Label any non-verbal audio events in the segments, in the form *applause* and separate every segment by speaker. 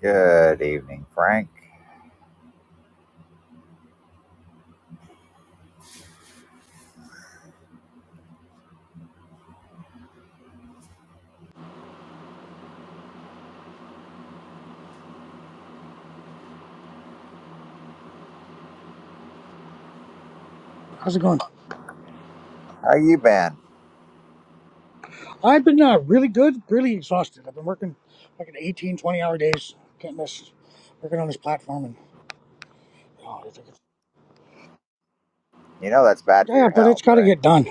Speaker 1: Good evening, Frank.
Speaker 2: How's it going?
Speaker 1: How you been?
Speaker 2: I've been uh, really good, really exhausted. I've been working like an 18, 20 hour days. Can't miss working on this platform. And oh, it's- it's-
Speaker 1: You know that's bad for
Speaker 2: Yeah,
Speaker 1: your
Speaker 2: but it's
Speaker 1: health,
Speaker 2: got to
Speaker 1: right?
Speaker 2: get done.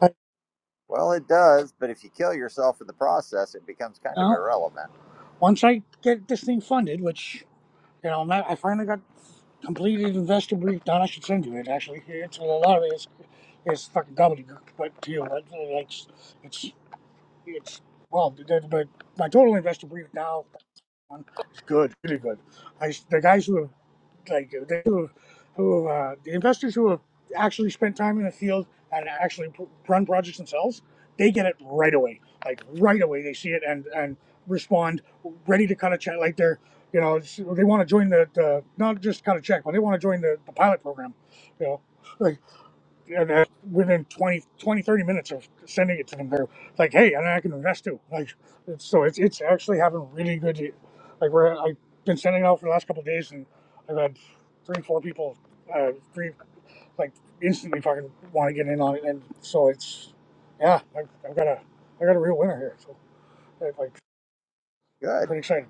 Speaker 2: I, you
Speaker 1: Well, it does, but if you kill yourself in the process, it becomes kind of
Speaker 2: know,
Speaker 1: irrelevant.
Speaker 2: once I get this thing funded, which, you know, I'm not, I finally got completed investor brief done. I should send you it, actually. It's a lot of it is, is fucking gobbledygook, but to you, like, like, it's, it's, it's well, the- the- but my total investor brief now is good, really good. I, the guys who have like they who, who uh, the investors who have actually spent time in the field and actually pr- run projects themselves, they get it right away. Like right away, they see it and and respond, ready to cut a check. Like they're you know it's- they want to join the, the not just cut a check, but they want to join the, the pilot program. You know, like and uh, within 20, 20, 30 minutes of sending it to them, they're like, "Hey, and I can invest too." Like, it's, so it's it's actually having really good. Like, where I've been sending it out for the last couple of days, and I've had three, four people, uh, three like instantly fucking want to get in on it, and so it's yeah, I've, I've got a I got a real winner here, so I'm like
Speaker 1: Good.
Speaker 2: pretty excited.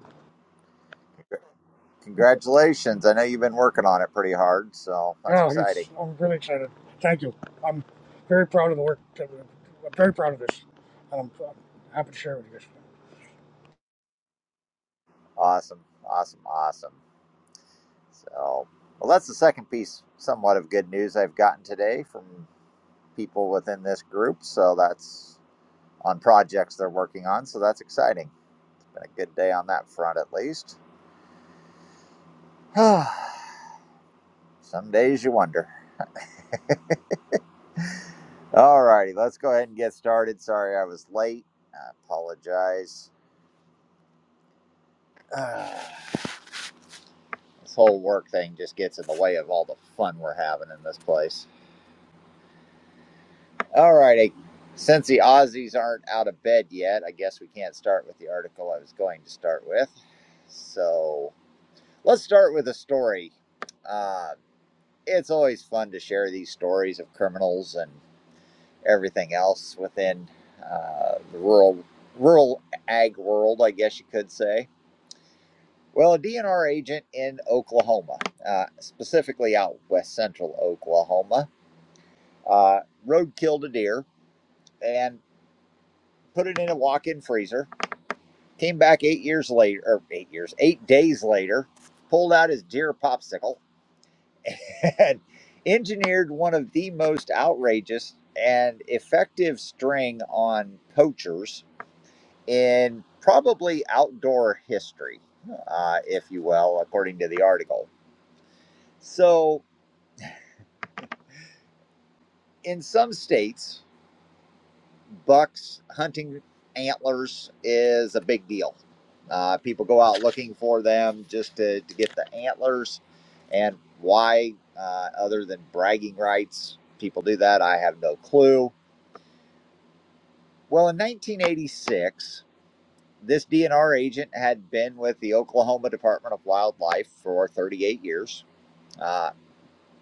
Speaker 2: Thank you.
Speaker 1: Congratulations. I know you've been working on it pretty hard, so that's
Speaker 2: Yeah, it's
Speaker 1: exciting.
Speaker 2: I'm really excited. Thank you. I'm very proud of the work. That, we- I'm very proud of this, and I'm, I'm happy to share it with you guys.
Speaker 1: Awesome, awesome, awesome. So, well, that's the second piece, somewhat of good news I've gotten today from people within this group. So that's on projects they're working on. So that's exciting. Been a good day on that front, at least. *sighs* Some days you wonder. *laughs* All righty, let's go ahead and get started. Sorry I was late. I apologize. *sighs* Uh, this whole work thing just gets in the way of all the fun we're having in this place. All righty. Since the Aussies aren't out of bed yet, I guess we can't start with the article I was going to start with. So let's start with a story. Uh, it's always fun to share these stories of criminals and. everything else within uh, the rural rural ag world, I guess you could say. Well, a DNR agent in Oklahoma, uh, specifically out west central Oklahoma, uh, road killed a deer and put it in a walk-in freezer. Came back eight years later, or eight years, eight days later, pulled out his deer popsicle *laughs* and engineered one of the most outrageous and effective string on poachers in probably outdoor history, uh, if you will, according to the article. So, in some states, bucks hunting antlers is a big deal. Uh, people go out looking for them just to, to get the antlers. And why, uh, other than bragging rights, people do that, I have no clue. Well, in 1986, this DNR agent had been with the Oklahoma Department of Wildlife for 38 years Uh,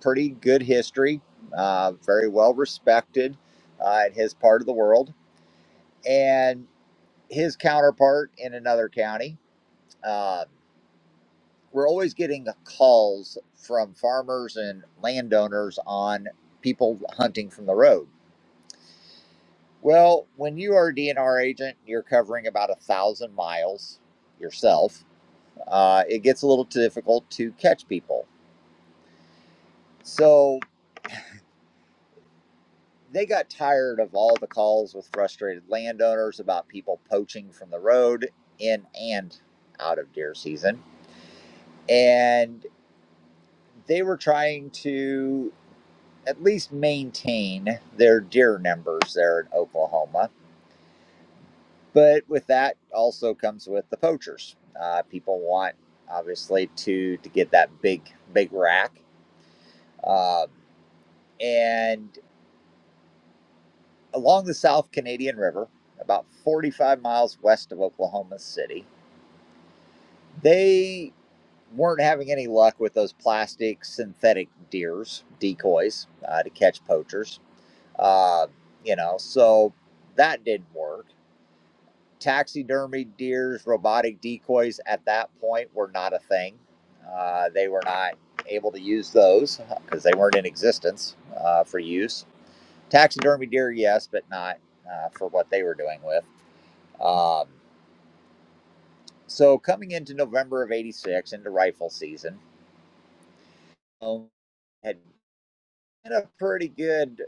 Speaker 1: pretty good history, uh, very well respected uh, in his part of the world. And his counterpart in another county. Uh, we're always getting calls from farmers and landowners on people hunting from the road. Well, when you are a DNR agent, you're covering about a thousand miles yourself. Uh, it gets a little difficult to catch people. So they got tired of all the calls with frustrated landowners about people poaching from the road in and out of deer season. And they were trying to at least maintain their deer numbers there in Oklahoma. But with that also comes with the poachers. Uh, people want obviously to to get that big big rack. Um, and along the South Canadian River, about 45 miles west of Oklahoma City, They weren't having any luck with those plastic synthetic deers, decoys uh, to catch poachers. Uh, you know, so that didn't work. Taxidermy deers, robotic decoys at that point were not a thing. Uh, they were not able to use those because they weren't in existence uh, for use. Taxidermy deer, yes, but not uh, for what they were doing with. Um, so coming into November of '86, into rifle season, um, had been a pretty good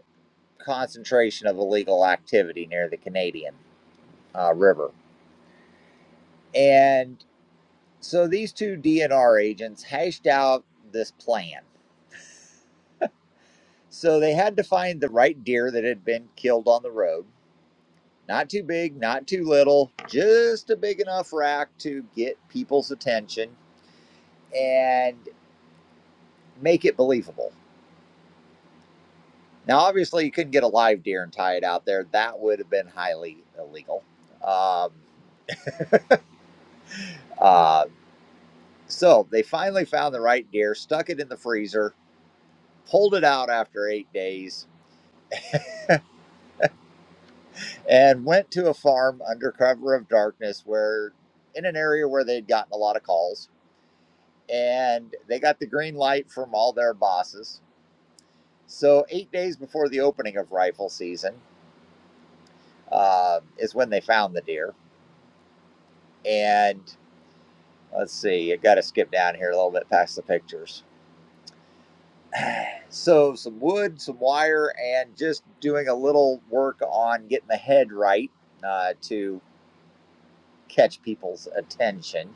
Speaker 1: concentration of illegal activity near the Canadian uh, River. And so these two DNR agents hashed out this plan. So they had to find the right deer that had been killed on the road. Not too big, not too little, just a big enough rack to get people's attention and make it believable. Now, obviously, you couldn't get a live deer and tie it out there. That would have been highly illegal. Um, uh, So they finally found the right deer, stuck it in the freezer, pulled it out after eight days, and went to a farm under cover of darkness where, in an area where they'd gotten a lot of calls, and they got the green light from all their bosses. So, eight days before the opening of rifle season uh, is when they found the deer. And let's see, I got to skip down here a little bit past the pictures. So some wood, some wire, and just doing a little work on getting the head right uh, to catch people's attention.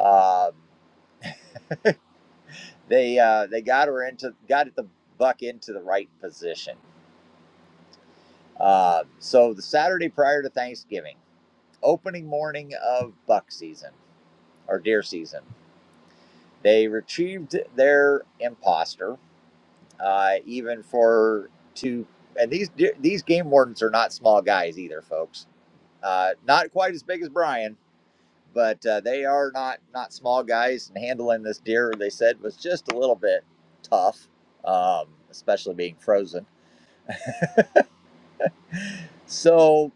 Speaker 1: Um they uh, they got her into got the buck into the right position. Uh, so the Saturday prior to Thanksgiving, opening morning of buck season or deer season, they retrieved their imposter, uh, even for two. And these these game wardens are not small guys either, folks Uh, not quite as big as Brian, but uh, they are not not small guys. And handling this deer, they said, was just a little bit tough, um, especially being frozen. So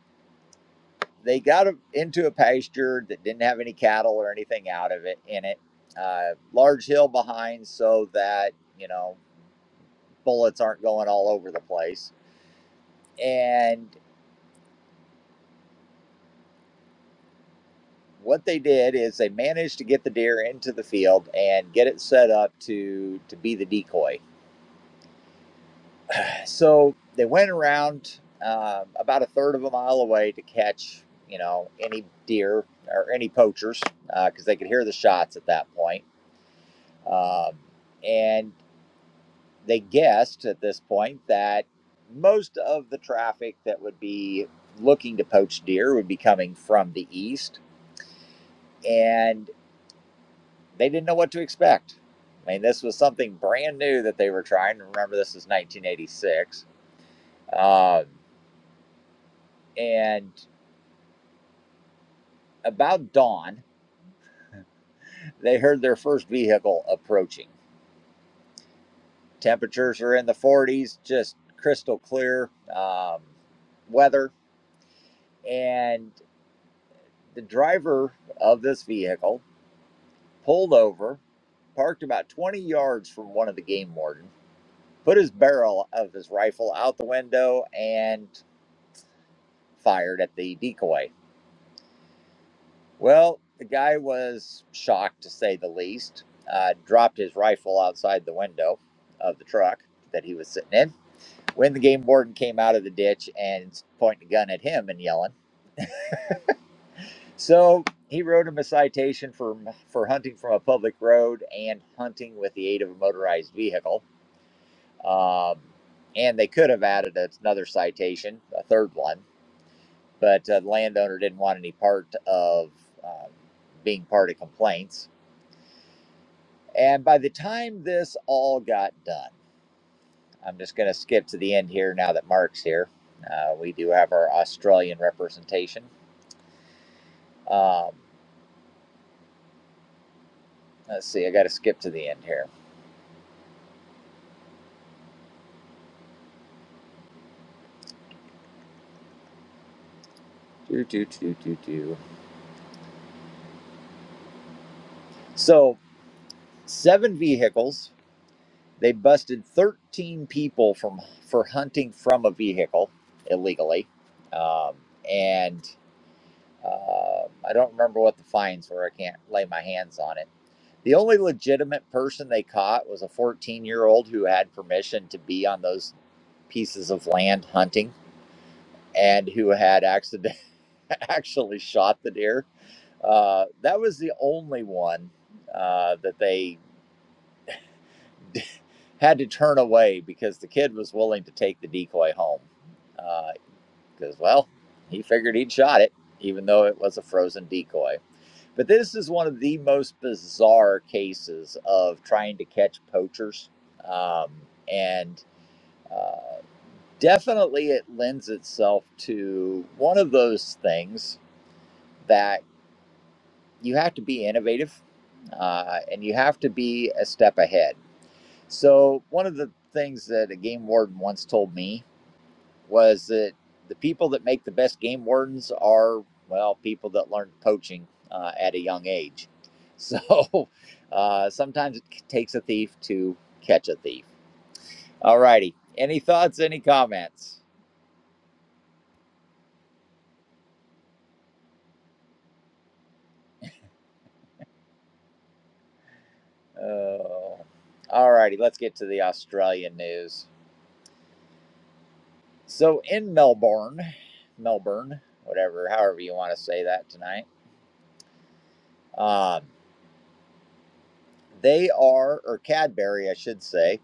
Speaker 1: they got into a pasture that didn't have any cattle or anything out of it in it. Uh, large hill behind, so that you know bullets aren't going all over the place. And what they did is they managed to get the deer into the field and get it set up to to be the decoy So they went around um, about a third of a mile away to catch, you know, any deer or any poachers because uh, they could hear the shots at that point. Um, and they guessed at this point that most of the traffic that would be looking to poach deer would be coming from the east. And they didn't know what to expect. I mean, this was something brand new that they were trying. Remember, this is 1986. Um, and About dawn, they heard their first vehicle approaching. Temperatures are in the 40s, just crystal clear um, weather. And the driver of this vehicle pulled over, parked about 20 yards from one of the game wardens, put his barrel of his rifle out the window, and fired at the decoy. Well, the guy was shocked to say the least, uh, dropped his rifle outside the window of the truck that he was sitting in when the game warden came out of the ditch and pointing a gun at him and yelling. So he wrote him a citation for for hunting from a public road and hunting with the aid of a motorized vehicle. Um, and they could have added another citation, a third one, but uh, the landowner didn't want any part of um, being part of complaints. And by the time this all got done, I'm just going to skip to the end here now that Mark's here. Uh, we do have our Australian representation. Um, let's see, I got to skip to the end here. Do, do, do, do, do. So, seven vehicles. They busted 13 people from for hunting from a vehicle illegally. Um, and uh, I don't remember what the fines were. I can't lay my hands on it. The only legitimate person they caught was a 14 year old who had permission to be on those pieces of land hunting and who had accident- *laughs* actually shot the deer Uh, that was the only one uh, that they *laughs* had to turn away because the kid was willing to take the decoy home. Because, uh, well, he figured he'd shot it, even though it was a frozen decoy. But this is one of the most bizarre cases of trying to catch poachers. Um, and uh, definitely it lends itself to one of those things that. you have to be innovative uh, and you have to be a step ahead. So, one of the things that a game warden once told me was that the people that make the best game wardens are, well, people that learned poaching uh, at a young age. *laughs* So, uh, sometimes it takes a thief to catch a thief. All righty. Any thoughts, any comments? Oh. All righty. Let's get to the Australian news. So in Melbourne, Melbourne, whatever, however you want to say that tonight, um, they are, or Cadbury, I should say,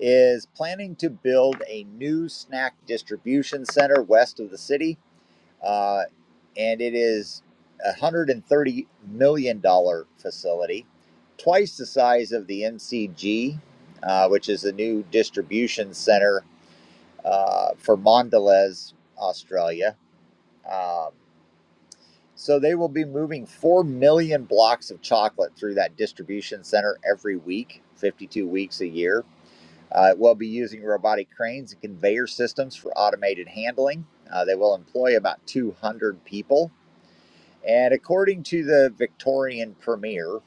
Speaker 1: is planning to build a new snack distribution center west of the city, uh, and it is a one hundred and thirty million dollar facility, twice the size of the MCG, uh, which is a new distribution center uh, for Mondelez, Australia. Um, So they will be moving 4 million blocks of chocolate through that distribution center every week, 52 weeks a year. Uh, it will be using robotic cranes and conveyor systems for automated handling. Uh, they will employ about 200 people. And according to the Victorian Premier,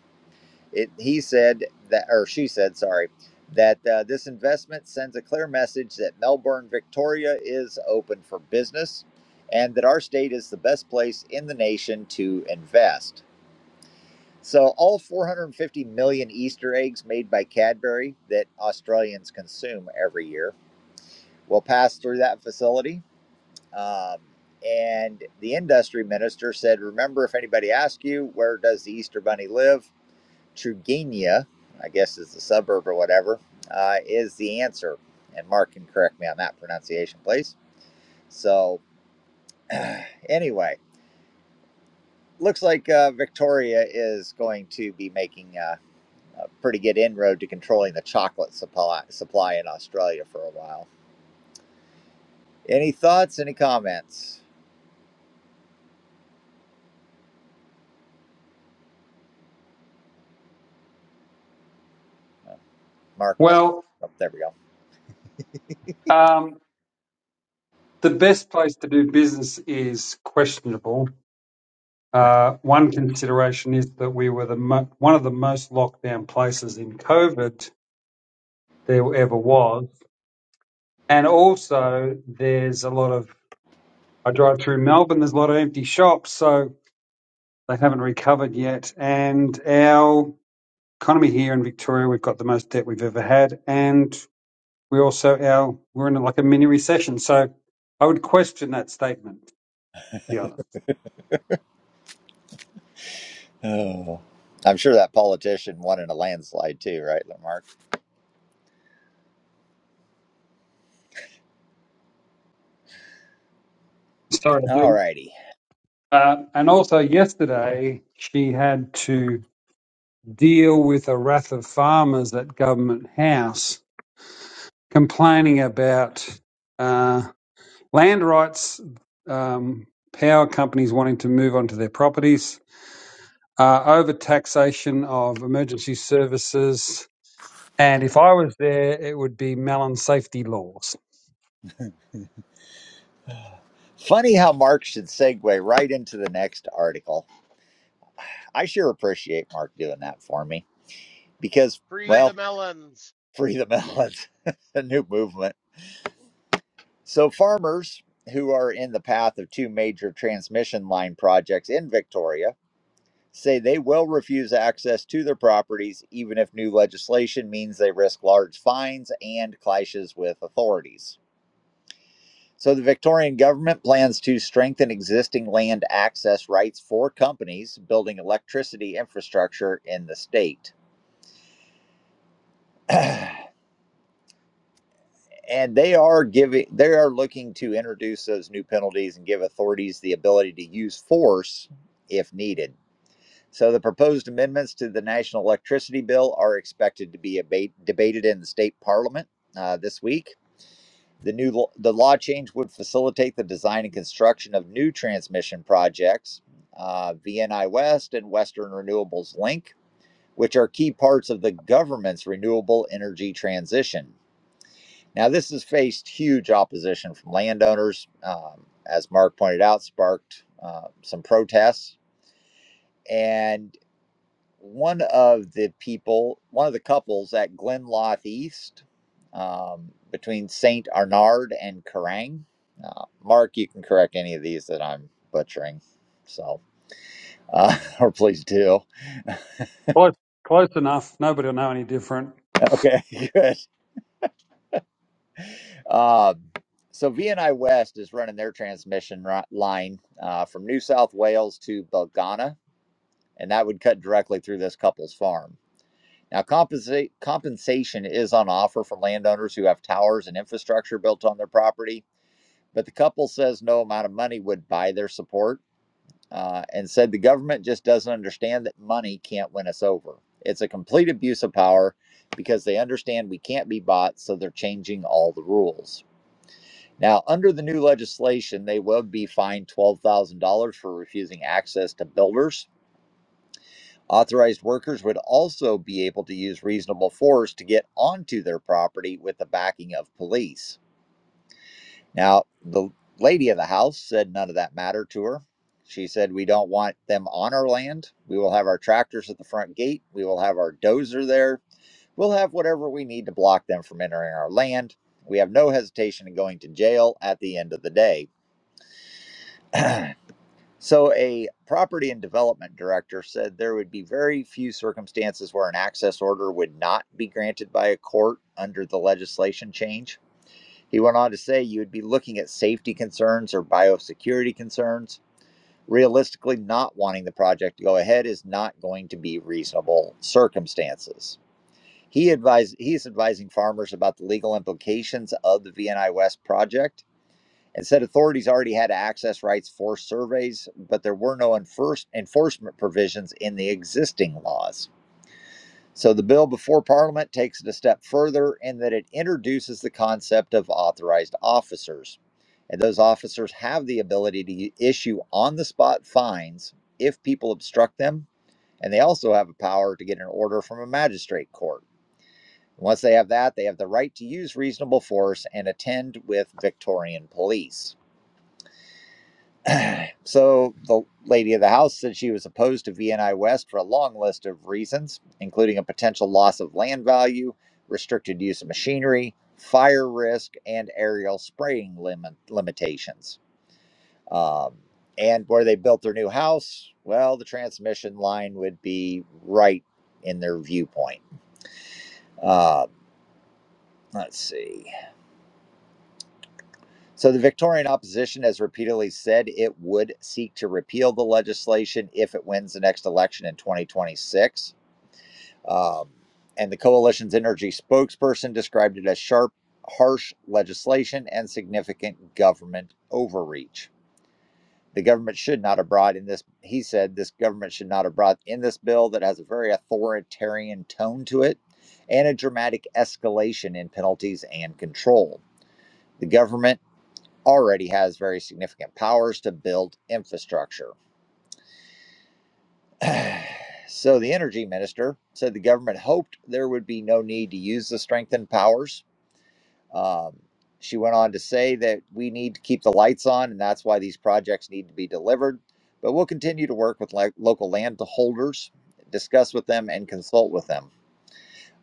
Speaker 1: it, he said that, or she said, sorry, that uh, this investment sends a clear message that Melbourne, Victoria is open for business and that our state is the best place in the nation to invest. So, all 450 million Easter eggs made by Cadbury that Australians consume every year will pass through that facility. Um, and the industry minister said, Remember, if anybody asks you, where does the Easter Bunny live? Truganina, I guess is the suburb or whatever, uh, is the answer. And Mark can correct me on that pronunciation, please. So, *sighs* anyway, looks like uh, Victoria is going to be making. Uh, a pretty good inroad to controlling the chocolate supply supply in Australia for a while. Any thoughts? Any comments? Mark must.
Speaker 3: Well,
Speaker 1: Oh, there we go.
Speaker 3: um, the best place to do business is questionable. Uh, one consideration is that we were the mo- one of the most locked down places in COVID there ever was, and also there's a lot of I drive through Melbourne. There's a lot of empty shops, so they haven't recovered yet. And our economy here in Victoria, we've got the most debt we've ever had, and we also our we're in like a mini recession. So I would question that statement. to be honest.
Speaker 1: Oh, I'm sure that politician won in a landslide too, right, Mark?
Speaker 3: Sorry, I
Speaker 1: All righty.
Speaker 3: Uh, and also yesterday, she had to deal with a wrath of farmers at Government House complaining about uh, land rights, um, power companies wanting to move onto their properties, uh, over taxation of emergency services, and if I was there, it would be melon safety laws.
Speaker 1: *sighs* Funny how Mark should segue right into the next article. I sure appreciate Mark doing that for me because,
Speaker 4: Free the
Speaker 1: well,
Speaker 4: melons.
Speaker 1: free the melons, *laughs* a new movement. So, farmers who are in the path of two major transmission line projects in Victoria say they will refuse access to their properties even if new legislation means they risk large fines and clashes with authorities. So, the Victorian government plans to strengthen existing land access rights for companies building electricity infrastructure in the state. *clears throat* and they are giving they are looking to introduce those new penalties and give authorities the ability to use force if needed So the proposed amendments to the National Electricity Bill are expected to be abate, debated in the state parliament uh, this week. The new lo- the law change would facilitate the design and construction of new transmission projects, uh, VNI West and Western Renewables Link, which are key parts of the government's renewable energy transition. Now, this has faced huge opposition from landowners, um, as Mark pointed out, sparked uh, some protests and. one of the people, one of the couples at Glenloth East um, between St. Arnard and Kerrang. Uh, Mark, you can correct any of these that I'm butchering. So, uh, *laughs* or please do.
Speaker 3: Close, close enough. Nobody will know any different.
Speaker 1: Okay, *laughs* good. Um, so, V and I West is running their transmission ri- line uh, from New South Wales to Belgana, and that would cut directly through this couple's farm. Now, compensate, compensation is on offer for landowners who have towers and infrastructure built on their property, but the couple says no amount of money would buy their support uh, and said the government just doesn't understand that money can't win us over. It's a complete abuse of power because they understand we can't be bought, so they're changing all the rules. Now, under the new legislation, they will be fined $12,000 for refusing access to builders Authorized workers would also be able to use reasonable force to get onto their property with the backing of police. Now, the lady of the house said none of that mattered to her. She said, We don't want them on our land. We will have our tractors at the front gate. We will have our dozer there. We'll have whatever we need to block them from entering our land. We have no hesitation in going to jail at the end of the day. *clears throat* So, a property and development director said there would be very few circumstances where an access order would not be granted by a court under the legislation change. He went on to say you would be looking at safety concerns or biosecurity concerns. Realistically, not wanting the project to go ahead is not going to be reasonable circumstances. He advised he is advising farmers about the legal implications of the VNI West project and said authorities already had access rights for surveys, but there were no enforce- enforcement provisions in the existing laws. So the bill before Parliament takes it a step further in that it introduces the concept of authorized officers. And those officers have the ability to issue on the spot fines if people obstruct them. And they also have a power to get an order from a magistrate court. Once they have that, they have the right to use reasonable force and attend with Victorian police. So the lady of the house said she was opposed to VNI West for a long list of reasons, including a potential loss of land value, restricted use of machinery, fire risk, and aerial spraying limit limitations. Um, and where they built their new house, well, the transmission line would be right in their viewpoint. Uh, let's see. So, the Victorian opposition has repeatedly said it would seek to repeal the legislation if it wins the next election in 2026. Um, and the coalition's energy spokesperson described it as sharp, harsh legislation and significant government overreach. The government should not have brought in this, he said, this government should not have brought in this bill that has a very authoritarian tone to it and a dramatic escalation in penalties and control. The government already has very significant powers to build infrastructure. *sighs* so the energy minister said the government hoped there would be no need to use the strengthened powers. Um, she went on to say that we need to keep the lights on, and that's why these projects need to be delivered. But we'll continue to work with like local landholders, discuss with them, and consult with them.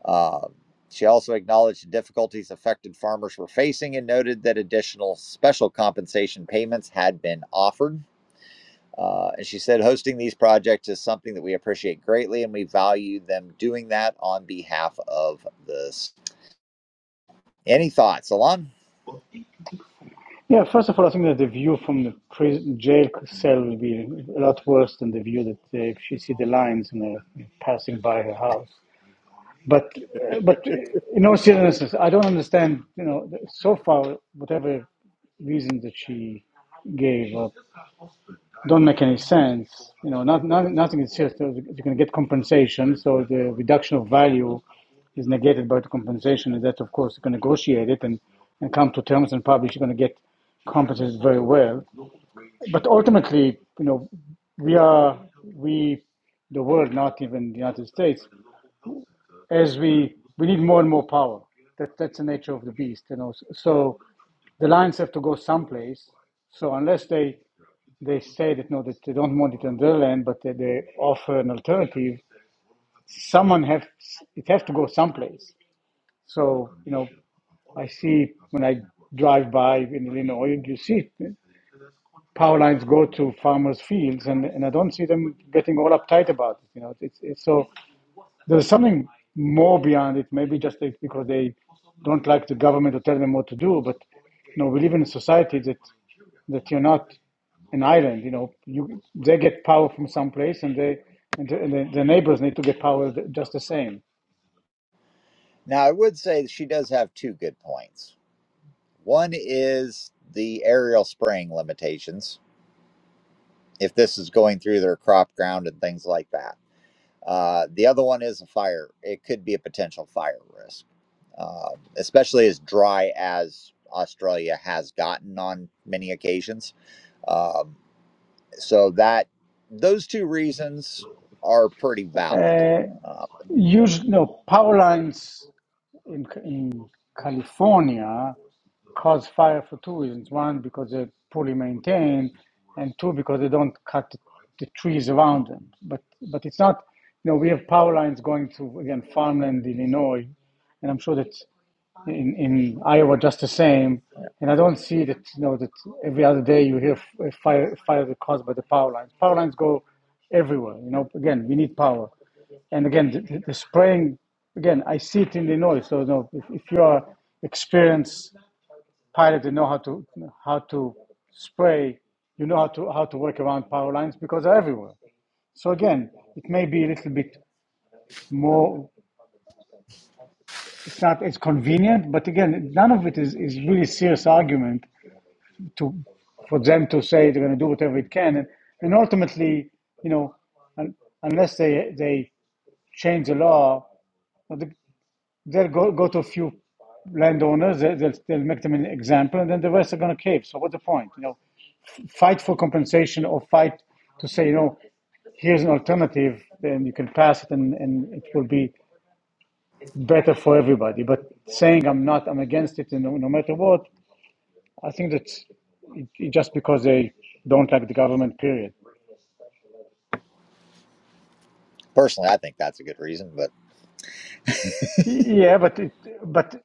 Speaker 1: Uh, she also acknowledged the difficulties affected farmers were facing and noted that additional special compensation payments had been offered. Uh, and she said, hosting these projects is something that we appreciate greatly, and we value them doing that on behalf of this. Any thoughts, Alon?
Speaker 5: Yeah, first of all, I think that the view from the prison jail cell will be a lot worse than the view that uh, if she see the lions you know, passing by her house. But, uh, but uh, in all seriousness, I don't understand. You know, so far, whatever reason that she gave, or don't make any sense. You know, not, not, nothing is just uh, you can get compensation, so the reduction of value is negated by the compensation, and that of course you can negotiate it and, and come to terms and probably you're going to get compensated very well. But ultimately, you know, we are we the world, not even the United States, as we we need more and more power. That that's the nature of the beast, you know. So so the lines have to go someplace. So unless they they say that no, that they don't want it on their land, but that they offer an alternative. Someone have it has to go someplace. So you know, I see when I drive by in Illinois, you see power lines go to farmers' fields, and, and I don't see them getting all uptight about it. You know, it's, it's so there's something more beyond it. Maybe just it's because they don't like the government to tell them what to do. But you know, we live in a society that that you're not an island. You know, you they get power from someplace, and they and the, and the, the neighbors need to get power just the same.
Speaker 1: Now, I would say she does have two good points. One is the aerial spraying limitations, if this is going through their crop ground and things like that. Uh, the other one is a fire. It could be a potential fire risk, uh, especially as dry as Australia has gotten on many occasions. Um, So that those two reasons are pretty valid.
Speaker 5: Uh,
Speaker 1: Uh,
Speaker 5: use no power lines. in, in California cause fire for two reasons. One, because they're poorly maintained, and two, because they don't cut the, the trees around them. But but it's not, you know, we have power lines going to again farmland, Illinois, and I'm sure that in, in Iowa just the same. And I don't see that, you know, that every other day you hear f- a fire, fires caused by the power lines. Power lines go everywhere. You know, again, we need power. And again, the, the the spraying, again, I see it in Illinois. So, you know, if, if you are experienced pilot and know how to, how to spray, you know how to, how to work around power lines because they're everywhere. So again, it may be a little bit more, it's not as convenient, but again, none of it is, is really serious argument to for them to say they're going to do whatever it can, and, and ultimately, you know, un, unless they they change the law, they'll go, go to a few landowners, they- they'll, they'll make them an example, and then the rest are going to cave. So what's the point? You know, fight for compensation or fight to say, you know, here's an alternative, then you can pass it, and, and it will be better for everybody. But saying I'm not, I'm against it, and no, no matter what, I think that's it, it just because they don't like the government. Period.
Speaker 1: personally, I think that's a good reason, but
Speaker 5: Yeah, but it, but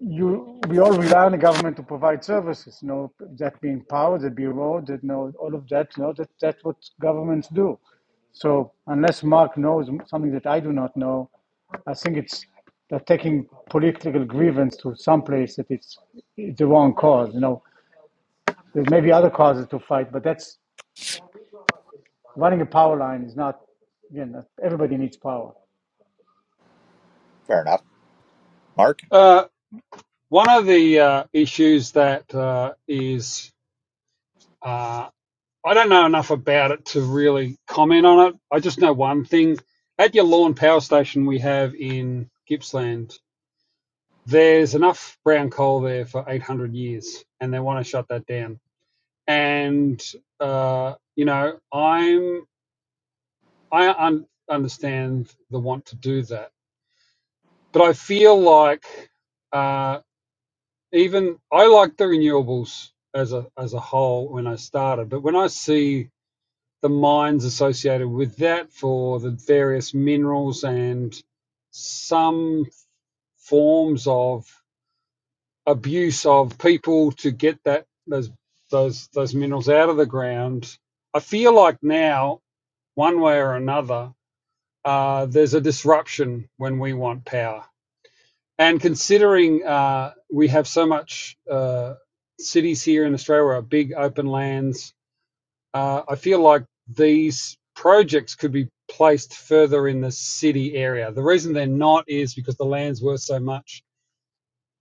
Speaker 5: you we all rely on the government to provide services. You know that being power, the bureau, that you know all of that. You know that that's what governments do. So unless Mark knows something that I do not know, I think it's they're taking political grievance to some place that it's it's the wrong cause. You know there may be other causes to fight, but that's running a power line is not. Again, everybody needs power.
Speaker 1: fair enough. Mark,
Speaker 3: Uh, one of the uh, issues that uh, is Uh, I don't know enough about it to really comment on it. I just know one thing. At your lawn power station we have in Gippsland, there's enough brown coal there for 800 years, and they want to shut that down. And, uh, you know, I'm, I un- understand the want to do that. But I feel like uh, even I like the renewables as a, as a whole when I started. But when I see the mines associated with that for the various minerals and some forms of abuse of people to get that those those those minerals out of the ground. I feel like now, one way or another, uh, there's a disruption when we want power. And considering uh, we have so much uh, cities here in Australia, are big open lands, Uh, I feel like these projects could be placed further in the city area. The reason they're not is because the land's worth so much,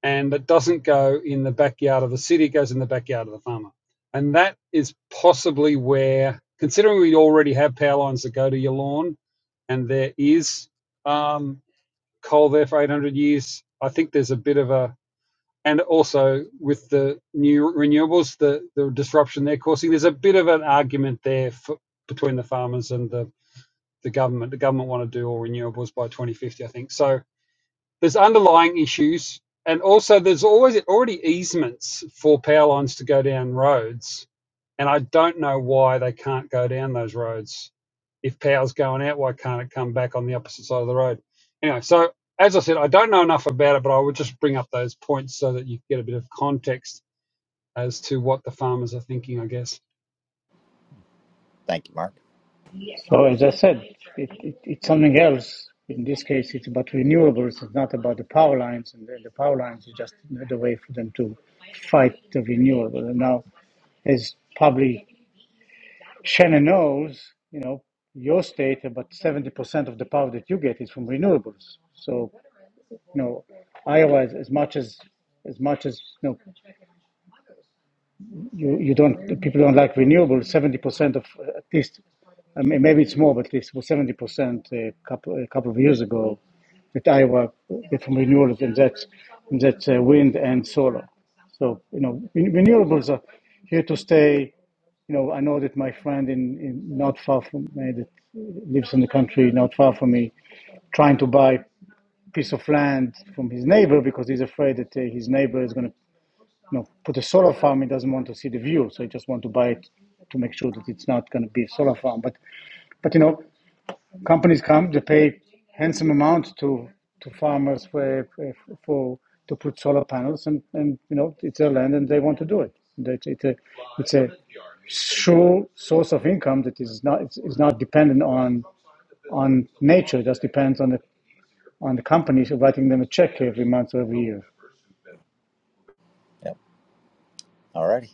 Speaker 3: and it doesn't go in the backyard of the city; it goes in the backyard of the farmer. And that is possibly where, considering we already have power lines that go to your lawn, and there is um, coal there for 800 years, I think there's a bit of a and also with the new renewables, the, the disruption they're causing. There's a bit of an argument there for, between the farmers and the, the government. The government want to do all renewables by 2050, I think. So there's underlying issues, and also there's always already easements for power lines to go down roads, and I don't know why they can't go down those roads. If power's going out, why can't it come back on the opposite side of the road? Anyway, so as I said, I don't know enough about it, but I would just bring up those points so that you get a bit of context as to what the farmers are thinking, I guess.
Speaker 1: thank you, Mark.
Speaker 5: So as I said, it, it, it's something else. In this case, it's about renewables. It's not about the power lines, and the, the power lines is just another way for them to fight the renewable. And now, as probably Shannon knows, you know, your state about seventy percent of the power that you get is from renewables. So, you know, Iowa, is as much as as much as you know. you, you don't people don't like renewables. Seventy percent of uh, at least, I mean, maybe it's more, but at least was seventy percent a couple a couple of years ago, at Iowa uh, from renewables, and that's and that's uh, wind and solar. So you know ren- renewables are here to stay. You know I know that my friend in, in not far from me that lives in the country not far from me, trying to buy piece of land from his neighbor because he's afraid that uh, his neighbor is going to you know, put a solar farm, it doesn't want to see the view, so it just want to buy it to make sure that it's not going to be a solar farm. But but you know, companies come, they pay handsome amount to to farmers for for to put solar panels, and and you know, it's their land, and they want to do it. That it's a it's a sure source of income that is not it's, it's not dependent on on nature. It just depends on the on the companies writing them a check every month or every year.
Speaker 1: Yep. Alrighty,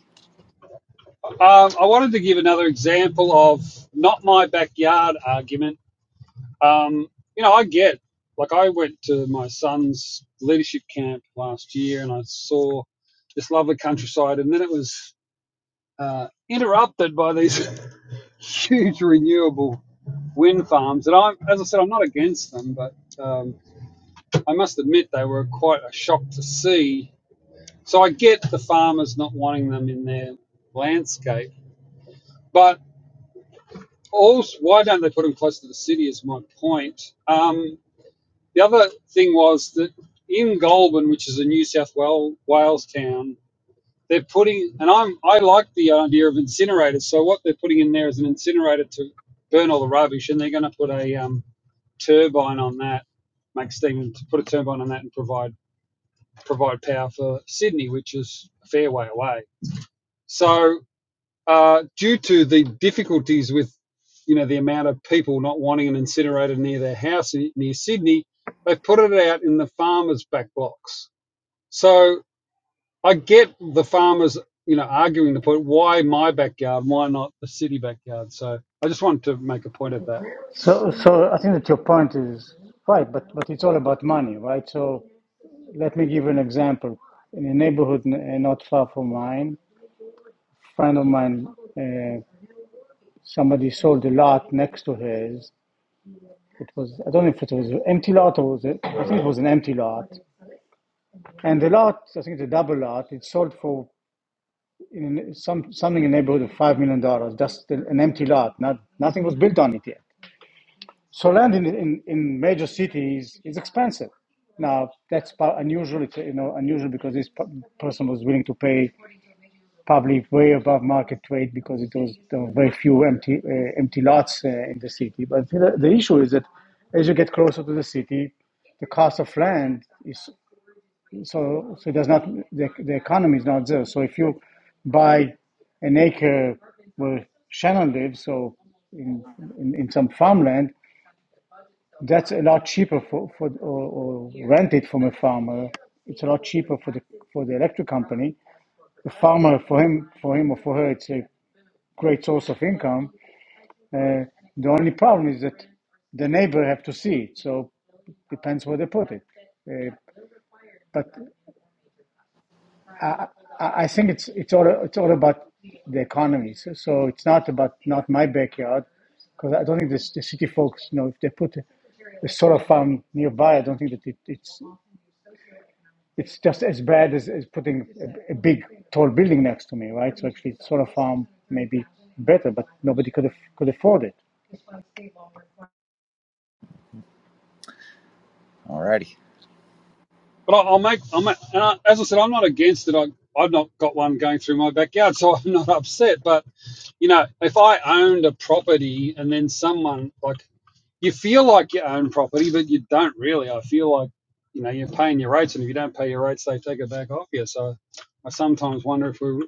Speaker 3: Um, I wanted to give another example of not my backyard argument Um, you know, I get like I went to my son's leadership camp last year, and I saw this lovely countryside, and then it was uh, interrupted by these *laughs* huge renewable wind farms. And I, as I said, I'm not against them, but um, I must admit they were quite a shock to see. So I get the farmers not wanting them in their landscape, but also, why don't they put them close to the city? Is my point. Um, The other thing was that in Goulburn, which is a New South Wales town, they're putting, and I'm I like the idea of incinerators. So what they're putting in there is an incinerator to burn all the rubbish, and they're going to put a um, turbine on that, make steam, and to put a turbine on that and provide provide power for Sydney, which is a fair way away. So uh, due to the difficulties with, you know, the amount of people not wanting an incinerator near their house uh, near Sydney, they've put it out in the farmers' back blocks. So I get the farmers, you know, arguing the point: why my backyard? Why not the city backyard? So I just wanted to make a point of that.
Speaker 5: So, so I think that your point is right, but but it's all about money, right? So let me give you an example. In a neighborhood n- uh, not far from mine, friend of mine, uh, somebody sold a lot next to his. It was I don't know if it was an empty lot or was it, I think it was an empty lot. And the lot, I think it's a double lot. It sold for in some something in the neighborhood of five million dollars. Just an an empty lot. Not nothing was built on it yet. So land in, in, in major cities is expensive. Now that's unusual. It's, you know, unusual because this person was willing to pay probably way above market rate because it was there were very few empty uh, empty lots uh, in the city. But the, the issue is that as you get closer to the city, the cost of land is so so it does not the, the economy is not there. So if you buy an acre where Shannon lives, so in in, in some farmland, that's a lot cheaper for, for or, or rent it from a farmer. It's a lot cheaper for the for the electric company. The farmer for him for him or for her, it's a great source of income. Uh, the only problem is that the neighbor have to see it. So depends where they put it. Uh, but I, I think it's it's all it's all about the economy. So, so it's not about not my backyard, because I don't think this, the city folks, you know, if they put a, a solar farm nearby, I don't think that it, it's it's just as bad as, as putting a, a big tall building next to me, right? So actually, solar farm may be better, but nobody could af- could afford it.
Speaker 1: alrighty,
Speaker 3: But I- will make, I'm, and I, as I said, I'm not against it. I, I've not got one going through my backyard, so *laughs* I'm not upset. But you know, if I owned a property and then someone like you feel like you own property, but you don't really. I feel like you know you're paying your rates, and if you don't pay your rates, they take it back off you. So I sometimes wonder if we're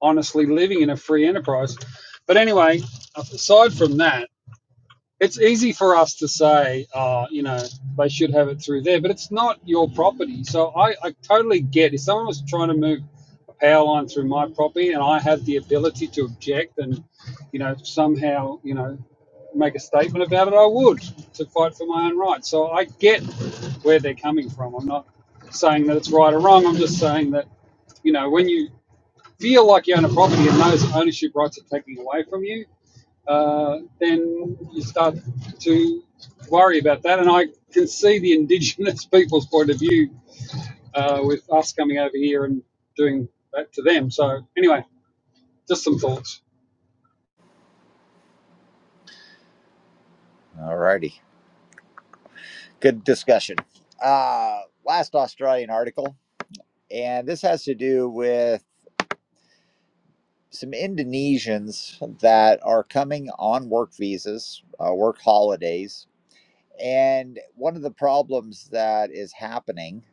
Speaker 3: honestly living in a free enterprise. But anyway, aside from that it's easy for us to say, oh, you know, they should have it through there, but it's not your property. So I, I totally get if someone was trying to move a power line through my property and I had the ability to object and, you know, somehow, you know, make a statement about it, I would to fight for my own rights. So I get where they're coming from. I'm not saying that it's right or wrong. I'm just saying that, you know, when you feel like you own a property and those ownership rights are taken away from you, uh, then you start to worry about that. And I can see the indigenous *laughs* people's point of view uh, with us coming over here and doing that to them. So, anyway, just some thoughts.
Speaker 1: alrighty. Good discussion. Uh, last Australian article, and this has to do with some Indonesians that are coming on work visas, uh, work holidays, and one of the problems that is happening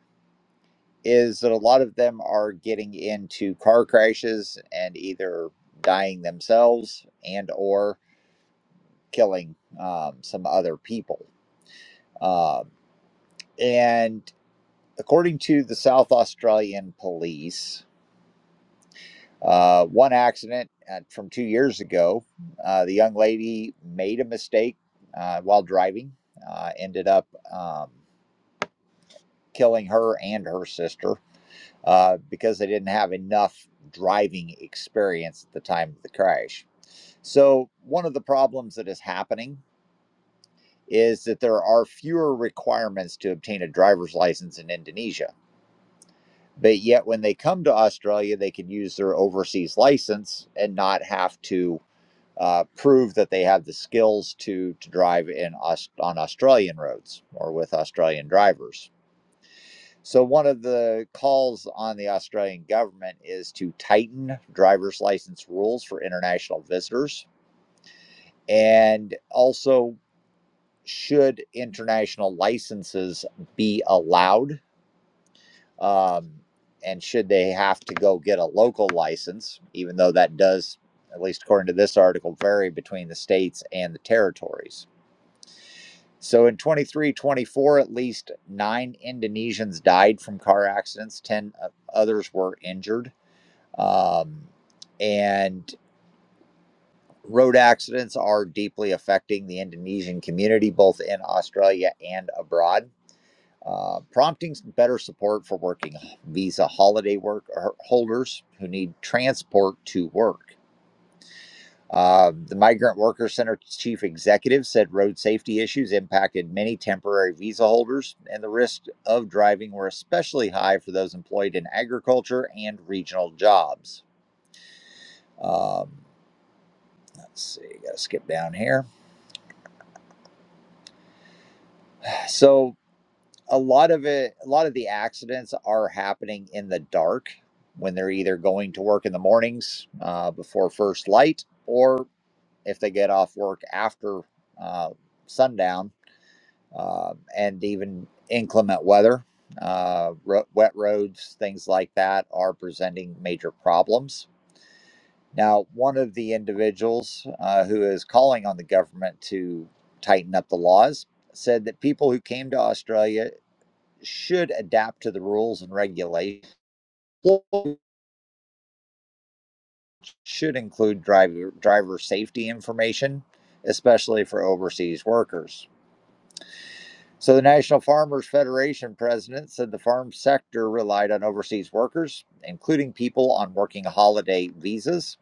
Speaker 1: is that a lot of them are getting into car crashes and either dying themselves and or killing um, some other people um, and according to the south australian police uh, one accident uh, from two years ago uh, the young lady made a mistake uh, while driving uh, ended up um, killing her and her sister uh, because they didn't have enough driving experience at the time of the crash. So, one of the problems that is happening is that there are fewer requirements to obtain a driver's license in Indonesia. But yet, when they come to Australia, they can use their overseas license and not have to uh, prove that they have the skills to, to drive in on Australian roads or with Australian drivers. So, one of the calls on the Australian government is to tighten driver's license rules for international visitors. And also, should international licenses be allowed? Um, and should they have to go get a local license, even though that does, at least according to this article, vary between the states and the territories? So, in 23, 24, at least nine Indonesians died from car accidents, 10 others were injured Um, and road accidents are deeply affecting the Indonesian community, both in Australia and abroad, uh, prompting better support for working visa holiday work holders who need transport to work. Uh, the Migrant Worker Center chief executive said road safety issues impacted many temporary visa holders, and the risks of driving were especially high for those employed in agriculture and regional jobs. Um, Let's see, gotta skip down here. So a lot of it, a lot of the accidents are happening in the dark when they're either going to work in the mornings uh, before first light, or if they get off work after uh, sundown, uh, and even inclement weather, uh, ro- wet roads, things like that are presenting major problems Now, one of the individuals uh, who is calling on the government to tighten up the laws said that people who came to Australia should adapt to the rules and regulations. Should include driver driver safety information, especially for overseas workers. So, the National Farmers Federation president said the farm sector relied on overseas workers, including people on working holiday visas,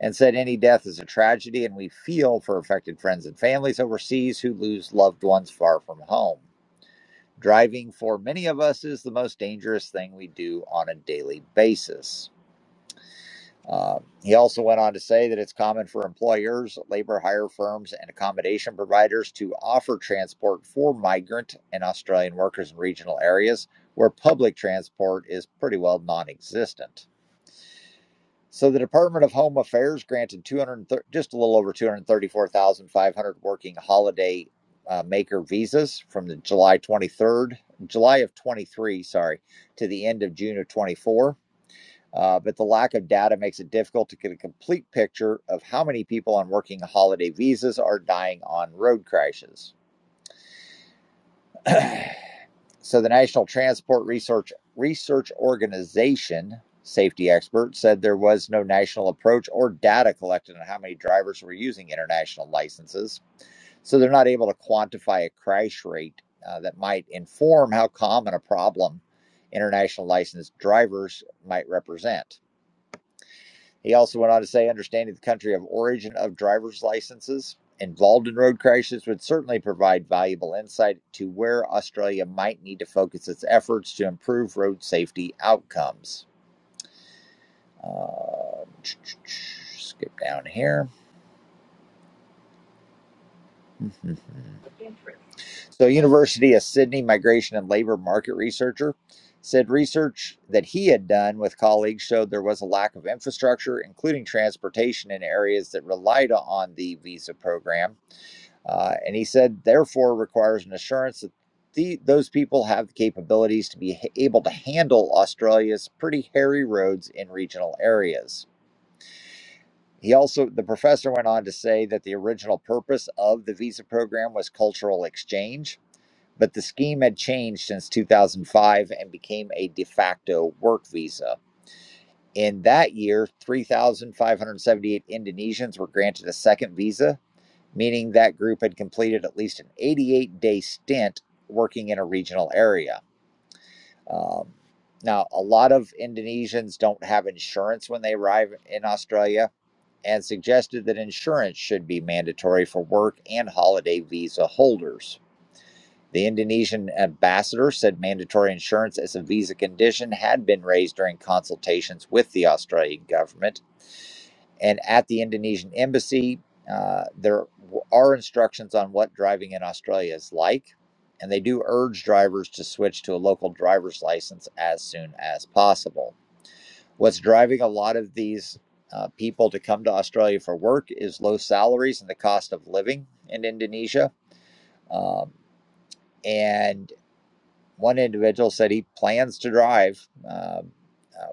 Speaker 1: and said any death is a tragedy and we feel for affected friends and families overseas who lose loved ones far from home. Driving for many of us is the most dangerous thing we do on a daily basis. Uh, he also went on to say that it's common for employers, labor hire firms, and accommodation providers to offer transport for migrant and Australian workers in regional areas where public transport is pretty well non existent. So the Department of Home Affairs granted just a little over 234,500 working holiday uh, maker visas from the July 23rd, July of 23, sorry, to the end of June of 24. Uh, but the lack of data makes it difficult to get a complete picture of how many people on working holiday visas are dying on road crashes. *clears throat* So the National Transport Research Research Organization safety expert said there was no national approach or data collected on how many drivers were using international licenses. So they're not able to quantify a crash rate uh, that might inform how common a problem international licensed drivers might represent. He also went on to say understanding the country of origin of driver's licenses involved in road crashes would certainly provide valuable insight to where Australia might need to focus its efforts to improve road safety outcomes. Uh, skip down here. *laughs* so, University of Sydney migration and labor market researcher said research that he had done with colleagues showed there was a lack of infrastructure, including transportation, in areas that relied on the visa program Uh, and he said, therefore, requires an assurance that the, those people have the capabilities to be able to handle Australia's pretty hairy roads in regional areas. He also, the professor went on to say that the original purpose of the visa program was cultural exchange, but the scheme had changed since 2005 and became a de facto work visa. In that year, 3,578 Indonesians were granted a second visa, meaning that group had completed at least an 88 day stint working in a regional area. Um, now, a lot of Indonesians don't have insurance when they arrive in Australia and suggested that insurance should be mandatory for work and holiday visa holders. The Indonesian ambassador said mandatory insurance as a visa condition had been raised during consultations with the Australian government and at the Indonesian embassy, uh, there are instructions on what driving in Australia is like. And they do urge drivers to switch to a local driver's license as soon as possible. What's driving a lot of these uh, people to come to Australia for work is low salaries and the cost of living in Indonesia. Um, and one individual said he plans to drive. Um, uh,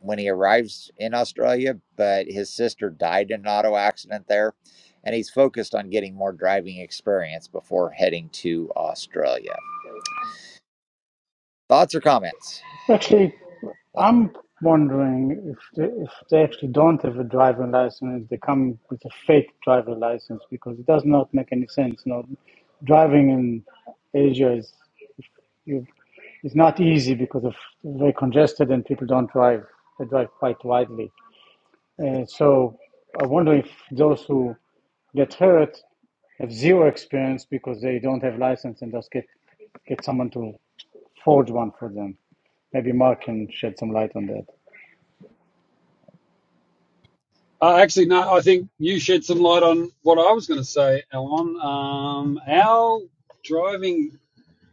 Speaker 1: when he arrives in Australia, but his sister died in an auto accident there, and he's focused on getting more driving experience before heading to Australia. Thoughts or comments?
Speaker 5: Actually,
Speaker 1: Well,
Speaker 5: I'm wondering if they, if they actually don't have a driver license, they come with a fake driver license because it does not make any sense. You know, driving in Asia is you, is not easy because of very congested and people don't drive. They drive quite widely. Uh, so I wonder if those who get hurt have zero experience because they don't have license and just get get someone to forge one for them. Maybe Mark can shed some light on that.
Speaker 3: Uh, actually, no, I think you shed some light on what I was going to say, Alan. Um, our driving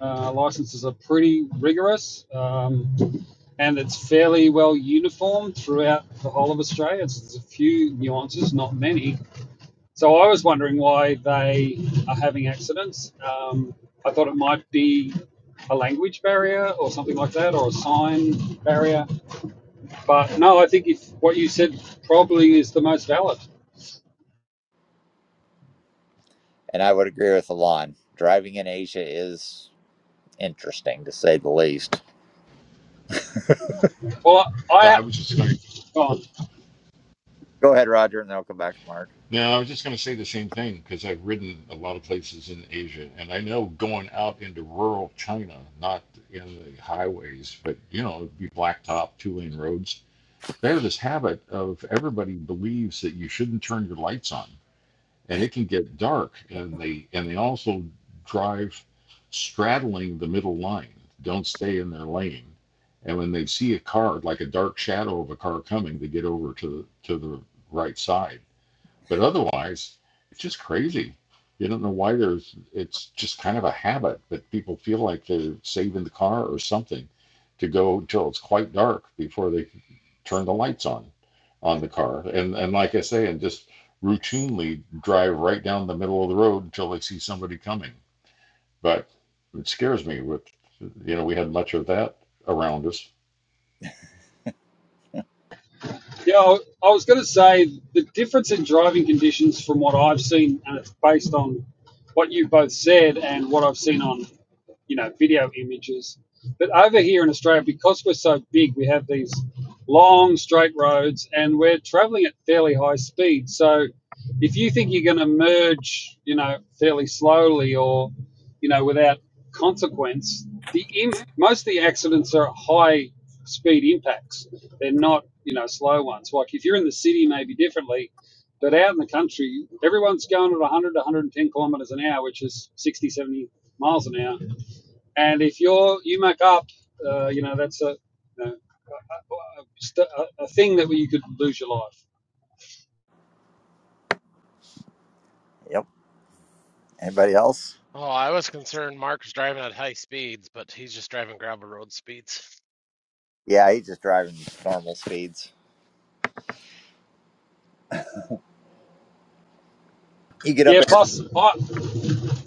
Speaker 3: uh, licenses are pretty rigorous um, and it's fairly well uniform throughout the whole of Australia. It's, There's a few nuances, not many, So I was wondering why they are having accidents. Um, I thought it might be a language barrier or something like that, or a sign barrier. But no, I think if what you said probably is the most valid.
Speaker 1: And I would agree with Alon. Driving in Asia is interesting to say the least.
Speaker 3: Well,
Speaker 6: Yeah,
Speaker 3: I, I
Speaker 6: I was just going.
Speaker 3: go on.
Speaker 1: Go ahead, Roger, and then I'll come back to Mark.
Speaker 6: No, I was just going to say the same thing because I've ridden a lot of places in Asia, and I know going out into rural China, not in the highways, but you know, it'd be blacktop, two-lane roads. They have this habit of everybody believes that you shouldn't turn your lights on, and it can get dark, and they and they also drive straddling the middle line. Don't stay in their lane, and when they see a car, like a dark shadow of a car coming, they get over to to the right side But otherwise, it's just crazy. You don't know why there's, it's just kind of a habit, but people feel like they're saving the car or something to go until it's quite dark before they turn the lights on on the car. And, and like I say, and just routinely drive right down the middle of the road until they see somebody coming. But it scares me with, you know, we had much of that around us
Speaker 3: Yeah, I was going to say the difference in driving conditions from what I've seen, and it's based on what you both said and what I've seen on, you know, video images. But over here in Australia, because we're so big, we have these long straight roads and we're traveling at fairly high speed. So if you think you're going to merge, you know, fairly slowly or, you know, without consequence, the im- most of the accidents are at high speed impacts. They're not, you know, slow ones. Like if you're in the city, maybe differently, but out in the country, everyone's going at 100 to 110 kilometers an hour, which is 60, 70 miles an hour. And if you're, you muck up, uh, you know, that's a, you know, a, a a thing that you could lose your life.
Speaker 1: Yep. Anybody else?
Speaker 4: Oh, I was concerned Mark's driving at high speeds, but he's just driving gravel road speeds.
Speaker 1: Yeah, he's just driving normal speeds. You get up
Speaker 3: Yeah.
Speaker 1: into
Speaker 3: Plus, I,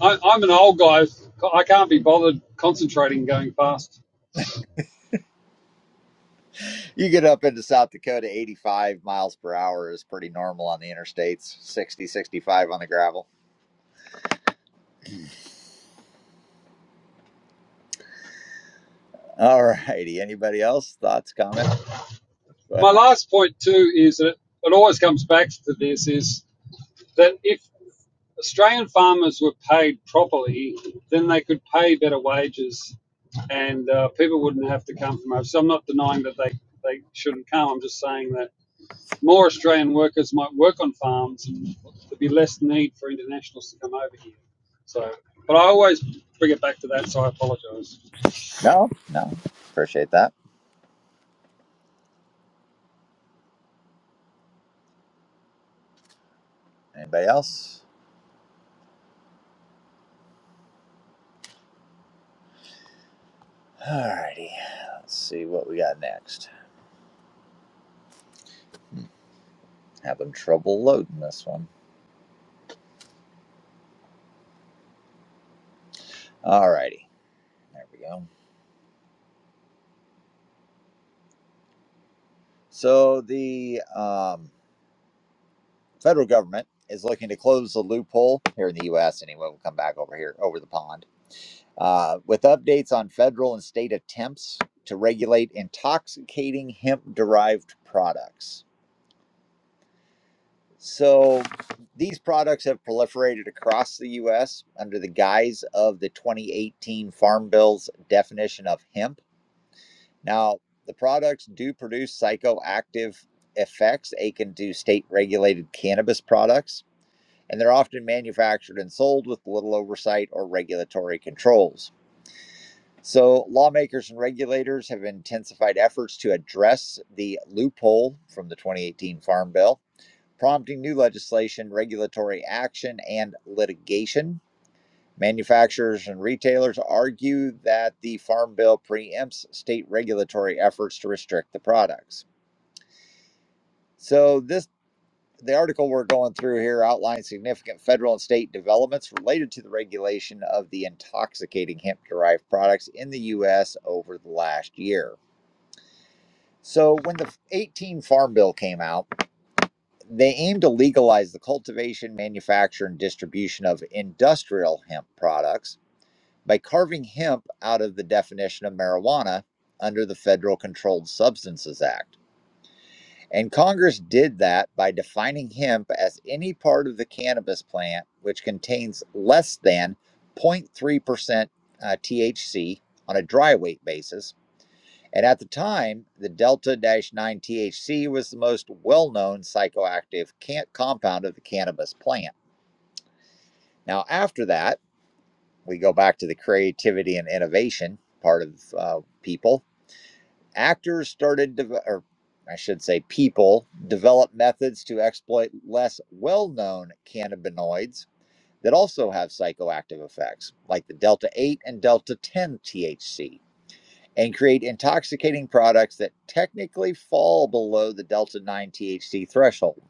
Speaker 3: I, I'm an old guy. I can't be bothered concentrating going fast.
Speaker 1: you get up into South Dakota, 85 miles per hour is pretty normal on the interstates, 60, 65 on the gravel. All righty. Anybody else? Thoughts, comments? Go ahead,
Speaker 3: My
Speaker 1: Mark.
Speaker 3: last point too is that it always comes back to this: is that if Australian farmers were paid properly, then they could pay better wages, and uh, people wouldn't have to come from overseas. So I'm not denying that they they shouldn't come. I'm just saying that more Australian workers might work on farms, and there'd be less need for internationals to come over here. So, but I always bring it back to that. So I apologise.
Speaker 1: No, no. Appreciate that. Anybody else? All righty. Let's see what we got next. Hmm, Having trouble loading this one. All righty. There we go. So the um, federal government is looking to close the loophole here in the U.S. Anyway, we'll come back over here over the pond uh, with updates on federal and state attempts to regulate intoxicating hemp-derived products. So these products have proliferated across the US under the guise of the 2018 Farm Bill's definition of hemp. Now, the products do produce psychoactive effects akin to state regulated cannabis products, and they're often manufactured and sold with little oversight or regulatory controls. So, lawmakers and regulators have intensified efforts to address the loophole from the 2018 Farm Bill prompting new legislation, regulatory action, and litigation. Manufacturers and retailers argue that the Farm Bill preempts state regulatory efforts to restrict the products. So, this the article we're going through here outlines significant federal and state developments related to the regulation of the intoxicating hemp derived products in the U.S. over the last year. So, when the 18 Farm Bill came out, they aim to legalize the cultivation, manufacture, and distribution of industrial hemp products by carving hemp out of the definition of marijuana under the Federal Controlled Substances Act. And Congress did that by defining hemp as any part of the cannabis plant which contains less than 0.3% uh, THC on a dry weight basis and at the time, the delta 9 THC was the most well known psychoactive can- compound of the cannabis plant. Now, after that, we go back to the creativity and innovation part of uh, people. Actors started, deve- or I should say, people develop methods to exploit less well known cannabinoids that also have psychoactive effects, like the delta 8 and delta 10 THC. and create intoxicating products that technically fall below the Delta 9 THC threshold.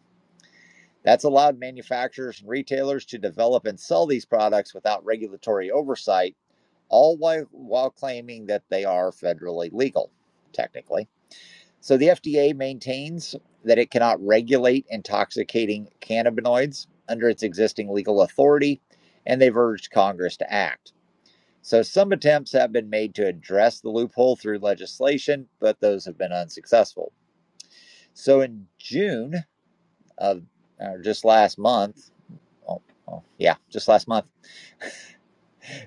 Speaker 1: That's allowed manufacturers and retailers to develop and sell these products without regulatory oversight, all while, while claiming that they are federally legal, technically. So the FDA maintains that it cannot regulate intoxicating cannabinoids under its existing legal authority, and they've urged Congress to act. So some attempts have been made to address the loophole through legislation, but those have been unsuccessful. So in June of or just last month, oh, oh, yeah, just last month,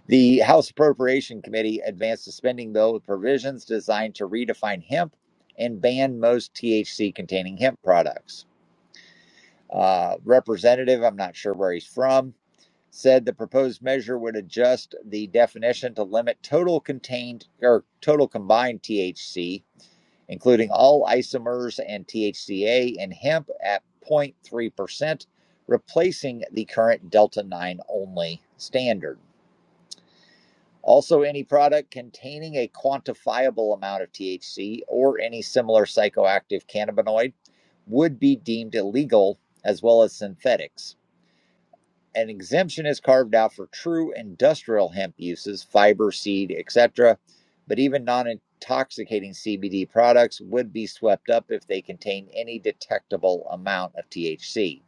Speaker 1: the House Appropriation Committee advanced a spending bill with provisions designed to redefine hemp and ban most THC containing hemp products. Uh, representative, I'm not sure where he's from, said the proposed measure would adjust the definition to limit total contained or total combined THC including all isomers and THCA in hemp at 0.3%, replacing the current Delta 9 only standard. Also, any product containing a quantifiable amount of THC or any similar psychoactive cannabinoid would be deemed illegal, as well as synthetics. An exemption is carved out for true industrial hemp uses, fiber, seed, etc., but even non intoxicating CBD products would be swept up if they contain any detectable amount of THC.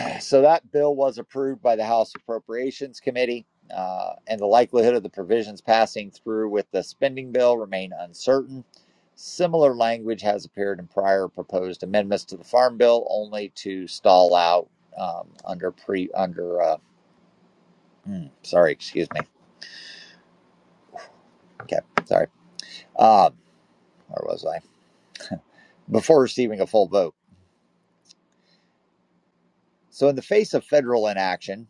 Speaker 1: *clears throat* So that bill was approved by the House Appropriations Committee, uh, and the likelihood of the provisions passing through with the spending bill remain uncertain. Similar language has appeared in prior proposed amendments to the Farm Bill, only to stall out um, under pre under. Uh, Mm, sorry, excuse me. Okay, sorry. Um, where was I? Before receiving a full vote. So, in the face of federal inaction,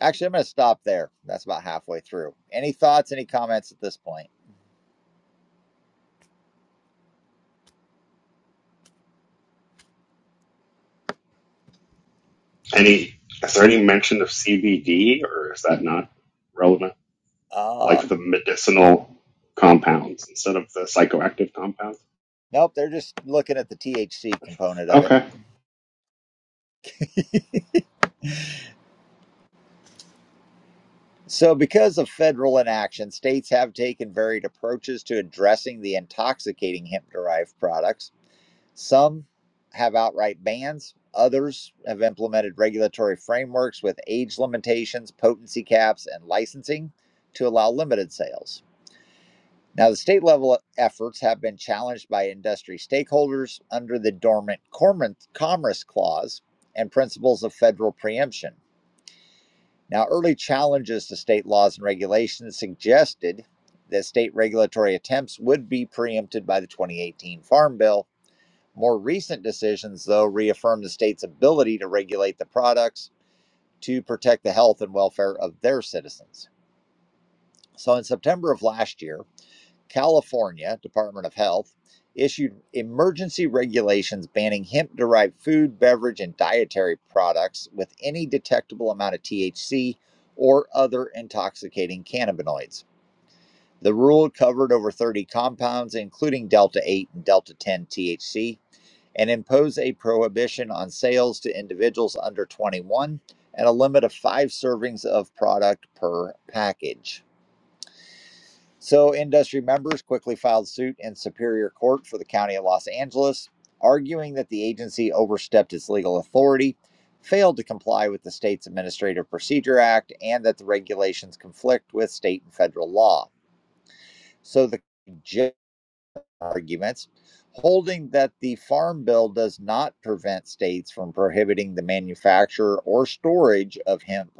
Speaker 1: actually, I'm going to stop there. That's about halfway through. Any thoughts, any comments at this point?
Speaker 7: Any is there any mention of CBD or is that not relevant? Like
Speaker 1: Uh,
Speaker 7: the medicinal compounds instead of the psychoactive compounds?
Speaker 1: nope, they're just looking at the THC component of it.
Speaker 7: Okay.
Speaker 1: So, because of federal inaction, states have taken varied approaches to addressing the intoxicating hemp derived products. Some have outright bans, others have implemented regulatory frameworks with age limitations, potency caps, and licensing to allow limited sales. Now, the state level efforts have been challenged by industry stakeholders under the Dormant Commerce Clause and principles of federal preemption. Now, early challenges to state laws and regulations suggested that state regulatory attempts would be preempted by the 2018 Farm Bill more recent decisions, though, reaffirm the state's ability to regulate the products to protect the health and welfare of their citizens. So, in September of last year, California Department of Health issued emergency regulations banning hemp derived food, beverage, and dietary products with any detectable amount of THC or other intoxicating cannabinoids. The rule covered over 30 compounds, including Delta 8 and Delta 10 THC, and impose a prohibition on sales to individuals under 21 and a limit of five servings of product per package. So, industry members quickly filed suit in Superior Court for the County of Los Angeles, arguing that the agency overstepped its legal authority, failed to comply with the state's Administrative Procedure Act, and that the regulations conflict with state and federal law. So, the arguments, holding that the Farm Bill does not prevent states from prohibiting the manufacture or storage of hemp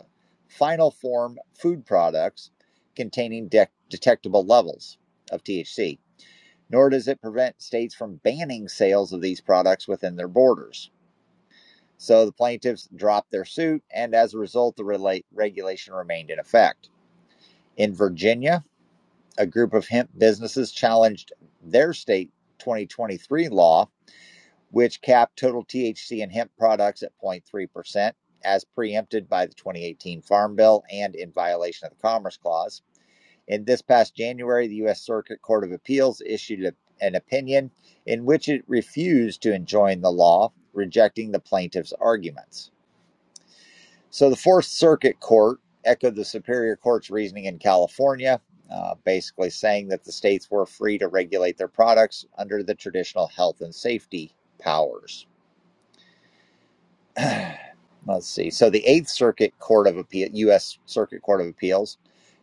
Speaker 1: final form food products containing de- detectable levels of THC, nor does it prevent states from banning sales of these products within their borders. So the plaintiffs dropped their suit, and as a result, the relate- regulation remained in effect. In Virginia, a group of hemp businesses challenged their state 2023 law which capped total THC in hemp products at 0.3%, as preempted by the 2018 Farm Bill and in violation of the Commerce Clause. In this past January, the U.S. Circuit Court of Appeals issued a- an opinion in which it refused to enjoin the law, rejecting the plaintiff's arguments. So the Fourth Circuit Court echoed the Superior Court's reasoning in California. uh, basically, saying that the states were free to regulate their products under the traditional health and safety powers. *clears throat* Let's see. So the Eighth Circuit Court of Appeal, U.S. Circuit Court of Appeals,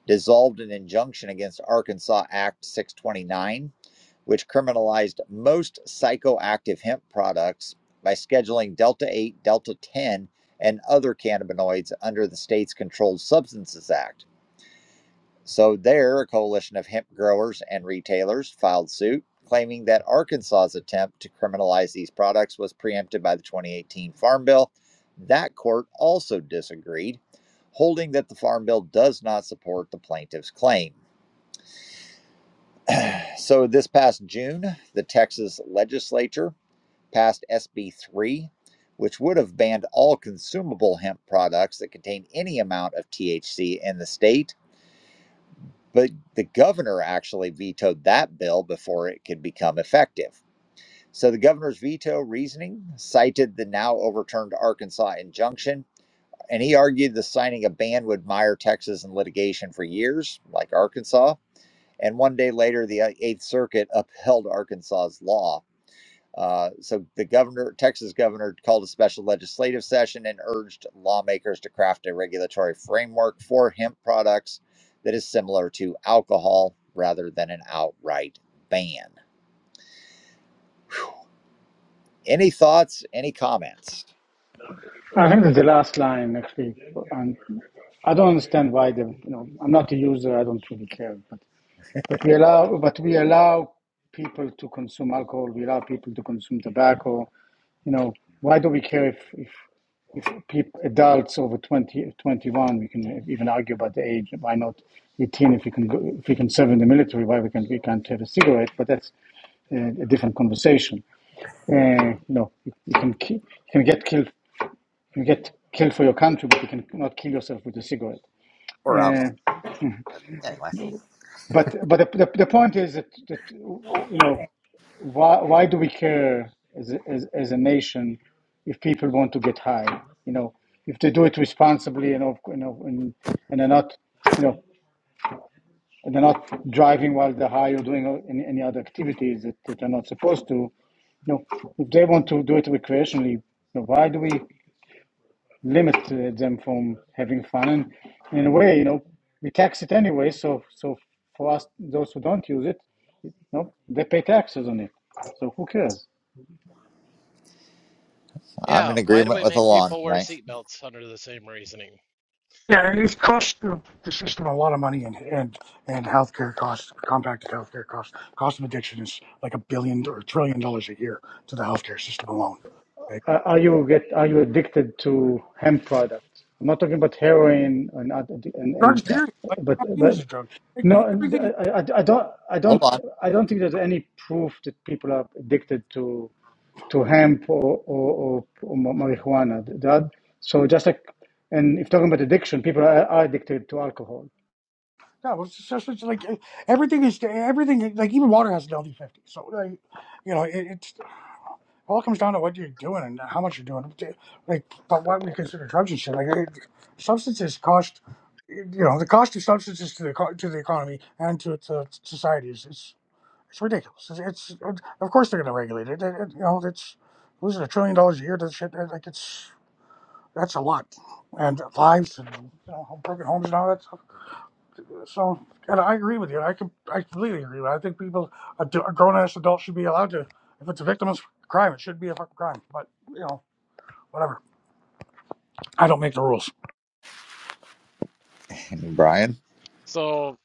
Speaker 1: dissolved an injunction against Arkansas Act 629, which criminalized most psychoactive hemp products by scheduling Delta 8, Delta 10, and other cannabinoids under the state's Controlled Substances Act. So, there, a coalition of hemp growers and retailers filed suit, claiming that Arkansas's attempt to criminalize these products was preempted by the 2018 Farm Bill. That court also disagreed, holding that the Farm Bill does not support the plaintiff's claim. So, this past June, the Texas legislature passed SB 3, which would have banned all consumable hemp products that contain any amount of THC in the state But the governor actually vetoed that bill before it could become effective. So the governor's veto reasoning cited the now overturned Arkansas injunction, and he argued the signing a ban would mire Texas in litigation for years, like Arkansas. And one day later, the uh, Eighth Circuit upheld Arkansas's law uh, so the governor, Texas governor, called a special legislative session and urged lawmakers to craft a regulatory framework for hemp products that is similar to alcohol rather than an outright ban. Any thoughts? Any comments?
Speaker 5: I think that the last line actually, and I don't understand why the you know I'm not a user. I don't really care, but but we allow but we allow people to consume alcohol. We allow people to consume tobacco. you know, why do we care if if if peop adults over 20 21 we can even argue about the age. Why not eighteen? If you can go, if you can serve in the military, why we can we can't have a cigarette? But that's uh, a different conversation. Uh, no, you, you can ki- you can get killed you can get killed for your country, but you can not kill yourself with a cigarette.
Speaker 1: or
Speaker 5: Uh,
Speaker 1: alcohol. Anyway,
Speaker 5: But but the, the, the point is that, that you know why why do we care as a, as, as a nation if people want to get high? You know if they do it responsibly and you know and and they're not you know and they're not driving while they're high or doing any, any other activities that, that they're not supposed to. You know if they want to do it recreationally, you know, why do we limit uh, them from having fun? And in a way, you know we tax it anyway. So so for us those who don't use it no, they pay taxes on it. So who cares?
Speaker 1: I'm
Speaker 4: Yeah,
Speaker 1: in
Speaker 4: why do
Speaker 1: agreement
Speaker 4: we
Speaker 1: with
Speaker 4: make
Speaker 1: Alon
Speaker 4: people wear
Speaker 1: tonight.
Speaker 4: seatbelts under the same reasoning?
Speaker 2: Yeah, and it's cost the, the system a lot of money, and and and healthcare costs, compacted healthcare costs, cost of addiction is like a billion or a trillion dollars a year to the healthcare system alone. Okay?
Speaker 5: Are are you get are you addicted to hemp products? I'm not talking about heroin and and,
Speaker 2: Drugs,
Speaker 5: and
Speaker 1: Yeah.
Speaker 2: period. Like
Speaker 5: but
Speaker 2: caffeine is a
Speaker 5: but
Speaker 2: drug. Like,
Speaker 5: no,
Speaker 2: everything,
Speaker 5: I, I, I don't I
Speaker 1: Hold
Speaker 5: don't
Speaker 1: on.
Speaker 5: I don't think there's any proof that people are addicted to to hemp or or, or, marijuana. That so just like and if talking about addiction, people are, are addicted to alcohol.
Speaker 2: no, it's just, it's like everything is everything. Like even water has an LD fifty. So like, you know, it, it's. It all comes down to what you're doing and how much you're doing. Like, like, but what we consider drugs and shit. Like, it, substances cost, you know, the cost of substances to the eco- to the economy and to to society is it's, it's ridiculous. It's, it's of course they're going to regulate it. It- it- You know, it's losing a trillion dollars a year to shit. it- Like, it's that's a lot, and lives and you know, broken homes and all that stuff. So, and I agree with you. I can I completely agree. with you. I think people, a grown ass adult, should be allowed to. If it's a victim of crime, it should be a fucking crime. But you know. Whatever. I don't make the rules.
Speaker 1: Brian.
Speaker 4: So,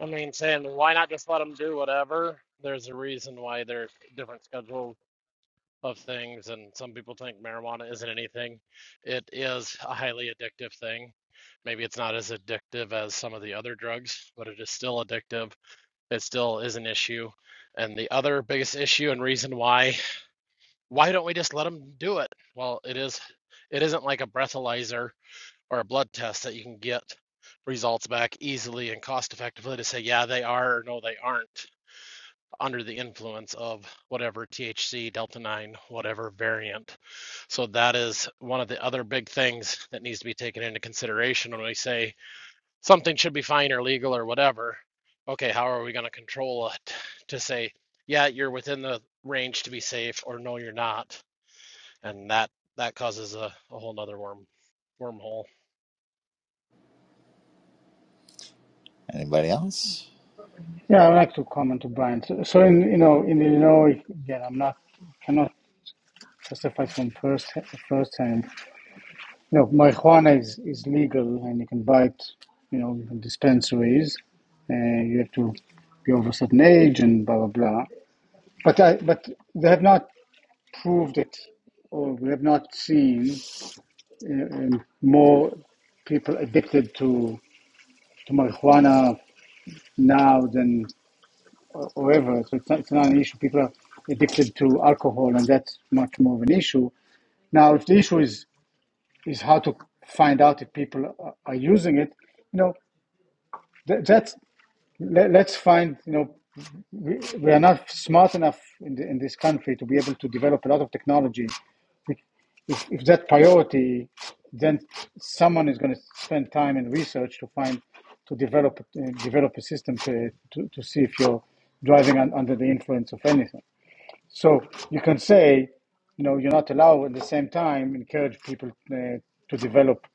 Speaker 4: I mean, saying why not just let them do whatever? There's a reason why there's different schedules of things, and some people think marijuana isn't anything. It is a highly addictive thing. Maybe it's not as addictive as some of the other drugs, but it is still addictive. It still is an issue. And the other biggest issue and reason why why don't we just let them do it? Well, it is it isn't like a breathalyzer or a blood test that you can get results back easily and cost effectively to say yeah they are or no they aren't under the influence of whatever THC delta 9 whatever variant. So that is one of the other big things that needs to be taken into consideration when we say something should be fine or legal or whatever. Okay, how are we going to control it to say, yeah, you're within the range to be safe, or no, you're not? And that that causes a, a whole nother worm wormhole.
Speaker 1: Anybody else?
Speaker 5: Yeah, I would like to comment to Brian. So, so in you know in Illinois, again, I'm not cannot testify from first first hand. No, marijuana is, is legal and you can buy it, you know, in dispensaries. Uh, you have to be over a certain age and blah blah blah. But I, but they have not proved it, or we have not seen uh, um, more people addicted to to marijuana now than or ever. So it's not, it's not an issue. People are addicted to alcohol, and that's much more of an issue. Now, if the issue is is how to find out if people are are using it. You know, that, that's let, let's find. You know, we, we are not smart enough in, the, in this country to be able to develop a lot of technology. If, if that priority, then someone is going to spend time in research to find to develop uh, develop a system to, to, to see if you're driving un, under the influence of anything. So you can say, you know, you're not allowed at the same time encourage people uh, to develop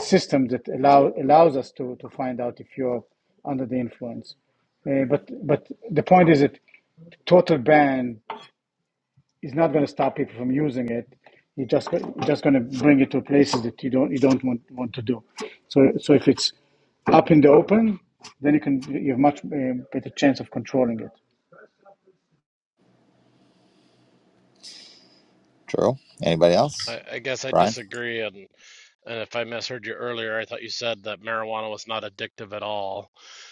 Speaker 5: systems that allow allows us to to find out if you're under the influence. Uh, but but the point is that total ban is not going to stop people from using it. You're just you're just going to bring it to places that you don't you don't want want to do. So so if it's up in the open, then you can you have much uh, better chance of controlling it.
Speaker 1: Drew. Anybody else?
Speaker 4: I, I guess I
Speaker 1: Brian.
Speaker 4: disagree, and and if I misheard you earlier, I thought you said that marijuana was not addictive at all.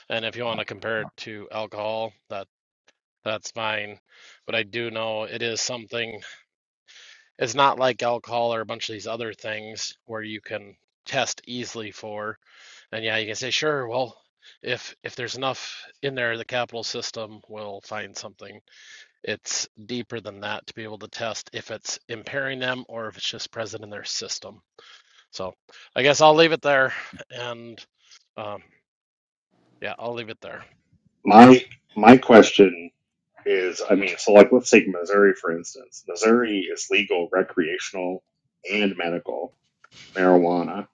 Speaker 4: And if you want to compare it to alcohol, that that's fine. But I do know it is something. It's not like alcohol or a bunch of these other things where you can test easily for. And yeah, you can say, sure, well, if if there's enough in there, the capital system will find something. It's deeper than that to be able to test if it's impairing them or if it's just present in their system. So I guess I'll leave it there. And um, yeah, I'll leave it there.
Speaker 7: My my question is, I mean, so like let's take Missouri for instance. Missouri is legal recreational and medical marijuana.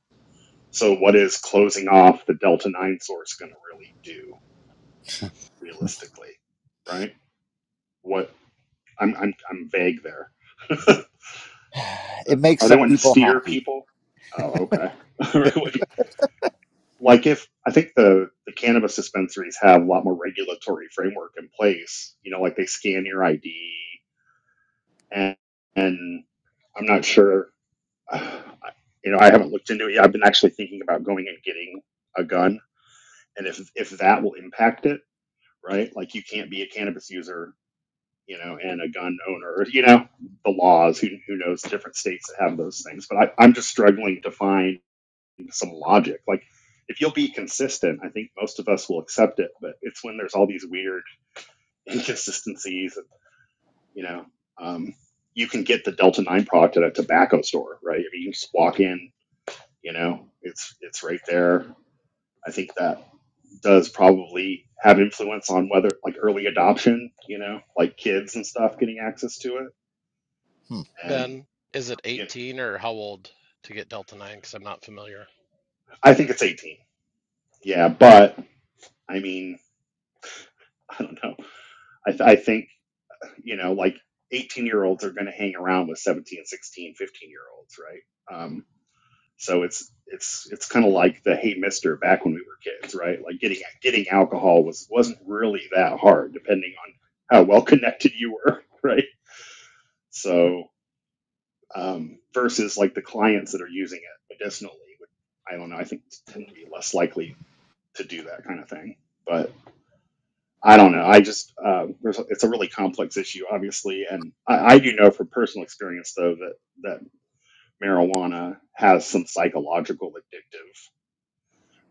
Speaker 7: So what is closing off the Delta 9 source going to really do realistically, right? What I'm I'm I'm vague there. *laughs*
Speaker 1: *sighs* It makes
Speaker 7: Oh, they
Speaker 1: some
Speaker 7: wanting to
Speaker 1: people
Speaker 7: steer
Speaker 1: happy.
Speaker 7: people? Oh, okay. *laughs* like if I think the the cannabis dispensaries have a lot more regulatory framework in place. You know, like they scan your ID, and, and I'm not sure. uh, You know, I haven't looked into it. yet. I've been actually thinking about going and getting a gun, and if if that will impact it, right? Like you can't be a cannabis user, you know, and a gun owner. You know, the laws. Who who knows? Different states that have those things, but I, I'm just struggling to find some logic. Like if you'll be consistent, I think most of us will accept it. But it's when there's all these weird *laughs* inconsistencies, and, you know. Um, you can get the Delta Nine product at a tobacco store, right? I mean, you just walk in, you know, it's it's right there. I think that does probably have influence on whether like early adoption, you know, like kids and stuff getting access to it.
Speaker 1: Hmm.
Speaker 7: And
Speaker 4: Ben, is it
Speaker 7: you know,
Speaker 4: 18 or how old to get Delta 9? Because I'm not familiar.
Speaker 7: I think it's 18. Yeah, but I mean, *laughs* I don't know. I, th- I think you know like 18 year olds are going to hang around with seventeen, sixteen, fifteen year olds right um, so it's it's it's kind of like the hey mister back when we were kids right like getting getting alcohol was wasn't really that hard depending on how well *laughs* connected you were right so um, versus like the clients that are using it medicinally i don't know i think tend to be less likely to do that kind of thing but I don't know. I just uh, there's it's a really complex issue, obviously, and I, I do know from personal experience though that that marijuana has some psychological addictive,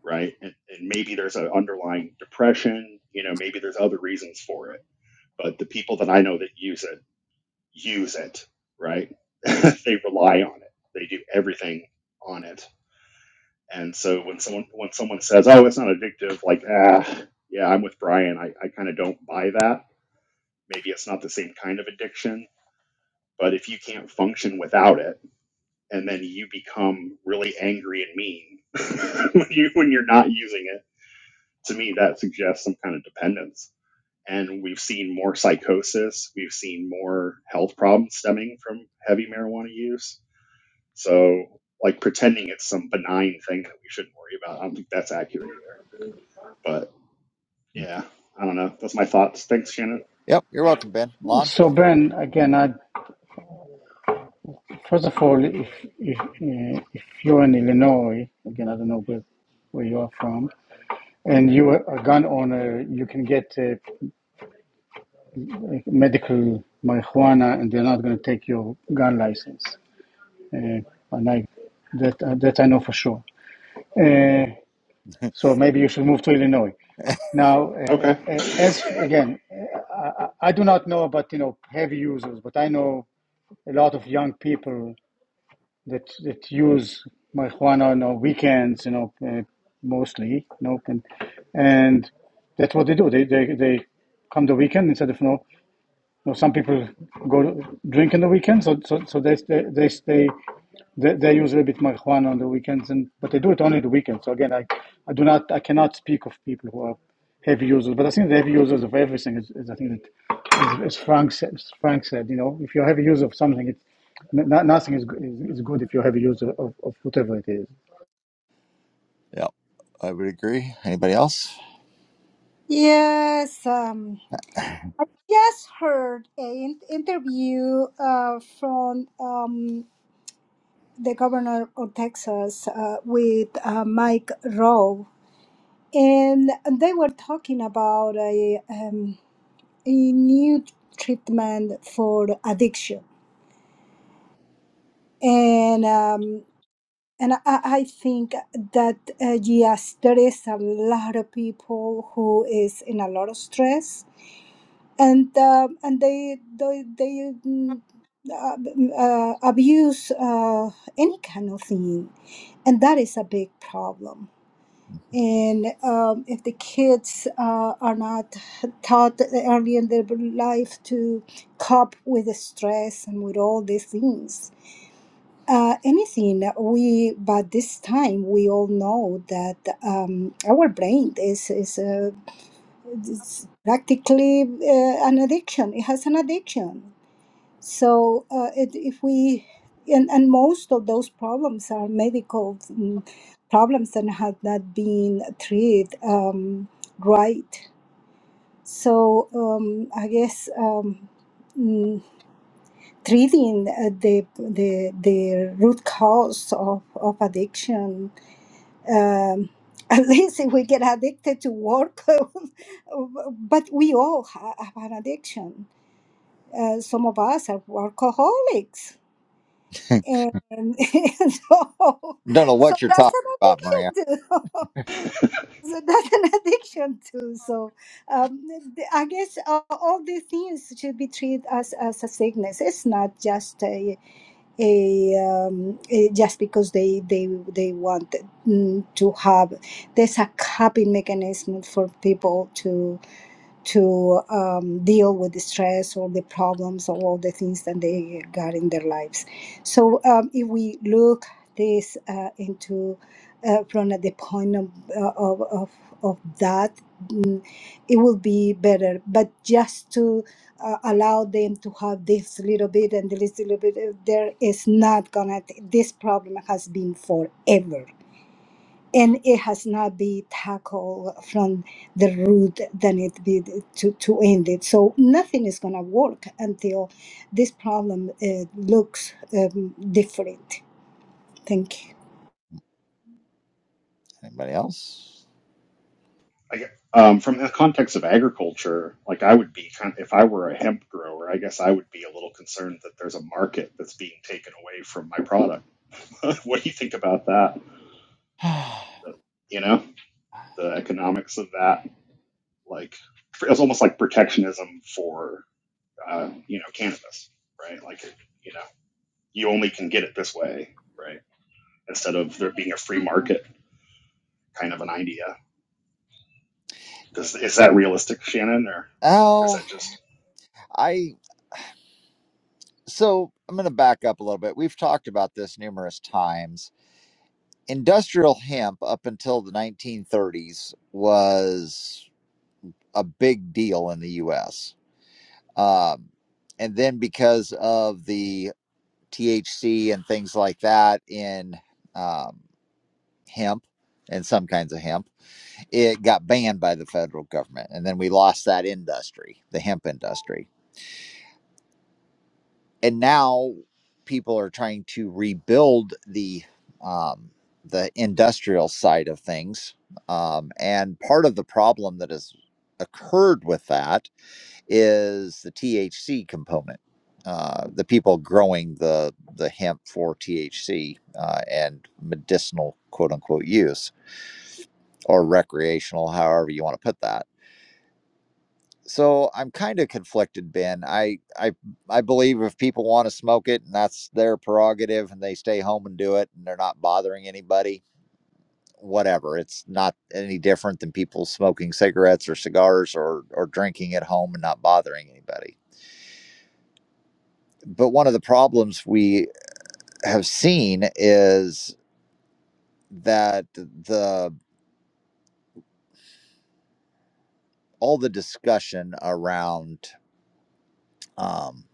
Speaker 7: right? And, and maybe there's an underlying depression. You know, maybe there's other reasons for it. But the people that I know that use it use it, right? *laughs* they rely on it. They do everything on it. And so when someone when someone says, "Oh, it's not addictive," like, ah, yeah, I'm with Brian. I, I kind of don't buy that maybe it's not the same kind of addiction, but if you can't function without it, and then you become really angry and mean *laughs* when, you, when you're not using it, to me, that suggests some kind of dependence. And we've seen more psychosis, we've seen more health problems stemming from heavy marijuana use. So, like pretending it's some benign thing that we shouldn't worry about, I don't think that's accurate either. But yeah, I don't know. That's my thoughts. Thanks, Shannon.
Speaker 1: Yep, you're welcome, Ben. Lon.
Speaker 5: So Ben, again, I First of all, if if uh, if you're in Illinois, again, I don't know where, where you are from, and you are a gun owner, you can get uh, medical marijuana, and they're not going to take your gun license. Uh, and I, that uh, that I know for sure. Uh,
Speaker 1: *laughs*
Speaker 5: so maybe you should move to Illinois. Now, uh,
Speaker 7: Okay.
Speaker 5: uh, as again, uh, I, I I do not know about you know heavy users, but I know a lot of young people that that use marijuana on our weekends, you know, uh, mostly, you know, and, and that's what they do. They they they come the weekend instead of you know, you know some people go to drink in the weekend, so so so they they they stay they, they use a little bit marijuana on the weekends, and but they do it only the weekends. So again, I, I do not, I cannot speak of people who are heavy users, but I think the heavy users of everything is, is I think that, as, as Frank said, Frank said, you know, if you're a heavy user of something, it's n- no- nothing is, is is good if you're a heavy user of, of whatever it is.
Speaker 1: Yep, I would agree. Anybody else?
Speaker 8: Yes, um, I just heard an interview uh, from um, the governor of Texas uh, with uh, Mike Rowe, and they were talking about a, um, a new treatment for addiction, and um, and I, I think that uh, yes, there is a lot of people who is in a lot of stress and um and they they they mm, uh, uh, abuse uh, any kind of thing, and that is a big problem. And um, if the kids uh, are not taught early in their life to cope with the stress and with all these things, uh, anything that we, by this time, we all know that um, our brain is is uh, it's practically uh, an addiction. It has an addiction. So uh, it, if we and, and most of those problems are medical mm, problems that have not been treated um, right. So um, I guess um, mm, treating uh, the, the the root cause of, of addiction um, *laughs* at least if we get addicted to work, *laughs* but we all ha- have an addiction. Uh, some of us are workaholics,
Speaker 1: *laughs* Don't
Speaker 8: and, *laughs* and so,
Speaker 1: know
Speaker 8: so
Speaker 1: what you're
Speaker 8: that's
Speaker 1: talking about, Maria.
Speaker 8: an addiction too. *laughs*
Speaker 7: *laughs*
Speaker 8: so that's an addiction too. So um, th- I guess uh, all these things should be treated as, as a sickness. It's not just a a, um, eh, just because they they they want mm, to have there's a coping mechanism for people to to um, deal with the stress or the problems or all the things that they got in their lives. So um, if we look this uh, into uh, from the point of, uh, of, of, of that, mm, it will be better. But just to uh, allow them to have this little bit and this little bit, uh, there is not gonna, this problem has been forever and it has not been tackled from the root than it be to, to end it. So nothing is going to work until this problem uh, looks um, different. Thank you.
Speaker 1: Anybody else?
Speaker 7: I um, from the context of agriculture, like I would be kind of, if I were a hemp grower, I guess I would be a little concerned that there's a market that's being taken away from my product. *laughs* what do you think about that?
Speaker 1: *sighs*
Speaker 7: The- you know, the economics of that, like it's almost like protectionism for uh, you know cannabis, right? Like you know, you only can get it this way, right? Instead of there being a free market kind of an idea. Does, is that realistic, Shannon, or is
Speaker 1: Oh,
Speaker 7: that just
Speaker 1: I so I'm going to back up a little bit. We've talked about this numerous times. industrial hemp up until the 1930s was a big deal in the US. Um, and then because of the THC and things like that in um, hemp and some kinds of hemp, it got banned by the federal government. And then we lost that industry, the hemp industry. and now people are trying to rebuild the um, the industrial side of things um, and part of the problem that has occurred with that is the THC component uh, the people growing the the hemp for THC uh, and medicinal quote unquote use or recreational however you want to put that so I'm kind of conflicted, Ben. I I I believe if people want to smoke it and that's their prerogative and they stay home and do it and they're not bothering anybody, whatever. It's not any different than people smoking cigarettes or cigars or or drinking at home and not bothering anybody. But one of the problems we have seen is that the all the discussion around um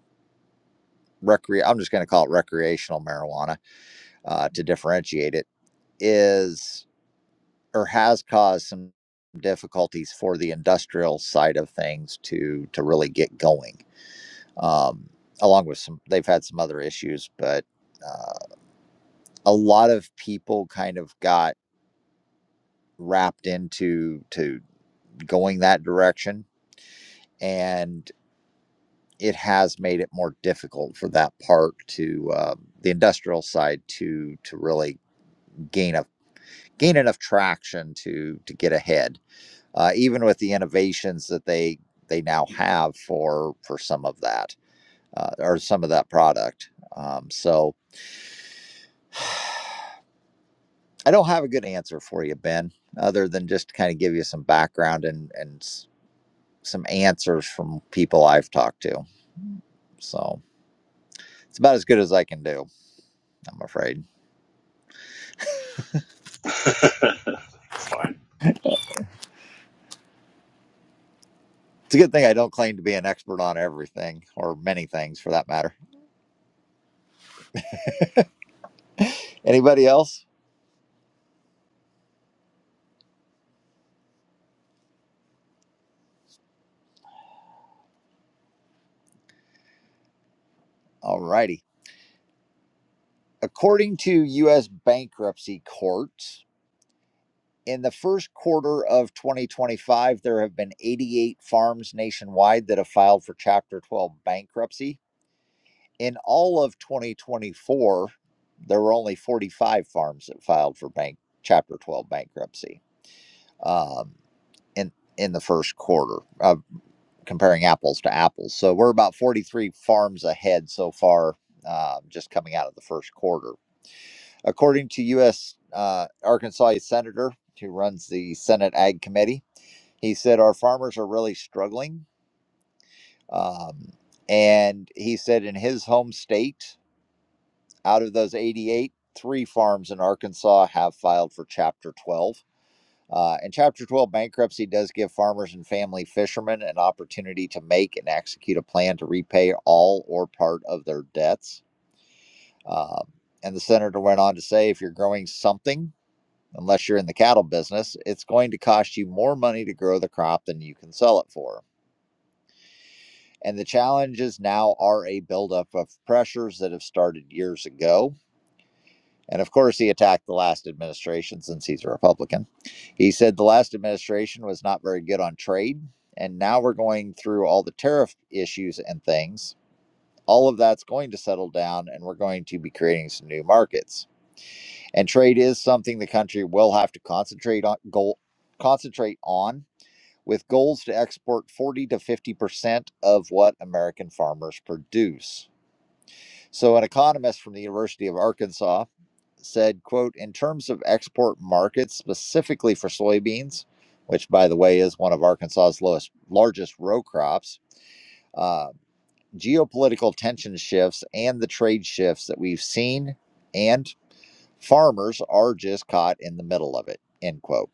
Speaker 1: recre I'm just going to call it recreational marijuana uh, to differentiate it is or has caused some difficulties for the industrial side of things to to really get going. Um, along with some, they've had some other issues, but uh, a lot of people kind of got wrapped into to going that direction, and it has made it more difficult for that part to uh, the industrial side to to really gain a gain enough traction to to get ahead uh, even with the innovations that they they now have for for some of that uh, or some of that product. Um, so *sighs* I don't have a good answer for you, Ben, other than just to kind of give you some background and and s- some answers from people I've talked to. So it's about as good as I can do, I'm afraid.
Speaker 7: *laughs* fine?
Speaker 1: It's a good thing I don't claim to be an expert on everything or many things for that matter. *laughs* Anybody else? All righty. According to U.S. bankruptcy courts. In the first quarter of 2025, there have been 88 farms nationwide that have filed for Chapter 12 bankruptcy. In all of 2024, there were only 45 farms that filed for bank Chapter 12 bankruptcy um, in in the first quarter, uh, comparing apples to apples. So we're about 43 farms ahead so far, uh, just coming out of the first quarter. According to U.S. Uh, Arkansas Senator, who runs the Senate Ag Committee, he said, Our farmers are really struggling. Um, and he said, In his home state, out of those 88, three farms in Arkansas have filed for Chapter 12. Uh, and Chapter 12 bankruptcy does give farmers and family fishermen an opportunity to make and execute a plan to repay all or part of their debts. Um, and the senator went on to say, If you're growing something, unless you're in the cattle business, it's going to cost you more money to grow the crop than you can sell it for. And the challenges now are a buildup of pressures that have started years ago. And of course, he attacked the last administration since he's a Republican. He said the last administration was not very good on trade. And now we're going through all the tariff issues and things. All of that's going to settle down, and we're going to be creating some new markets. And trade is something the country will have to concentrate on goal, concentrate on with goals to export 40 to 50% of what American farmers produce. So an economist from the University of Arkansas said, quote, in terms of export markets specifically for soybeans, which by the way is one of Arkansas's lowest largest row crops, uh, geopolitical tension shifts and the trade shifts that we've seen and farmers are just caught in the middle of it, end quote.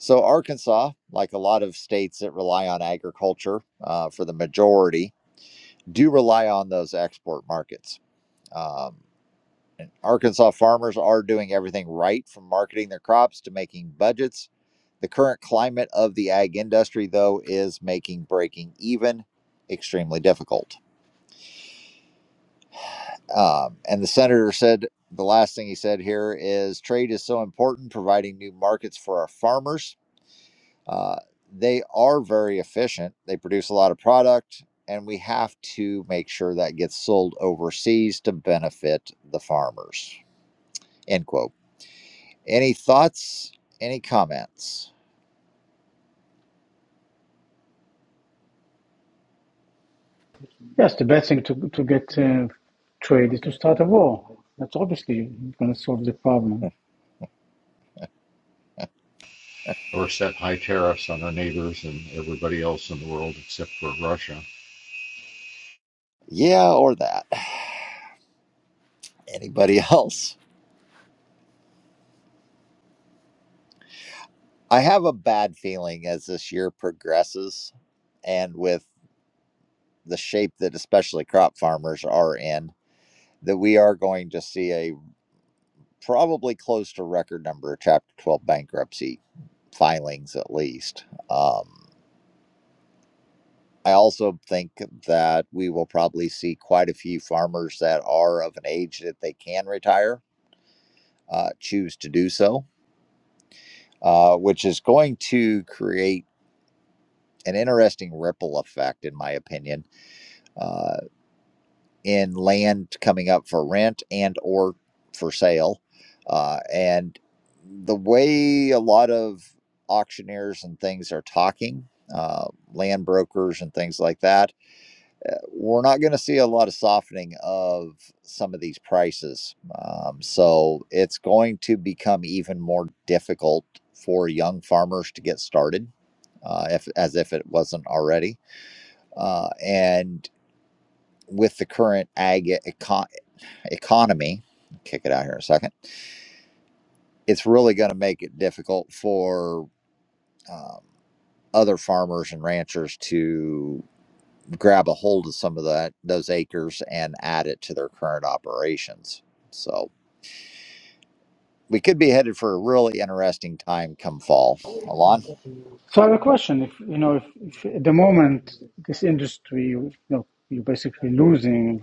Speaker 1: So Arkansas, like a lot of states that rely on agriculture uh, for the majority, do rely on those export markets. Um, And Arkansas farmers are doing everything right from marketing their crops to making budgets. The current climate of the ag industry, though, is making breaking even extremely difficult. Um, and the senator said the last thing he said here is trade is so important, providing new markets for our farmers. Uh, they are very efficient, they produce a lot of product, and we have to make sure that gets sold overseas to benefit the farmers. End quote. Any thoughts? Any comments? *laughs*
Speaker 5: Yes, the best thing to to get uh, trade is to start a war. That's obviously going to solve the problem.
Speaker 6: or set high tariffs on our neighbors and everybody else in the world except for Russia
Speaker 1: Yeah, or that. Anybody *laughs* else? I have a bad feeling as this year progresses and with the shape that especially crop farmers are in, that we are going to see a probably close to record number of Chapter 12 bankruptcy filings, at least. Um, I also think that we will probably see quite a few farmers that are of an age that they can retire uh, choose to do so uh, which is going to create an interesting ripple effect, in my opinion, uh, in land coming up for rent and or for sale. Uh, and the way a lot of auctioneers and things are talking, uh, land brokers and things like that, we're not going to see a lot of softening of some of these prices. Um, so it's going to become even more difficult for young farmers to get started, uh, if, as if it wasn't already. Uh, and with the current ag eco- economy, kick it out here a second, it's really going to make it difficult for um, other farmers and ranchers to grab a hold of some of that those acres and add it to their current operations. So we could be headed for a really interesting time come fall. Alon,
Speaker 5: So I have a question. If you know, if, if at the moment this industry, you know, you're basically losing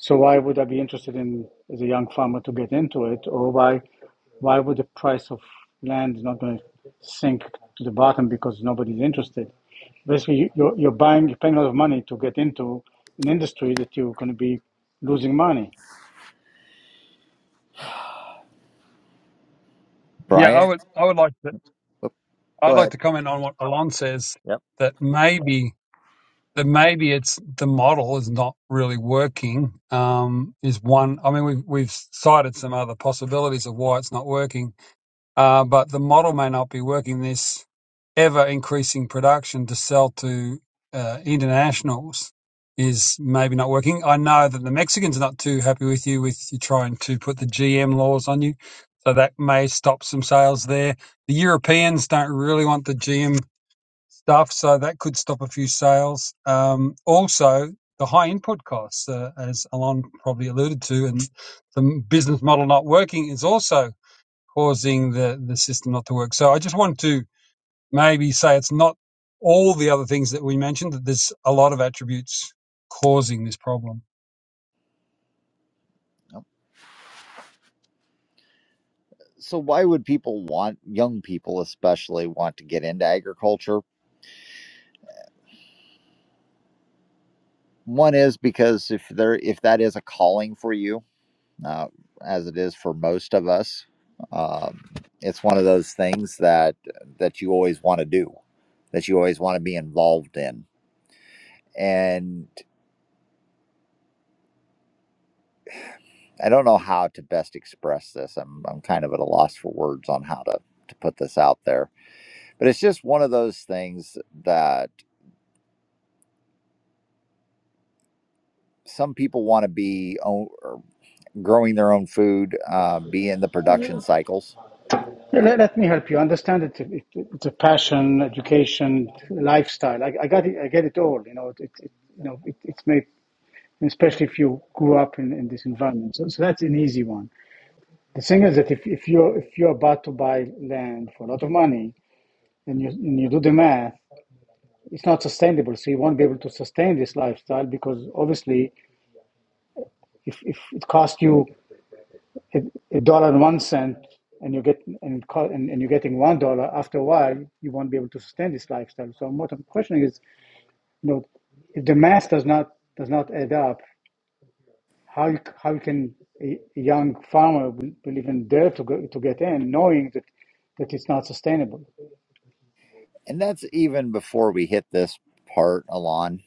Speaker 5: So why would I be interested in as a young farmer to get into it, or why why would the price of land is not going to sink to the bottom because nobody's interested? Basically, you- are you're buying, you're paying a lot of money to get into an industry that you're going to be losing money.
Speaker 3: Yeah, I
Speaker 1: Brian,
Speaker 3: would I would like to I'd
Speaker 1: go
Speaker 3: like
Speaker 1: ahead.
Speaker 3: to comment on what Alon says that maybe. that maybe it's the model is not really working um, is one. I mean, we've, we've cited some other possibilities of why it's not working, uh, but the model may not be working. This ever increasing production to sell to uh, internationals is maybe not working. I know that the Mexicans are not too happy with you with you trying to put the GM laws on you. So that may stop some sales there. The Europeans don't really want the GM stuff. So that could stop a few sales. Um, also, the high input costs, uh, as Alon probably alluded to, and the business model not working is also causing the, the system not to work. So I just want to maybe say it's not all the other things that we mentioned, that there's a lot of attributes causing this problem.
Speaker 1: So why would people want young people especially want to get into agriculture? One is because if there if that is a calling for you, uh, as it is for most of us, um, it's one of those things that that you always want to do, that you always want to be involved in, and I don't know how to best express this. I'm I'm kind of at a loss for words on how to to put this out there. But it's just one of those things that some people want to be own, or growing their own food, uh, be in the production cycles, Uh,
Speaker 5: Let, let me help you understand it. it, it. it's a passion, education, lifestyle. I, I got it. I get it all. You know, it, it, it- you know, it, it's made, especially if you grew up in, in this environment. So, so that's an easy one. The thing is that if, if you're if you're about to buy land for a lot of money and you and you do the math, it's not sustainable. So you won't be able to sustain this lifestyle because obviously, if, if it costs you a, a dollar and one cent and you get and, it co- and and you're getting one dollar after a while, you won't be able to sustain this lifestyle. So what I'm questioning is, you know, if the math does not does not add up, how you, how you can a, a young farmer will, will even dare to go, to get in, knowing that that it's not sustainable.
Speaker 1: and that's even before we hit this part, Alon.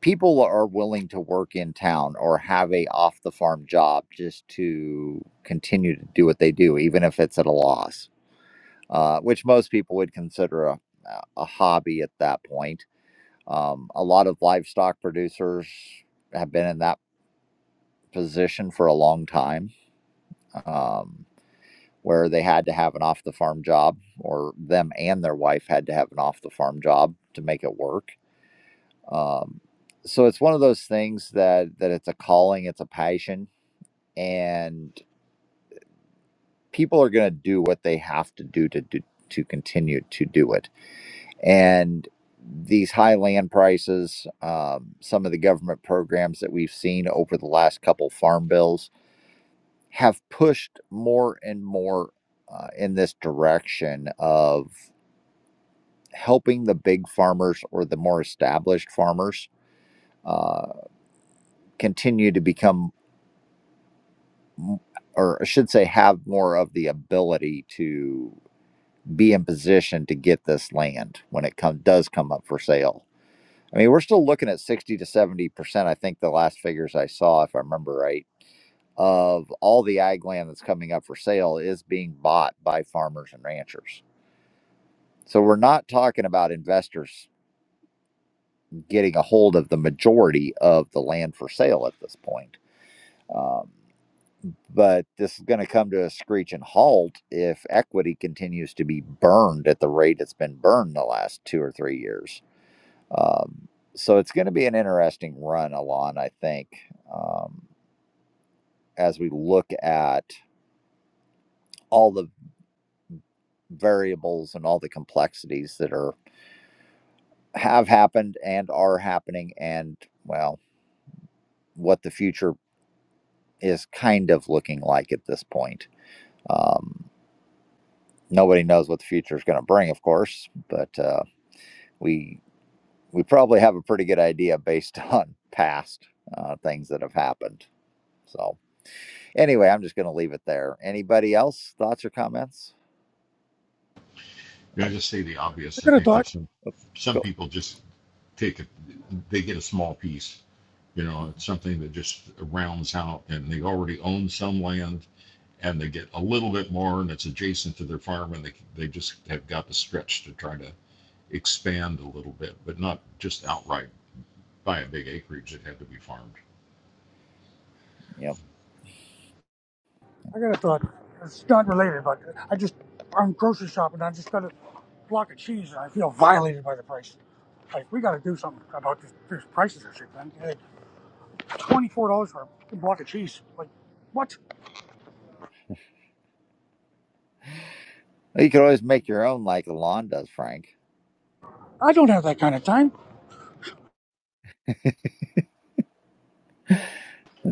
Speaker 1: People are willing to work in town or have a off the farm job just to continue to do what they do, even if it's at a loss uh, which most people would consider a, a hobby at that point. Um, a lot of livestock producers have been in that position for a long time, um, where they had to have an off the farm job, or them and their wife had to have an off the farm job to make it work. Um, so it's one of those things that that it's a calling, it's a passion, and people are going to do what they have to do to do to continue to do it And these high land prices, um, some of the government programs that we've seen over the last couple farm bills, have pushed more and more uh, in this direction of helping the big farmers or the more established farmers uh, continue to become, or I should say, have more of the ability to be in position to get this land when it come, does come up for sale I mean, we're still looking at 60 to 70%. I think the last figures I saw, if I remember right, of all the ag land that's coming up for sale is being bought by farmers and ranchers. So we're not talking about investors getting a hold of the majority of the land for sale at this point. Um, but this is going to come to a screeching halt if equity continues to be burned at the rate it's been burned the last two or three years Um, so it's going to be an interesting run, Alon, I think, um, as we look at all the variables and all the complexities that are have happened and are happening, and well, what the future is kind of looking like at this point. Um, nobody knows what the future is going to bring, of course, but uh, we we probably have a pretty good idea based *laughs* on past uh, things that have happened. So. Anyway, I'm just going to leave it there. Anybody else? Thoughts or comments?
Speaker 6: You know,
Speaker 1: I'd
Speaker 6: just say the obvious.
Speaker 2: I
Speaker 6: I
Speaker 2: got a
Speaker 6: think that
Speaker 2: thought.
Speaker 6: some some
Speaker 1: go.
Speaker 6: people just take a, they get a small piece. You know, it's something that just rounds out, and they already own some land, and they get a little bit more, and it's adjacent to their farm, and they they just have got the stretch to try to expand a little bit, but not just outright buy a big acreage. that had to be farmed.
Speaker 1: Yep.
Speaker 2: I got a thought. It's not related, but I just I'm grocery shopping. and I just got a block of cheese, and I feel violated by the price. Like we got to do something about these, these prices and shit, man. Twenty four dollars for a block of cheese. Like what?
Speaker 1: You could always make your own like Alon does, Frank.
Speaker 2: I don't have that kind of time.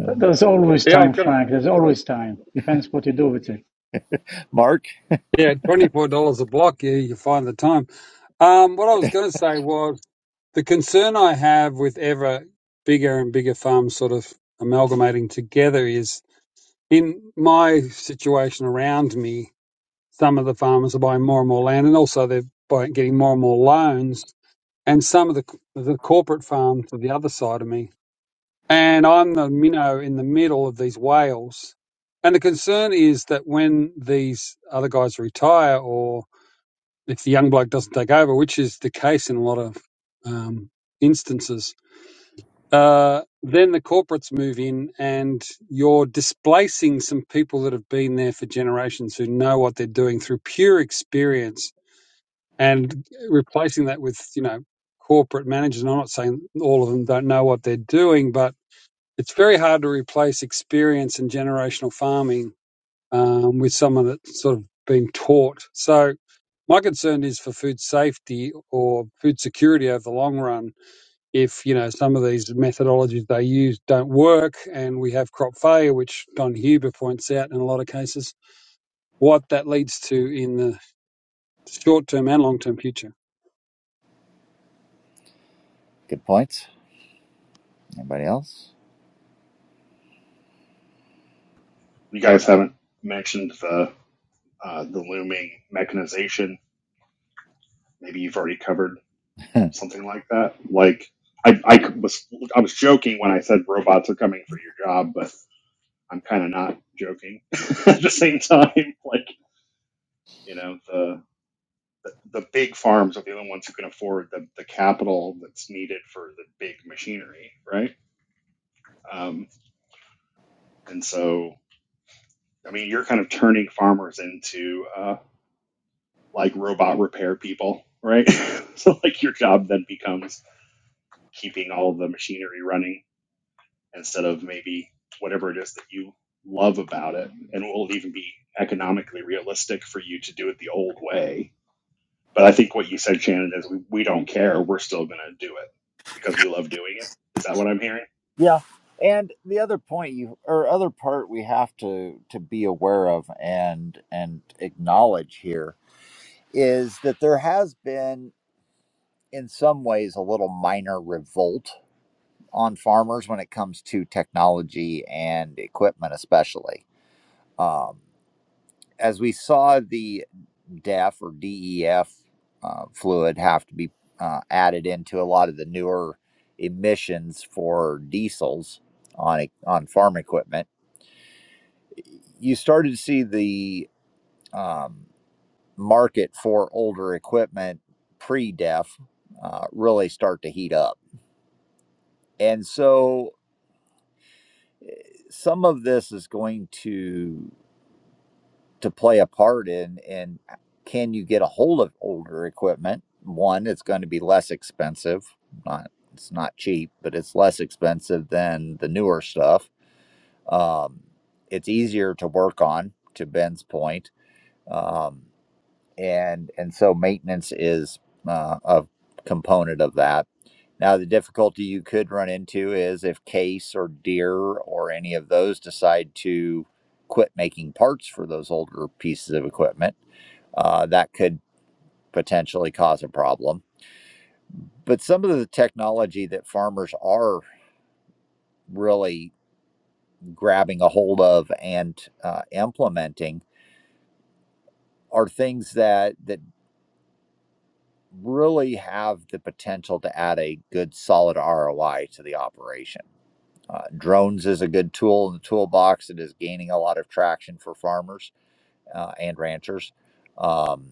Speaker 5: There's always
Speaker 3: Yeah, I was
Speaker 5: time,
Speaker 3: gonna.
Speaker 5: Frank. There's always time. Depends what you do with it.
Speaker 1: Mark,
Speaker 3: Yeah, twenty four dollars a block. Yeah, you find the time. Um, what I was going to say was The concern I have with ever bigger and bigger farms sort of amalgamating together is in my situation around me, some of the farmers are buying more and more land and also they're buying, getting more and more loans. And some of the, the corporate farms are the other side of me. And I'm the minnow in the middle of these whales. And the concern is that when these other guys retire or if the young bloke doesn't take over, which is the case in a lot of um, instances, uh, then the corporates move in and you're displacing some people that have been there for generations who know what they're doing through pure experience and replacing that with, you know, corporate managers. And I'm not saying all of them don't know what they're doing, but it's very hard to replace experience and generational farming um, with someone that's sort of been taught. So my concern is for food safety or food security over the long run if you know some of these methodologies they use don't work and we have crop failure which don huber points out in a lot of cases what that leads to in the short term and long term future
Speaker 1: good points. Anybody else? *laughs*
Speaker 7: You guys haven't mentioned the uh, the looming mechanization. Maybe you've already covered something like that. Like I I was I was joking when I said robots are coming for your job, but I'm kind of not joking *laughs* at the same time. *laughs* Like you know the the the big farms are the only ones who can afford the, the capital that's needed for the big machinery, right? Um, and so, I mean, you're kind of turning farmers into uh, like robot repair people, right? *laughs* so like your job then becomes keeping all the machinery running instead of maybe whatever it is that you love about it and it will even be economically realistic for you to do it the old way. But I think what you said, Shannon, is we, we don't care. We're still going to do it because we love doing it. Is that what I'm hearing?
Speaker 1: Yeah. And the other point you or other part we have to to be aware of and and acknowledge here is that there has been in some ways a little minor revolt on farmers when it comes to technology and equipment especially. Um as we saw the. DEF or DEF uh, fluid have to be uh, added into a lot of the newer emissions for diesels on e, on farm equipment. You started to see the um, market for older equipment pre-DEF uh, really start to heat up, and so some of this is going to to play a part in in can you get a hold of older equipment one it's going to be less expensive not it's not cheap but it's less expensive than the newer stuff um, it's easier to work on to ben's point um, and and so maintenance is uh, a component of that now the difficulty you could run into is if case or deer or any of those decide to quit making parts for those older pieces of equipment uh, that could potentially cause a problem. But some of the technology that farmers are really grabbing a hold of and uh, implementing are things that that really have the potential to add a good solid ROI to the operation. Uh, drones is a good tool in the toolbox that is gaining a lot of traction for farmers uh, and ranchers. Um,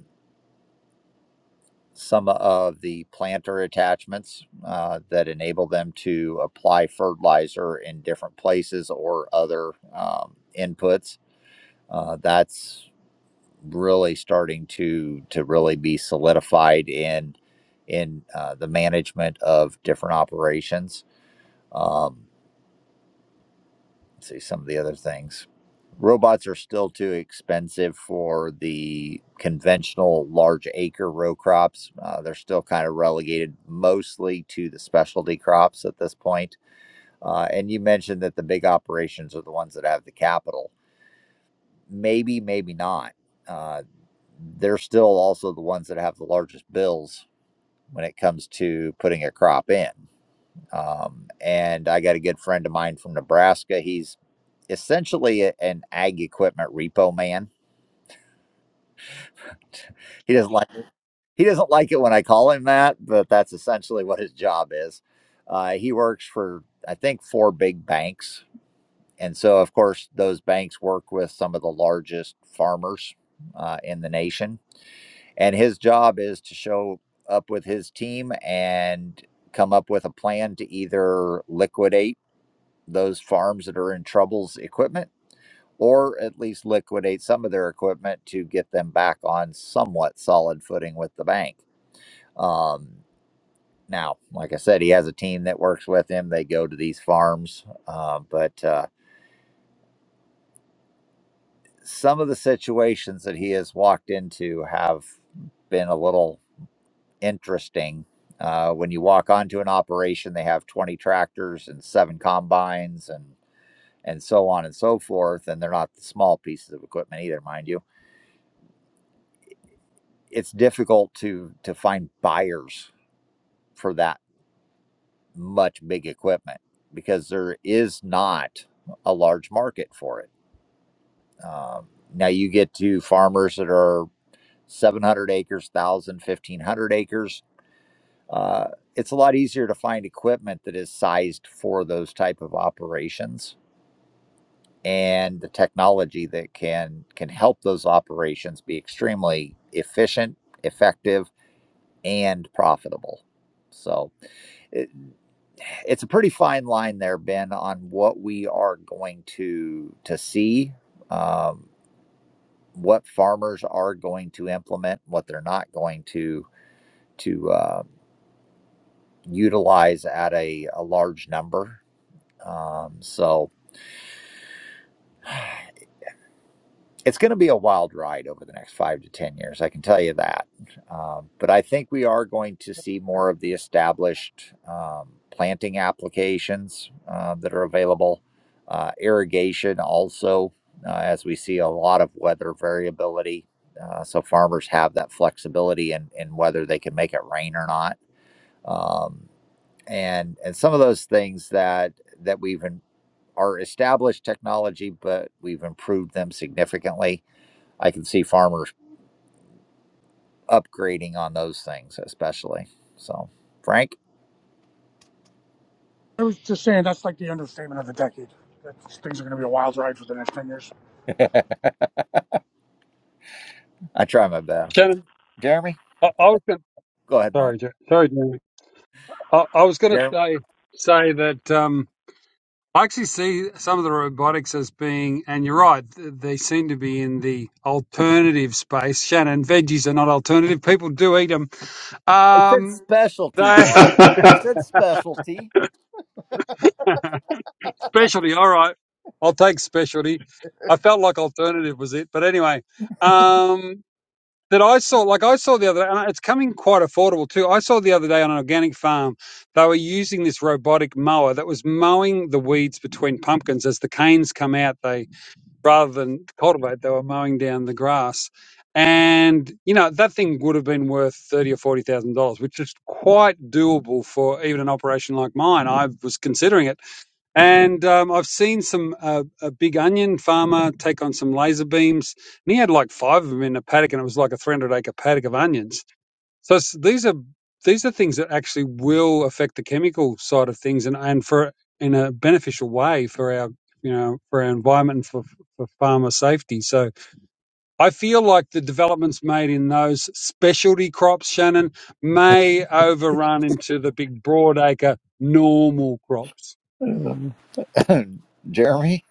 Speaker 1: some of the planter attachments uh, that enable them to apply fertilizer in different places or other um, inputs. Uh, that's really starting to to really be solidified in in uh, the management of different operations. Um, let's see some of the other things. Robots are still too expensive for the conventional large acre row crops. Uh, they're still kind of relegated mostly to the specialty crops at this point. Uh, and you mentioned that the big operations are the ones that have the capital. Maybe, maybe not. Uh, they're still also the ones that have the largest bills when it comes to putting a crop in. Um, and I got a good friend of mine from Nebraska. He's essentially a- an ag equipment repo man. *laughs* He doesn't like he doesn't like it when I call him that, but that's essentially what his job is. Uh, he works for I think four big banks, and so of course those banks work with some of the largest farmers uh, in the nation. And his job is to show up with his team and come up with a plan to either liquidate those farms that are in trouble's equipment or at least liquidate some of their equipment to get them back on somewhat solid footing with the bank. Um, now, like I said, he has a team that works with him. They go to these farms, uh, but uh, some of the situations that he has walked into have been a little interesting. Uh, when you walk onto an operation, they have 20 tractors and seven combines and and so on and so forth, and they're not the small pieces of equipment either, mind you it's difficult to to find buyers for that much big equipment because there is not a large market for it. Um, now you get to farmers that are 700 acres, 1,000, 1,500 acres. Uh, it's a lot easier to find equipment that is sized for those type of operations and the technology that can can help those operations be extremely efficient, effective, and profitable. So It, it's a pretty fine line there, Ben, on what we are going to to see, um, what farmers are going to implement, what they're not going to to uh, utilize at a, a large number. Um, so it's going to be a wild ride over the next five to 10 years. I can tell you that. Um, but I think we are going to see more of the established um, planting applications uh, that are available, uh, irrigation also, uh, as we see a lot of weather variability. Uh, so farmers have that flexibility in, in whether they can make it rain or not. Um, and, and some of those things that, that we've in, are established technology, but we've improved them significantly I can see farmers upgrading on those things, especially. So, Frank,
Speaker 2: I was just saying that's like the understatement of the decade. That things are going to be a wild ride for the next ten years.
Speaker 1: I try my best.
Speaker 3: shannon
Speaker 1: Jeremy,
Speaker 3: i, I was going
Speaker 1: go ahead, Mark.
Speaker 3: sorry Jer- sorry Jeremy. I, I was going to
Speaker 1: Jeremy,
Speaker 3: say say that um I actually see some of the robotics as being, and you're right, th- they seem to be in the alternative space. Shannon, veggies are not alternative. People do eat them.
Speaker 1: I said
Speaker 3: Um,
Speaker 1: specialty,
Speaker 3: they
Speaker 1: Mark. I said specialty. *clears throat*
Speaker 3: *laughs* Specialty. All right. I'll take specialty. I felt like alternative was it, but anyway, um, that I saw, like I saw the other day, and it's coming quite affordable too. I saw the other day on an organic farm, they were using this robotic mower that was mowing the weeds between pumpkins as the canes come out. They rather than cultivate, they were mowing down the grass, and you know that thing would have been worth thirty or forty thousand dollars, which is quite doable for even an operation like mine. I was considering it and um, I've seen some uh, a big onion farmer take on some laser beams, and he had like five of them in a paddock, and it was like a 300 acre paddock of onions. So it's, these are these are things that actually will affect the chemical side of things, and and for in a beneficial way for our you know for our environment and for for farmer safety. So I feel like the developments made in those specialty crops, Shannon, may overrun into the big broad acre normal crops.
Speaker 1: *laughs* Jeremy?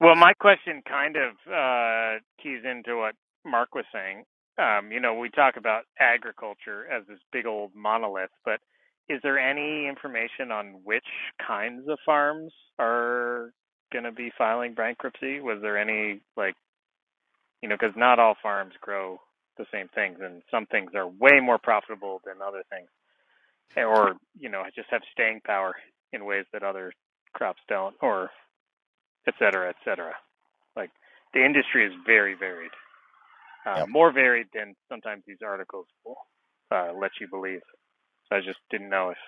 Speaker 9: Well, my question kind of uh, keys into what Mark was saying. Um, you know, we talk about agriculture as this big old monolith, but is there any information on which kinds of farms are going to be filing bankruptcy? Was there any, like, you know, because not all farms grow the same things, and some things are way more profitable than other things, or, you know, just have staying power in ways that other crops don't, or et cetera, et cetera. Like the industry is very varied, uh,
Speaker 1: Yep.
Speaker 9: more varied than sometimes these articles will uh, let you believe. So I just didn't know if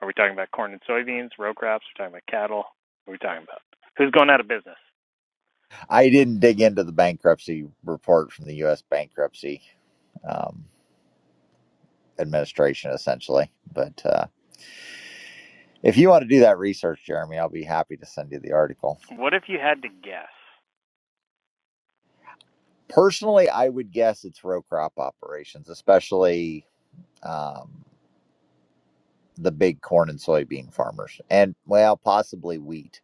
Speaker 9: are we talking about corn and soybeans, row crops? Are we talking about cattle? What are we talking about? Who's going out of business?
Speaker 1: I didn't dig into the bankruptcy report from the U.S. bankruptcy um, administration, essentially. But uh, if you want to do that research, Jeremy, I'll be happy to send you the article.
Speaker 9: What if you had to guess?
Speaker 1: Personally, I would guess it's row crop operations, especially. um, the big corn and soybean farmers, and well, possibly wheat.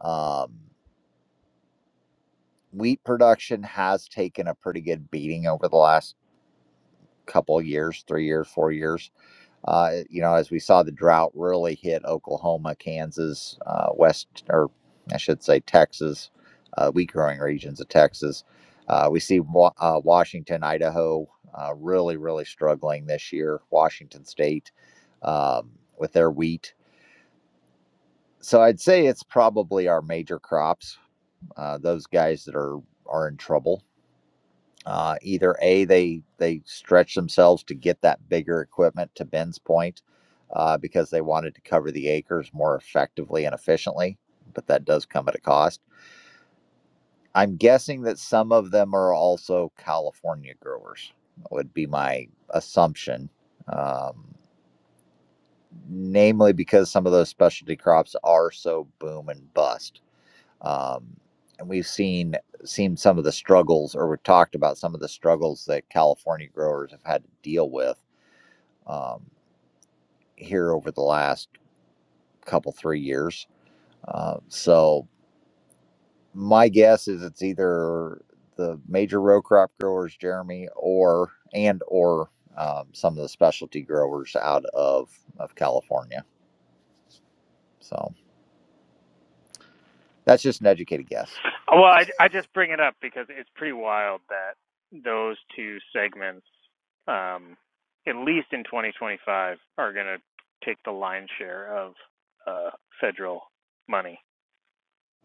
Speaker 1: Um, wheat production has taken a pretty good beating over the last couple of years, three years, four years. Uh, you know, as we saw the drought really hit Oklahoma, Kansas, uh, West, or I should say Texas, uh, wheat growing regions of Texas. Uh, we see Wa- uh, Washington, Idaho uh, really, really struggling this year. Washington State um, with their wheat. so I'd say it's probably our major crops. Uh, those guys that are are in trouble. Uh, either a they they stretch themselves to get that bigger equipment to Ben's point uh, because they wanted to cover the acres more effectively and efficiently, but that does come at a cost. I'm guessing that some of them are also California growers. Would be my assumption, um, namely because some of those specialty crops are so boom and bust Um, and we've seen seen some of the struggles, or we've talked about some of the struggles that California growers have had to deal with um, here over the last couple three years. Uh, so my guess is it's either the major row crop growers, Jeremy, or and or um, some of the specialty growers out of of California. So that's just an educated guess.
Speaker 9: Oh, Well, I, I just bring it up because it's pretty wild that those two segments, um, at least in 2025, are going to take the lion's share of uh, federal money.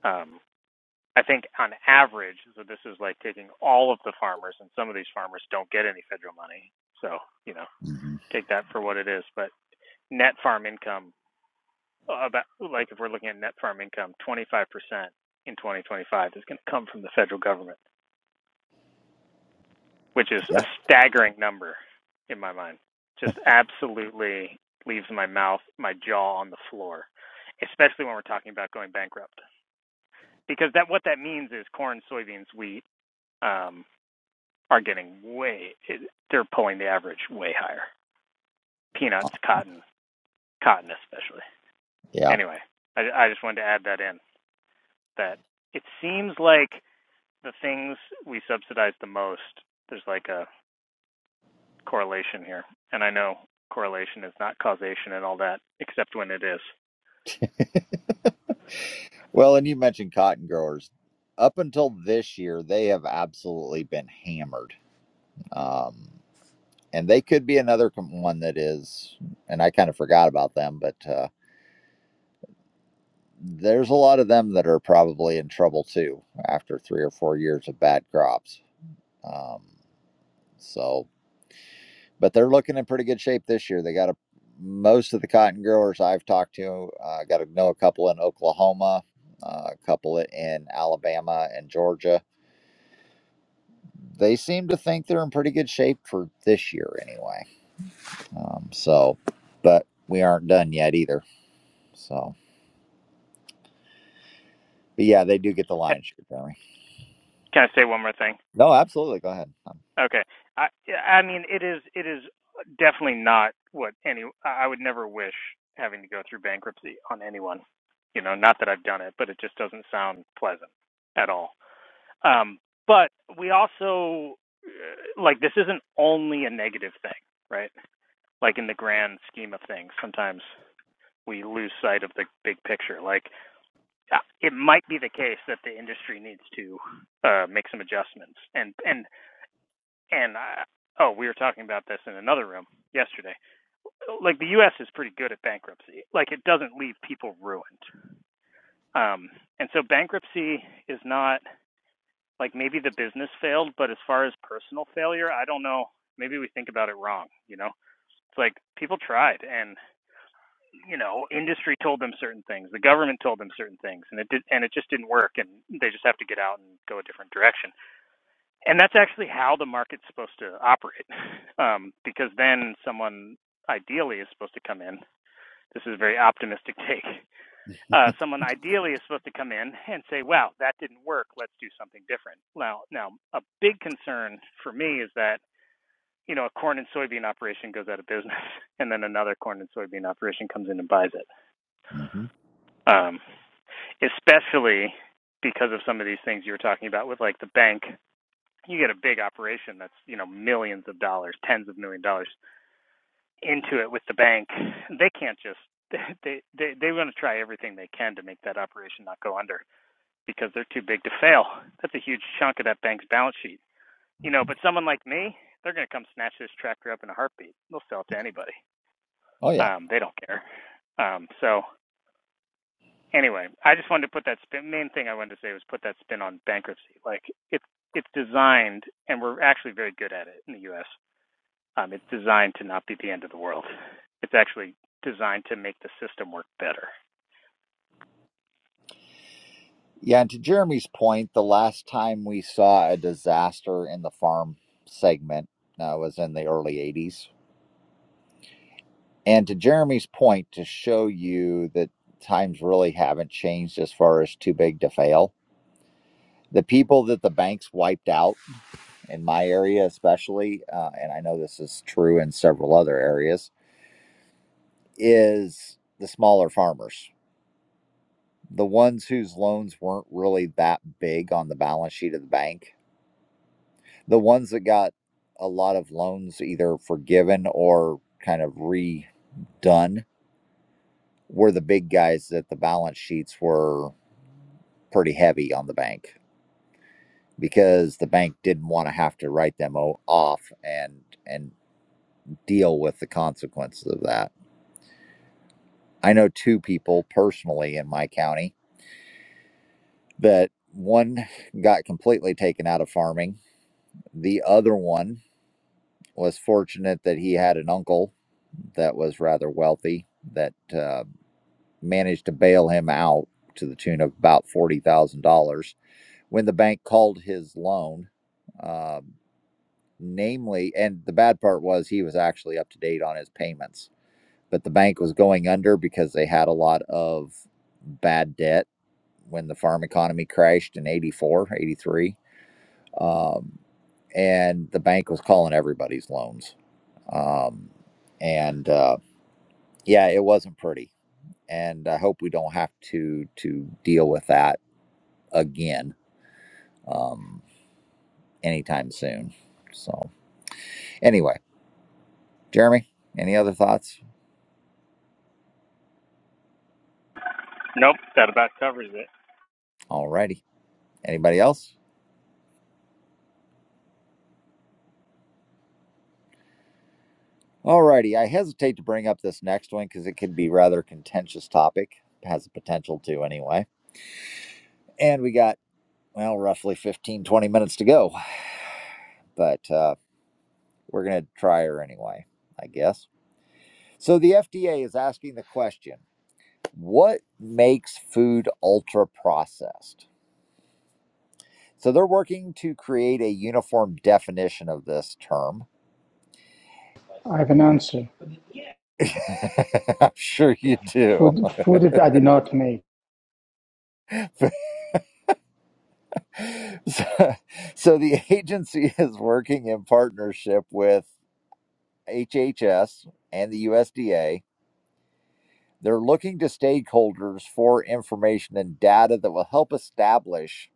Speaker 9: Um, I think on average, so this is like taking all of the farmers, and some of these farmers don't get any federal money. So, you know,
Speaker 1: hmm
Speaker 9: take that for what it is. But net farm income, uh, about like if we're looking at net farm income, 25% in 2025 is going to come from the federal government, which is a
Speaker 1: Yeah,
Speaker 9: staggering number in my mind. Just absolutely leaves my mouth, my jaw on the floor, especially when we're talking about going bankrupt. Because that what that means is corn, soybeans, wheat, um, are getting way they're pulling the average way higher. Peanuts, cotton, cotton especially.
Speaker 1: yeah.
Speaker 9: Anyway, I, I just wanted to add that in that it seems like the things we subsidize the most there's like a correlation here, and I know correlation is not causation and all that, except when it is.
Speaker 1: Well, and you mentioned cotton growers. Up until this year, they have absolutely been hammered. Um, and they could be another com- one that is, and I kind of forgot about them, but uh, there's a lot of them that are probably in trouble too after three or four years of bad crops. Um, so, but they're looking in pretty good shape this year. They got a most of the cotton growers I've talked to, I uh, got to know a couple in Oklahoma, uh, a couple in Alabama and Georgia they seem to think they're in pretty good shape for this year anyway. Um, so, but we aren't done yet either. So, but yeah, they do get the lion's share, Jeremy.
Speaker 9: Can I say one more thing?
Speaker 1: No, absolutely. Go ahead.
Speaker 9: Okay. I yeah, I mean it is it is definitely not what any I would never wish having to go through bankruptcy on anyone. You know, not that I've done it, but it just doesn't sound pleasant at all. Um but we also uh, like this isn't only a negative thing, right? Like in the grand scheme of things, sometimes we lose sight of the big picture. Like uh, it might be the case that the industry needs to uh, make some adjustments, and and and I, oh, we were talking about this in another room yesterday. Like the U.S. is pretty good at bankruptcy. Like it doesn't leave people ruined. Um, and so bankruptcy is not like maybe the business failed, but as far as personal failure, I don't know. Maybe we think about it wrong. You know, it's like people tried, and you know, industry told them certain things, the government told them certain things, and it did, and it just didn't work, and they just have to get out and go a different direction. and that's actually how the market's supposed to operate *laughs* um, because then someone ideally is supposed to come in this is a very optimistic *laughs* take uh, someone ideally is supposed to come in and say wow that didn't work let's do something different now now a big concern for me is that you know a corn and soybean operation goes out of business *laughs* and then another corn and soybean operation comes in and buys it
Speaker 1: hmm
Speaker 9: um, especially because of some of these things you were talking about with like the bank you get a big operation that's you know millions of dollars, tens of million dollars into it with the bank. They can't just *laughs* they they they want to try everything they can to make that operation not go under because they're too big to fail. That's a huge chunk of that bank's balance sheet, you know. But someone like me, they're going to come snatch this tractor up in a heartbeat. They'll sell it to anybody.
Speaker 1: Oh, yeah.
Speaker 9: Um, they don't care. Um, so anyway, I just wanted to put that spin. Main thing I wanted to say was put that spin on bankruptcy. Like it's it's designed, and we're actually very good at it in the U.S. Um, it's designed to not be the end of the world. It's actually designed to make the system work better.
Speaker 1: Yeah. And to Jeremy's point, the last time we saw a disaster in the farm segment uh, was in the early 80s. And to Jeremy's point, to show you that times really haven't changed as far as too big to fail, the people that the banks wiped out in my area especially, uh, and I know this is true in several other areas, is the smaller farmers, the ones whose loans weren't really that big on the balance sheet of the bank, the ones that got a lot of loans either forgiven or kind of redone were the big guys that the balance sheets were pretty heavy on the bank because the bank didn't want to have to write them o- off and and deal with the consequences of that I know two people personally in my county that one got completely taken out of farming. The other one was fortunate that he had an uncle that was rather wealthy that uh, managed to bail him out to the tune of about $40,000 when the bank called his loan. Uh, namely, and the bad part was he was actually up to date on his payments but the bank was going under because they had a lot of bad debt when the farm economy crashed in 84, 83. Um, and the bank was calling everybody's loans. Um, and uh, yeah, it wasn't pretty. And I hope we don't have to to deal with that again um, anytime soon. So anyway, Jeremy, any other thoughts?
Speaker 9: Nope, that about covers it.
Speaker 1: All righty. Anybody else? Alrighty, I hesitate to bring up this next one because it could be rather contentious topic. Has the potential to anyway. And we got, well, roughly 15 20 minutes to go. But uh, we're going to try her anyway, I guess. So the FDA is asking the question what makes food ultra processed? So they're working to create a uniform definition of this term.
Speaker 5: I have an answer.
Speaker 1: *laughs* I'm sure you do.
Speaker 5: Food, food that I did not make.
Speaker 1: *laughs* *laughs* so, so the agency *laughs* is working in partnership with HHS and the USDA. They're looking to stakeholders for information and data that will help establish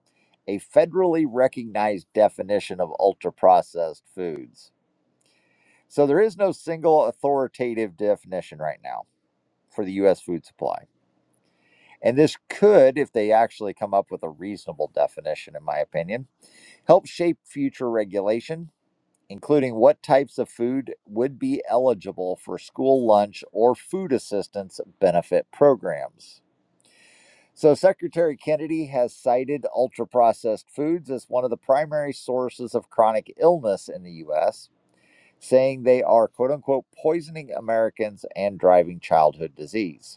Speaker 1: a federally recognized definition of ultra processed foods. So there is no single authoritative definition right now for the US food supply. And this could, if they actually come up with a reasonable definition, in my opinion, help shape future regulation including what types of food would be eligible for school lunch or food assistance benefit programs. So, Secretary Kennedy has cited ultra processed foods as one of the primary sources of chronic illness in the U.S., saying they are quote unquote poisoning Americans and driving childhood disease.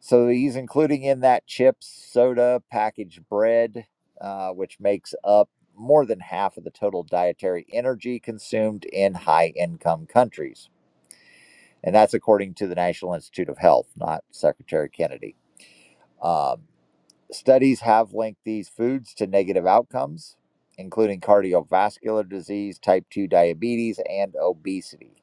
Speaker 1: So he's including in that chips, soda, packaged bread, uh, which makes up more than half of the total dietary energy consumed in high income countries. And that's according to the National Institute of Health, not Secretary Kennedy. Um, studies have linked these foods to negative outcomes, including cardiovascular disease, type 2 diabetes, and obesity.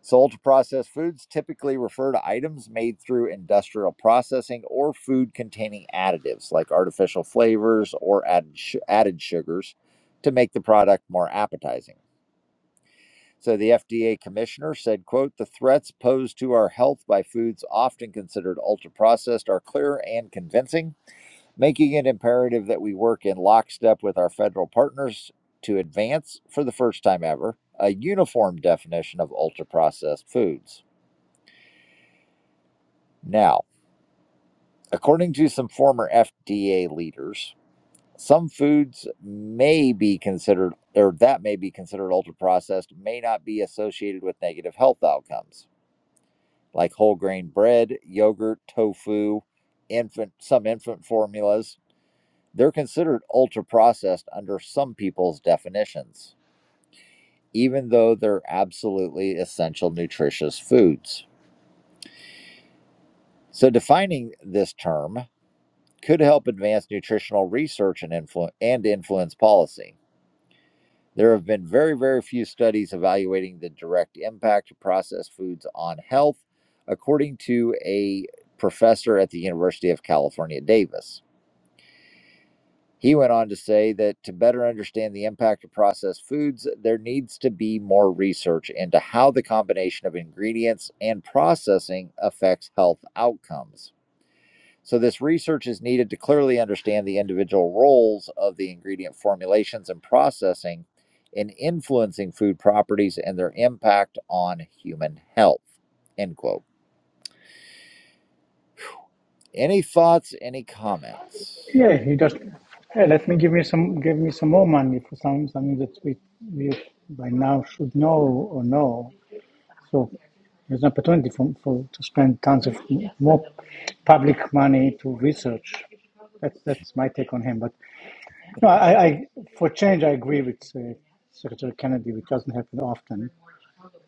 Speaker 1: Sold to processed foods typically refer to items made through industrial processing or food containing additives like artificial flavors or added, su- added sugars to make the product more appetizing. So the FDA commissioner said, quote, the threats posed to our health by foods often considered ultra processed are clear and convincing, making it imperative that we work in lockstep with our federal partners to advance, for the first time ever, a uniform definition of ultra processed foods. Now, according to some former FDA leaders, some foods may be considered, or that may be considered ultra processed, may not be associated with negative health outcomes, like whole grain bread, yogurt, tofu, infant, some infant formulas. They're considered ultra processed under some people's definitions, even though they're absolutely essential nutritious foods. So, defining this term, could help advance nutritional research and, influ- and influence policy. There have been very, very few studies evaluating the direct impact of processed foods on health, according to a professor at the University of California, Davis. He went on to say that to better understand the impact of processed foods, there needs to be more research into how the combination of ingredients and processing affects health outcomes. So, this research is needed to clearly understand the individual roles of the ingredient formulations and processing in influencing food properties and their impact on human health. End quote. Any thoughts, any comments?
Speaker 5: Yeah, he just. Hey, let me give me some. Give me some more money for some something that we, we by now should know or know. So there's an opportunity for, for to spend tons of more public money to research. That's that's my take on him. But no, I, I for change I agree with uh, Secretary Kennedy, which doesn't happen often.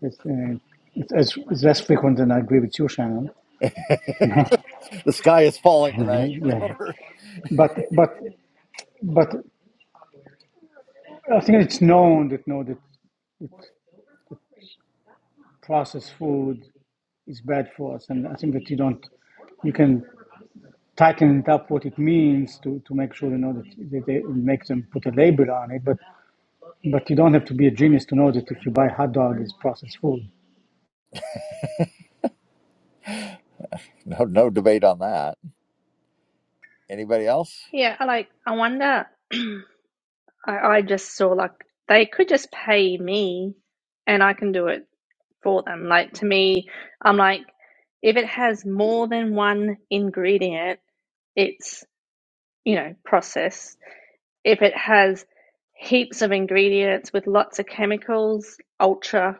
Speaker 5: It's, uh, it's, it's it's less frequent than I agree with you, Shannon.
Speaker 1: *laughs* The sky is falling
Speaker 5: *laughs*
Speaker 1: tonight. *laughs*
Speaker 5: yeah.
Speaker 1: no,
Speaker 5: But but but I think it's known that you know that processed food is bad for us, and I think that you don't you can tighten it up what it means to, to make sure you know that that they make them put a label on it. But but you don't have to be a genius to know that if you buy hot dog, it's processed food.
Speaker 1: no debate on that. Anybody else?
Speaker 10: Yeah, I like I wonder I, I just saw like they could just pay me and I can do it for them. Like to me, I'm like if it has more than one ingredient, it's, you know, processed. If it has heaps of ingredients with lots of chemicals, ultra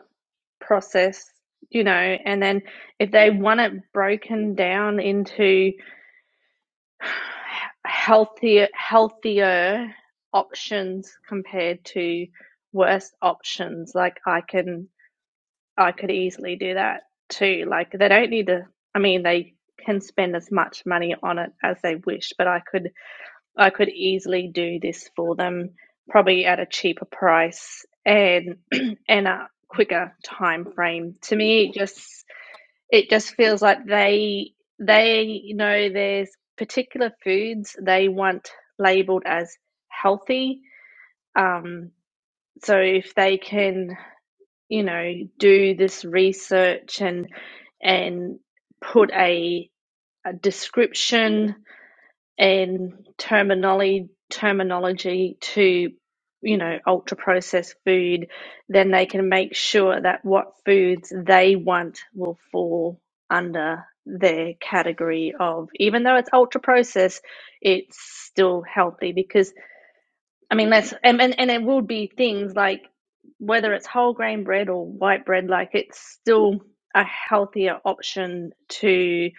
Speaker 10: processed, you know, and then if they want it broken down into healthier healthier options compared to worse options like i can i could easily do that too like they don't need to i mean they can spend as much money on it as they wish but i could i could easily do this for them probably at a cheaper price and *clears throat* and a quicker time frame to me it just it just feels like they they know there's particular foods they want labeled as healthy um so if they can you know do this research and and put a, a description and terminology terminology to you know ultra processed food then they can make sure that what foods they want will fall under their category of even though it's ultra processed it's still healthy because i mean that's and and, and it would be things like whether it's whole grain bread or white bread like it's still a healthier option to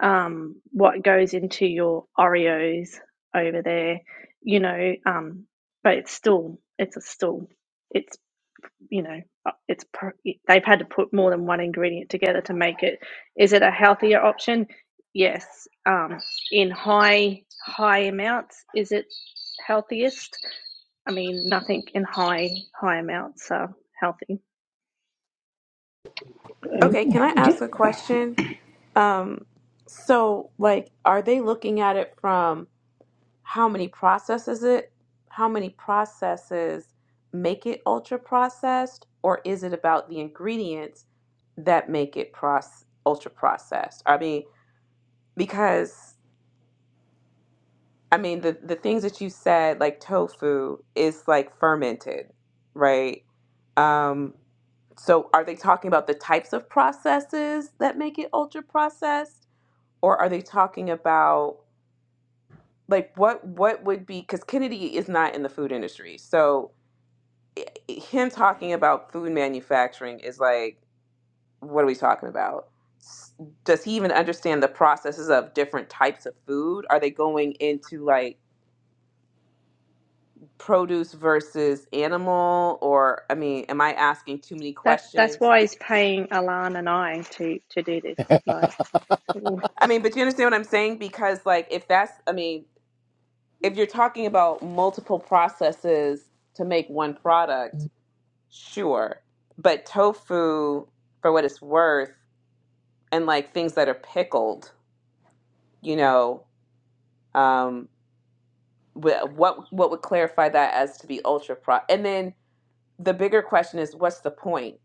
Speaker 10: um, what goes into your Oreos over there, you know, um, but it's still, it's a still, it's, you know, uh, it's, they've had to put more than one ingredient together to make it. Is it a healthier option? Yes. Um, in high, high amounts, is it healthiest? I mean, nothing in high, high amounts are healthy.
Speaker 11: Okay, can I
Speaker 5: Uh,
Speaker 11: ask a question? Um, so like, are they looking at it from how many processes it, how many processes make it ultra processed, or is it about the ingredients that make it process ultra processed? I mean, because I mean the the things that you said, like tofu, is like fermented, right? Um, so are they talking about the types of processes that make it ultra processed? or are they talking about like what what would be because kennedy is not in the food industry so him talking about food manufacturing is like what are we talking about S- does he even understand the processes of different types of food are they going into like produce versus animal or i mean am i asking too many
Speaker 10: That's, that's
Speaker 11: questions
Speaker 10: why he's paying Alan and I to, to do this. Like, ooh,
Speaker 11: i mean but you understand what i'm saying because like if that's i mean if you're talking about multiple processes to make one product Sure. But tofu, for what it's worth, and like things that are pickled, you know, um, wh- what what would clarify that as to be ultra pro? And then the bigger question is, what's the point?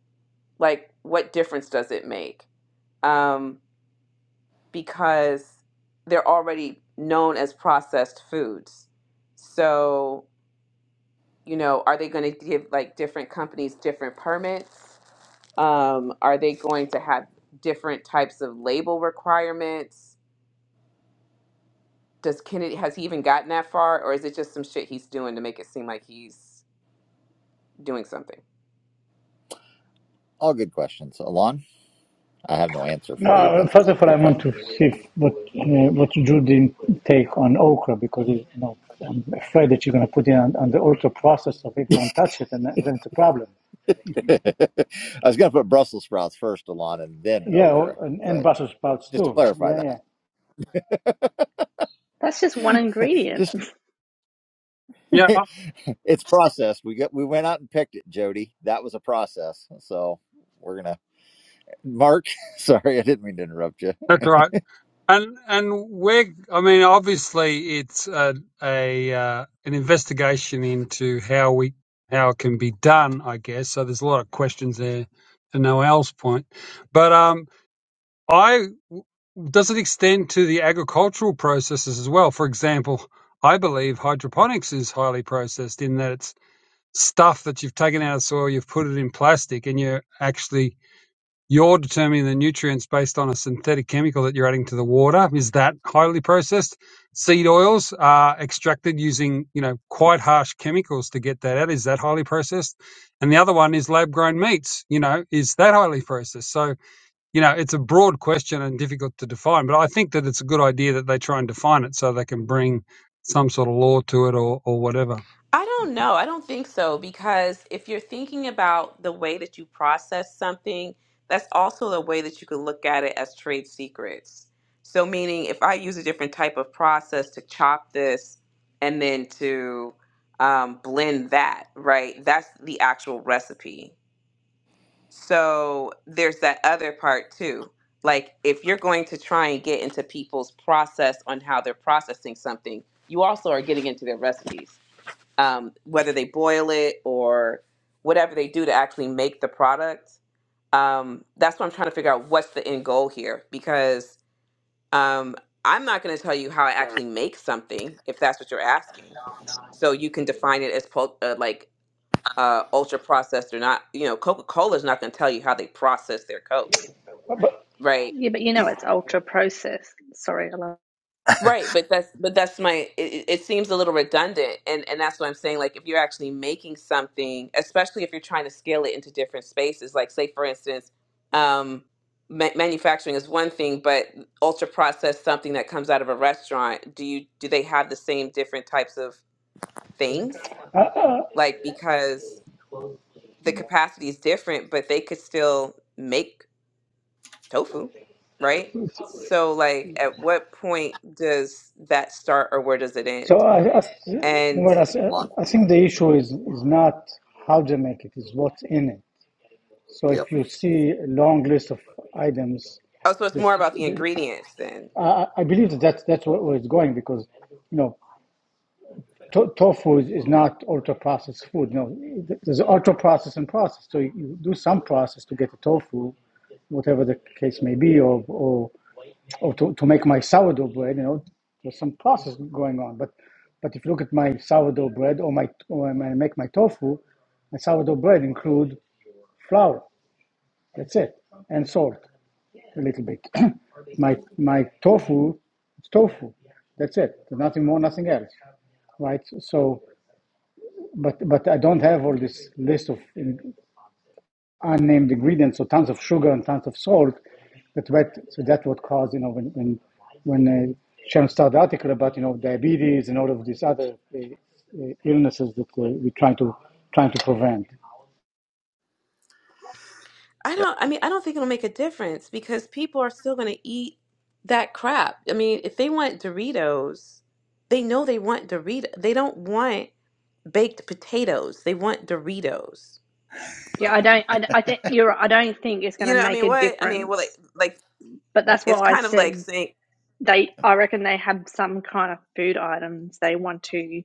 Speaker 11: Like, what difference does it make? Um, because they're already known as processed foods. So, you know, are they going to give like different companies different permits? Um, are they going to have different types of label requirements? Does Kennedy has he even gotten that far, or is it just some shit he's doing to make it seem like he's doing something?
Speaker 1: All good questions. Alon, I have no answer for you,
Speaker 5: No,
Speaker 1: but
Speaker 5: first of all, I
Speaker 1: good
Speaker 5: want
Speaker 1: question.
Speaker 5: to see what uh, what Judy take on okra because you know I'm afraid that you're going to put it on, on the ultra process so people won't touch it, and, then then it's a problem.
Speaker 1: *laughs* I was going to put Brussels sprouts first, Alon, and then
Speaker 5: Yeah,
Speaker 1: okra,
Speaker 5: or- and, and
Speaker 1: but
Speaker 5: Brussels sprouts
Speaker 1: just to
Speaker 5: too.
Speaker 1: clarify
Speaker 5: Yeah,
Speaker 1: that.
Speaker 5: yeah.
Speaker 10: that's just one ingredient
Speaker 1: Just *laughs*
Speaker 3: Yeah,
Speaker 1: it's processed. We got we went out and picked it, Jody. That was a process. So we're gonna Mark. *laughs* Sorry, I didn't mean to interrupt you.
Speaker 3: that's right. And and we're, I mean, obviously it's a, a uh, an investigation into how we how it can be done, I guess. So there's a lot of questions there to Noel's point, but um, I does it extend to the agricultural processes as well? For example, I believe hydroponics is highly processed in that it's stuff that you've taken out of soil, you've put it in plastic, and you're actually you're determining the nutrients based on a synthetic chemical that you're adding to the water. Is that highly processed? Seed oils are extracted using, you know, quite harsh chemicals to get that out. Is that highly processed? And the other one is lab grown meats, you know, is that highly processed? So, you know, it's a broad question and difficult to define, but I think that it's a good idea that they try and define it so they can bring some sort of law to it or, or whatever.
Speaker 11: I don't know. I don't think so because if you're thinking about the way that you process something, that's also the way that you could look at it as trade secrets. So, meaning if I use a different type of process to chop this and then to um, blend that, right? That's the actual recipe. So, there's that other part too. Like, if you're going to try and get into people's process on how they're processing something, you also are getting into their recipes um, whether they boil it or whatever they do to actually make the product. Um, that's what I'm trying to figure out what's the end goal here because um, I'm not going to tell you how I actually make something if that's what you're asking. So you can define it as pul- uh, like uh, ultra processed or not. You know, Coca Cola is not going to tell you how they process their Coke, right?
Speaker 10: Yeah, but you know it's ultra processed. Sorry, I love.
Speaker 11: Right, but that's but that's my it, it it seems a little redundant and and that's what I'm saying like if you're actually making something especially if you're trying to scale it into different spaces like say for instance um ma- manufacturing is one thing but ultra processed something that comes out of a restaurant do you do they have the same different types of things
Speaker 5: Uh, uh,
Speaker 11: like because the capacity is different but they could still make tofu right so like at what point does that start or where does it
Speaker 5: so
Speaker 11: end
Speaker 5: I, I,
Speaker 11: And
Speaker 5: well,
Speaker 1: One.
Speaker 5: I, I think the issue is is not how they make it; is what's in it. So
Speaker 1: Yep.
Speaker 5: if you see a long list of items
Speaker 11: oh, so it's
Speaker 5: that
Speaker 11: more about the ingredients then.
Speaker 5: I, I I believe that that's, that's where, where it's going because you know to- tofu is, is not ultra processed food. No, there's ultra processed and processed. So you, you do some process to get the tofu, whatever the case may be, or or, or to, to make my sourdough bread. You know, there's some process going on. But but if you look at my sourdough bread or my or when I make my tofu, my sourdough bread include flour. That's it, and salt a little bit. *clears throat* my my tofu, it's tofu. That's it. There's Nothing more, nothing else, right? So. but but I don't have all this list of unnamed ingredients, so tons of sugar and tons of salt. But That what so that what caused you know when when when uh, Sharon started the article about you know diabetes and all of these other uh, uh, illnesses that uh, we're trying to trying to prevent.
Speaker 11: I
Speaker 1: Yep.
Speaker 11: don't, I mean, I don't think it'll make a difference because people are still going to eat that crap. I mean, if they want Doritos, they know they want Dorito. They don't want baked potatoes. They want Doritos.
Speaker 10: Yeah, I don't. I, I don't- you're. right, I don't think it's going to
Speaker 11: You know, I
Speaker 10: make
Speaker 11: mean,
Speaker 10: a
Speaker 11: what? I mean, well,
Speaker 10: difference.
Speaker 11: like, like
Speaker 10: But
Speaker 1: Yep.
Speaker 10: that's why
Speaker 11: it's
Speaker 10: I
Speaker 11: kind of like
Speaker 10: said
Speaker 11: saying,
Speaker 10: they. I reckon they have some kind of food items they want to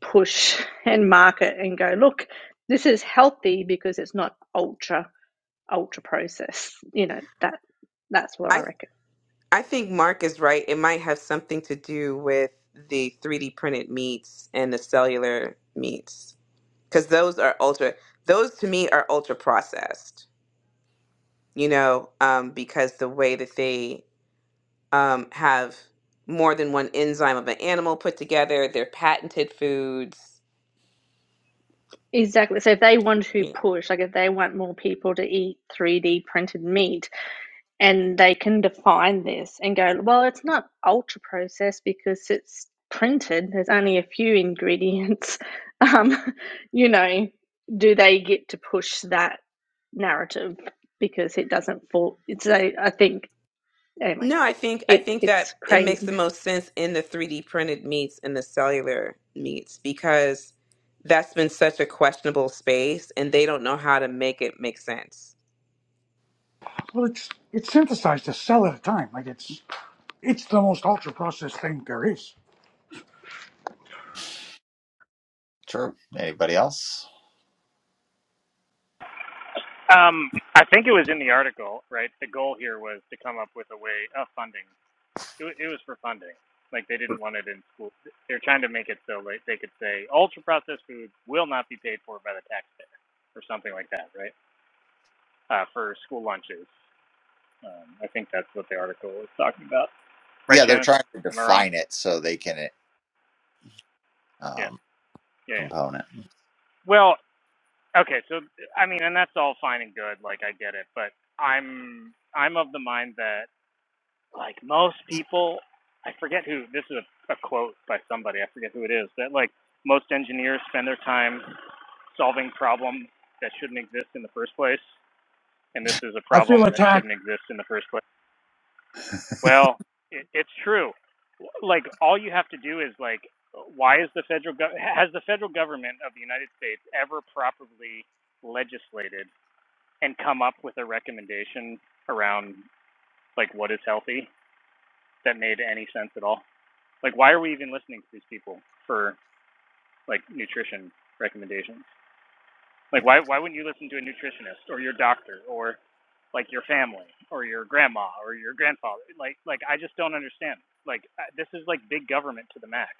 Speaker 10: push *laughs* and market and go. Look, this is healthy because it's not ultra ultra processed. You know that. That's what I
Speaker 11: I,
Speaker 10: reckon.
Speaker 11: I think Mark is right. It might have something to do with the 3D printed meats and the cellular meats because those are ultra, those to me are ultra processed you know, um, because the way that they um, have more than one enzyme of an animal put together, they're patented foods.
Speaker 10: Exactly. So if they want to
Speaker 11: You know,
Speaker 10: push, like if they want more people to eat 3D printed meat, and they can define this and go, well, it's not ultra processed because it's printed. There's only a few ingredients. *laughs* Um, you know, do they get to push that narrative because it doesn't fall? It's a, I think anyway,
Speaker 11: no, I think I
Speaker 10: it's
Speaker 11: think
Speaker 10: it's
Speaker 11: that it makes the
Speaker 10: crazy.
Speaker 11: most sense in the three D printed meats and the cellular meats because that's been such a questionable space, and they don't know how to make it make sense
Speaker 2: Well, it's it's synthesized to sell at a time. Like it's it's the most ultra processed thing there is.
Speaker 1: True. Anybody else?
Speaker 9: Um, I think it was in the article, right? The goal here was to come up with a way of funding. It, it was for funding. Like they didn't want it in school. They're trying to make it so like they could say ultra processed foods will not be paid for by the taxpayer or something like that, right? Uh, for school lunches. Um, I think that's what the article was talking about. Right,
Speaker 1: Yeah, they're
Speaker 9: Shannon?
Speaker 1: trying to
Speaker 9: Am I wrong?
Speaker 1: define it so they can
Speaker 9: Yeah.
Speaker 1: um,
Speaker 9: Yeah. yeah.
Speaker 1: component.
Speaker 9: Well, Okay, so I mean, and that's all fine and good. Like I get it, but I'm I'm of the mind that like most people, I forget who this is a, a quote by somebody. I forget who it is that like most engineers spend their time solving problems that shouldn't exist in the first place, and this is a
Speaker 2: I feel
Speaker 9: problem that
Speaker 2: attacked.
Speaker 9: shouldn't exist in the first place. Well, it, it's true. Like all you have to do is like, why is the federal gov- has the federal government of the United States ever properly legislated? and come up with a recommendation around like what is healthy that made any sense at all. Like why are we even listening to these people for like nutrition recommendations? Like why why wouldn't you listen to a nutritionist or your doctor or like your family or your grandma or your grandfather? Like like I just don't understand. Like uh, this is like big government to the max.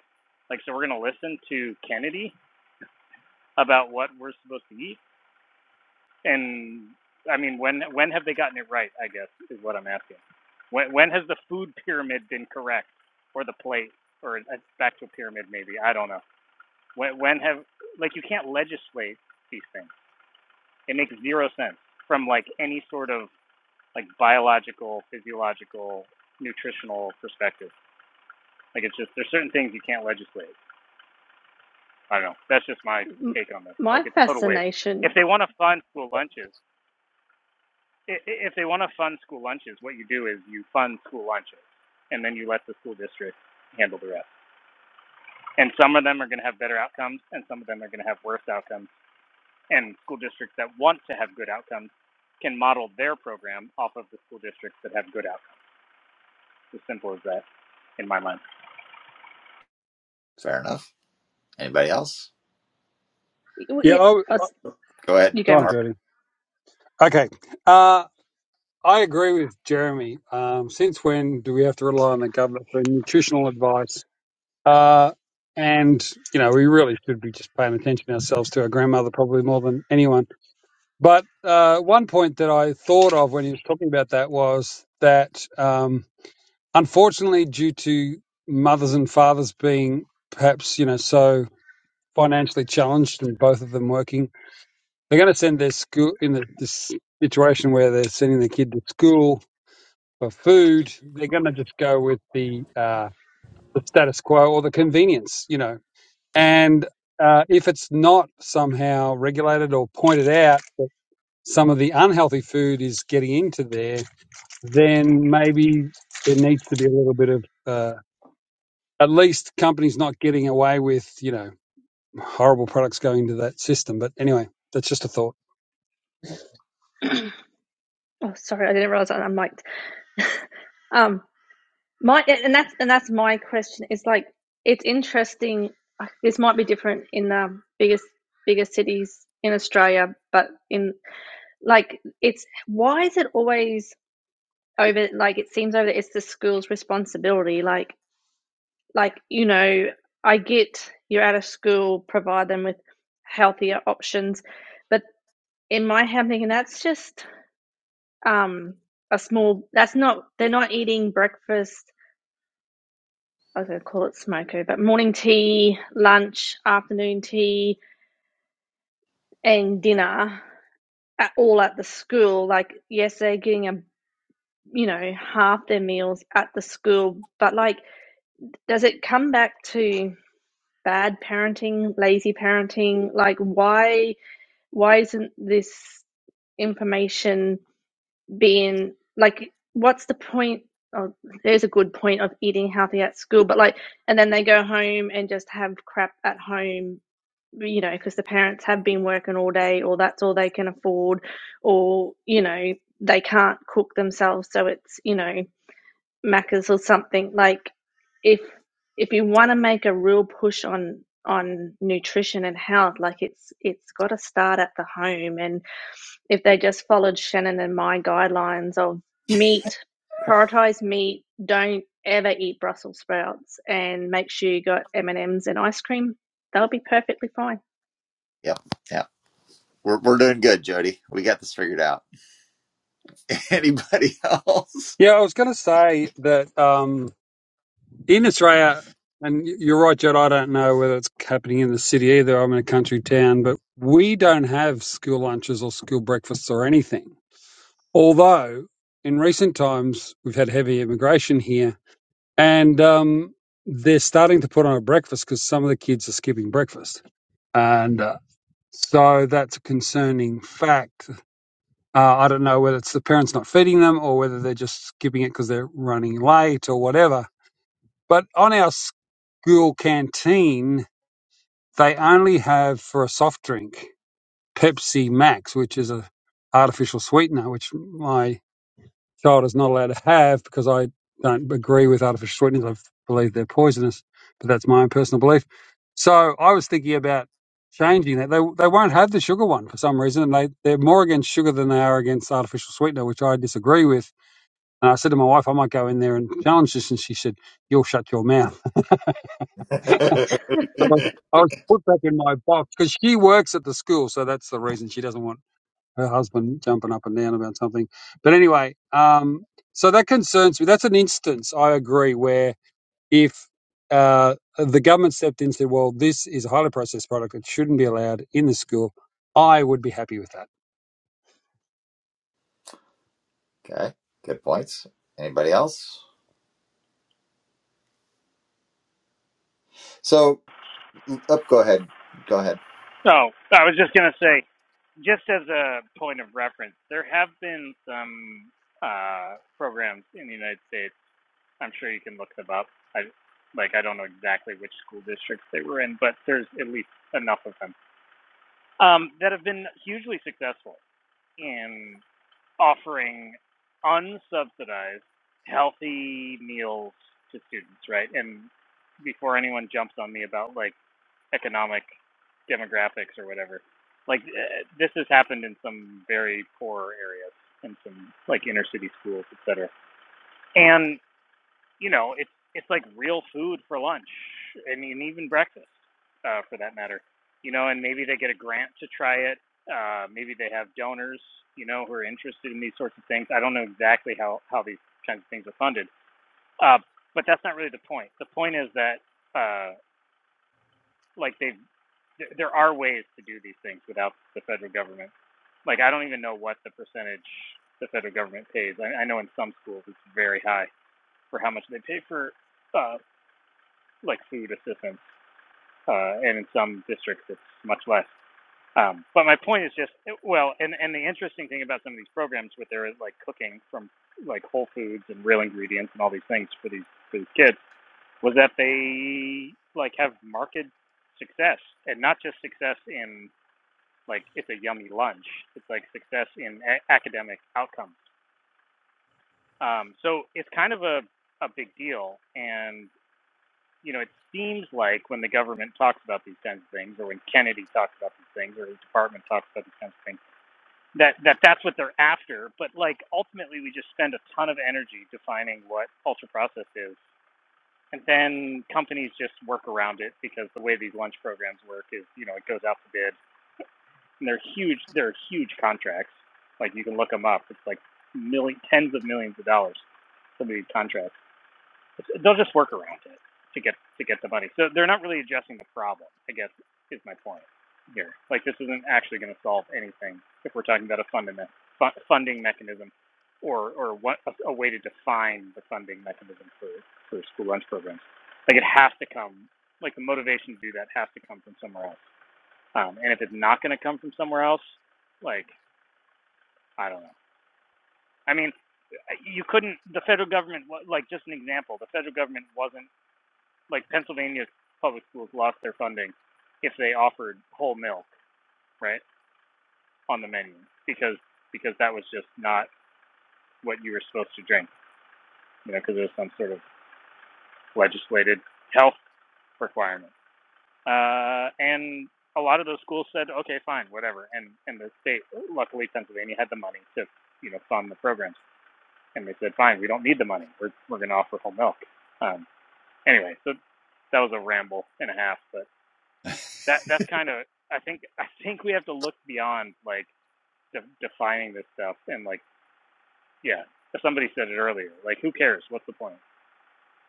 Speaker 9: Like so we're going to listen to Kennedy about what we're supposed to eat And I mean, when when have they gotten it right? I guess is what I'm asking. When when has the food pyramid been correct, or the plate, or a factual pyramid maybe? I don't know. When when have like you can't legislate these things. It makes zero sense from like any sort of like biological, physiological, nutritional perspective. Like it's just there's certain things you can't legislate. I don't know. That's just my take on this. Like
Speaker 10: My
Speaker 9: it's total waste. If
Speaker 10: fascination.
Speaker 9: they want to fund school lunches, If they want to fund school lunches, what you do is you fund school lunches, and then you let the school district handle the rest. And some of them are going to have better outcomes, and some of them are going to have worse outcomes. And school districts that want to have good outcomes can model their program off of the school districts that have good outcomes. As simple as that, in my mind.
Speaker 1: Fair enough. Anybody else?
Speaker 10: well,
Speaker 3: Yeah,
Speaker 10: Yeah,
Speaker 3: I w-
Speaker 1: Go ahead,
Speaker 10: you
Speaker 3: go
Speaker 10: go,
Speaker 3: on,
Speaker 1: Mark.
Speaker 10: Mark.
Speaker 3: Jody. Okay. Uh, I agree with Jeremy. Um, since when do we have to rely on the government for nutritional advice? Uh, and, you know, we really should be just paying attention ourselves to our grandmother probably more than anyone. But uh, one point that I thought of when he was talking about that was that um, unfortunately, due to mothers and fathers being perhaps, you know, so financially challenged and both of them working, they're going to send their school in the, this situation where they're sending their kid to school for food, they're going to just go with the uh, the status quo or the convenience, you know. And uh, if it's not somehow regulated or pointed out that some of the unhealthy food is getting into there, then maybe there needs to be a little bit of uh, at least companies not getting away with you know horrible products going into that system. But anyway, that's just a thought.
Speaker 10: Oh, sorry, I didn't realize I'm mic'd. Um My and that's and that's my question. It's like it's interesting. This might be different in the biggest bigger cities in Australia, but in like it's why is it always over? Like it seems over. It's the school's responsibility. Like like you know, I get you're out of school, provide them with healthier options, but in my head, I'm thinking that's just um a small. That's not. They're not eating breakfast I was going to call it smoko, but morning tea, lunch, afternoon tea, and dinner at all at the school. Like, yes, they're getting a you know half their meals at the school, but like, does it come back to bad parenting, lazy parenting? Like, why why isn't this information being like what's the point oh, there's a good point of eating healthy at school but like and then they go home and just have crap at home you know because the parents have been working all day or that's all they can afford or you know they can't cook themselves so it's you know macas or something like if if you want to make a real push on on nutrition and health like it's it's got to start at the home and if they just followed Shannon and my guidelines of meat, prioritize meat, don't ever eat Brussels sprouts, and make sure you got M and M's and ice cream, they'll be perfectly fine.
Speaker 1: Yep. Yep. We're we're doing good, Jody. We got this figured out. *laughs* Anybody else?
Speaker 3: Yeah, I was going to say that um, in Australia, and y- you're right, Jed, I don't know whether it's happening in the city either. I'm in a country town, but we don't have school lunches or school breakfasts or anything. Although in recent times, we've had heavy immigration here, and um, they're starting to put on a breakfast because some of the kids are skipping breakfast. And uh, so that's a concerning fact. Uh, I don't know whether it's the parents not feeding them or whether they're just skipping it because they're running late or whatever But on our school canteen, they only have for a soft drink Pepsi Max, which is a artificial sweetener, which my child is not allowed to have because I don't agree with artificial sweeteners. I believe they're poisonous, but that's my own personal belief. So I was thinking about changing that. They they won't have the sugar one for some reason. They they're more against sugar than they are against artificial sweetener, which I disagree with. And I said to my wife, I might go in there and challenge this, and she said, "You'll shut your mouth."
Speaker 1: *laughs* okay.
Speaker 10: *laughs*
Speaker 3: So I was put back in my box because she works at the school, so that's the reason she doesn't want her husband jumping up and down about something. But anyway, um, so that concerns me. That's an instance I agree where if uh, the government stepped in and said, "Well, this is a highly processed product; it shouldn't be allowed in the school," I would be happy with that.
Speaker 1: Good points. Anybody else? So. Up, go ahead. Go ahead.
Speaker 9: So I was just going to say, just as a point of reference, there have been some uh, programs in the United States I'm sure you can look them up. I like I don't know exactly which school districts they were in, but there's at least enough of them um, that have been hugely successful in offering unsubsidized healthy meals to students, right? And before anyone jumps on me about like economic demographics or whatever, like uh, this has happened in some very poor areas, in some like inner city schools, et cetera. And you know, it's it's like real food for lunch and, and even breakfast, uh, for that matter. You know, and maybe they get a grant to try it. Uh, maybe they have donors, you know, who are interested in these sorts of things. I don't know exactly how how these kinds of things are funded, uh, but that's not really the point. The point is that uh, like they th- there are ways to do these things without the federal government. Like I don't even know what the percentage the federal government pays. I, I know in some schools it's very high for how much they pay for uh, like food assistance, uh, and in some districts it's much less. Um, but my point is just well, and and the interesting thing about some of these programs with their like cooking from like whole foods and real ingredients and all these things for these for these kids was that they like have marked success and not just success in like it's a yummy lunch. It's like success in a- academic outcomes. Um, so it's kind of a a big deal, and you know, it seems like when the government talks about these kinds of things, or when Kennedy talks about these things, or his department talks about these kinds of things, that, that that's what they're after. But like ultimately, we just spend a ton of energy defining what ultra processed is, and then companies just work around it because the way these lunch programs work is, you know, it goes out to bid, and they're huge. They're huge contracts. Like you can look them up. It's like million, tens of millions of dollars. Some of these contracts. They'll just work around it to get to get the money. So they're not really addressing the problem. I guess is my point here. Like this isn't actually going to solve anything if we're talking about a fundament, fu- funding mechanism, or or what a, a way to define the funding mechanism for for school lunch programs. Like it has to come. Like the motivation to do that has to come from somewhere else. Um, and if it's not going to come from somewhere else, like I don't know. I mean, you couldn't. The federal government, like just an example, the federal government wasn't like Pennsylvania public schools lost their funding if they offered whole milk, right, on the menu because because that was just not what you were supposed to drink, you know, because it was some sort of legislated health requirement. Uh, and a lot of those schools said, okay, fine, whatever. And and the state, luckily Pennsylvania had the money to you know fund the programs, and they said, fine, we don't need the money. We're we're going to offer whole milk. Um, anyway, so that was a ramble and a half, but that that's kind of I think *laughs* I think we have to look beyond like de- defining this stuff and like yeah, somebody said it earlier. Like who cares? What's the point?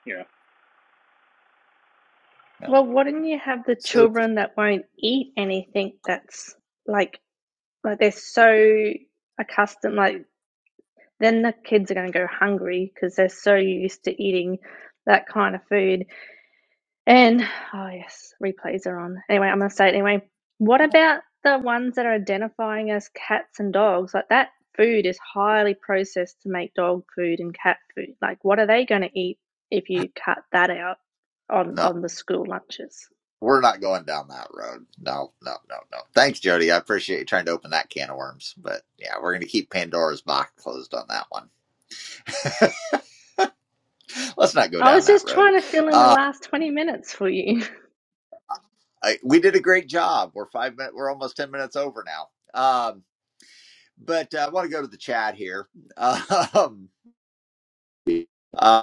Speaker 9: You know.
Speaker 1: No.
Speaker 10: Well, wouldn't you have the
Speaker 1: So
Speaker 10: children that won't eat anything that's like like they're so accustomed like then the kids are going to go hungry because they're so used to eating that kind of food And oh yes, replays are on. Anyway, I'm gonna say it anyway. What about the ones that are identifying as cats and dogs? Like that food is highly processed to make dog food and cat food. Like what are they gonna eat if you cut that out on
Speaker 1: No.
Speaker 10: on the school lunches?
Speaker 1: We're not going down that road. No, no, no, no. Thanks, Jody. I appreciate you trying to open that can of worms. But yeah, we're going to keep Pandora's box closed on that one. Let's not go
Speaker 10: I
Speaker 1: down
Speaker 10: was
Speaker 1: that
Speaker 10: just
Speaker 1: road.
Speaker 10: trying to fill in the
Speaker 1: Uh,
Speaker 10: last 20 minutes for you.
Speaker 1: I, we did a great job. We're five minutes, we're almost 10 minutes over now. Um, but uh, I want to go to the chat here. *laughs* Um,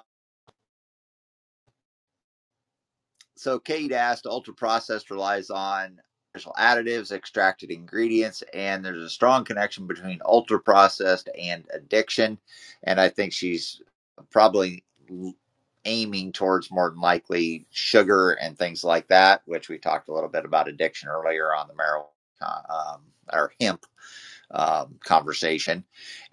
Speaker 1: so Kate asked, ultra processed relies on artificial additives, extracted ingredients, and there's a strong connection between ultra processed and addiction. And I think she's probably aiming towards more than likely sugar and things like that, which we talked a little bit about addiction earlier on the marijuana um, or hemp um, conversation.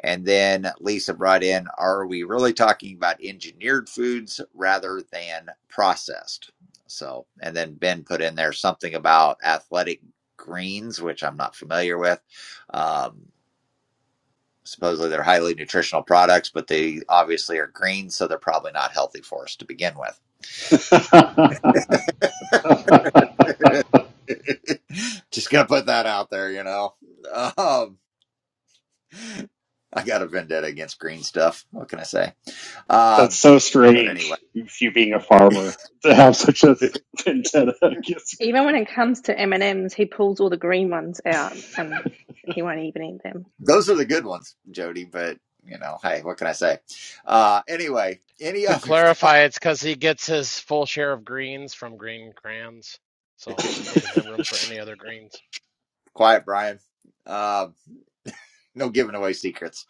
Speaker 1: And then Lisa brought in Are we really talking about engineered foods rather than processed? So, and then Ben put in there something about athletic greens, which I'm not familiar with. Um, supposedly they're highly nutritional products, but they obviously are green, so they're probably not healthy for us to begin with.
Speaker 7: *laughs*
Speaker 1: *laughs* Just gonna put that out there, you know. Um, I got a vendetta against green stuff. What can I say?
Speaker 7: *laughs* That's
Speaker 1: Um,
Speaker 7: so
Speaker 1: but anyway.
Speaker 7: strange, you being a farmer, to have such
Speaker 1: *laughs*
Speaker 7: a vendetta
Speaker 10: *laughs*
Speaker 7: against.
Speaker 10: Even when it comes to M&Ms, he pulls all the green ones out and he won't even eat them.
Speaker 1: Those are the good ones, Jody, but you know, hey, what can I say? Uh anyway, any
Speaker 4: To
Speaker 1: other *laughs* thought
Speaker 4: clarify, it's because he gets his full share of greens from green crayons, so
Speaker 7: *laughs*
Speaker 4: he doesn't have room for any other greens.
Speaker 1: quiet Brian. Um no giving away secrets.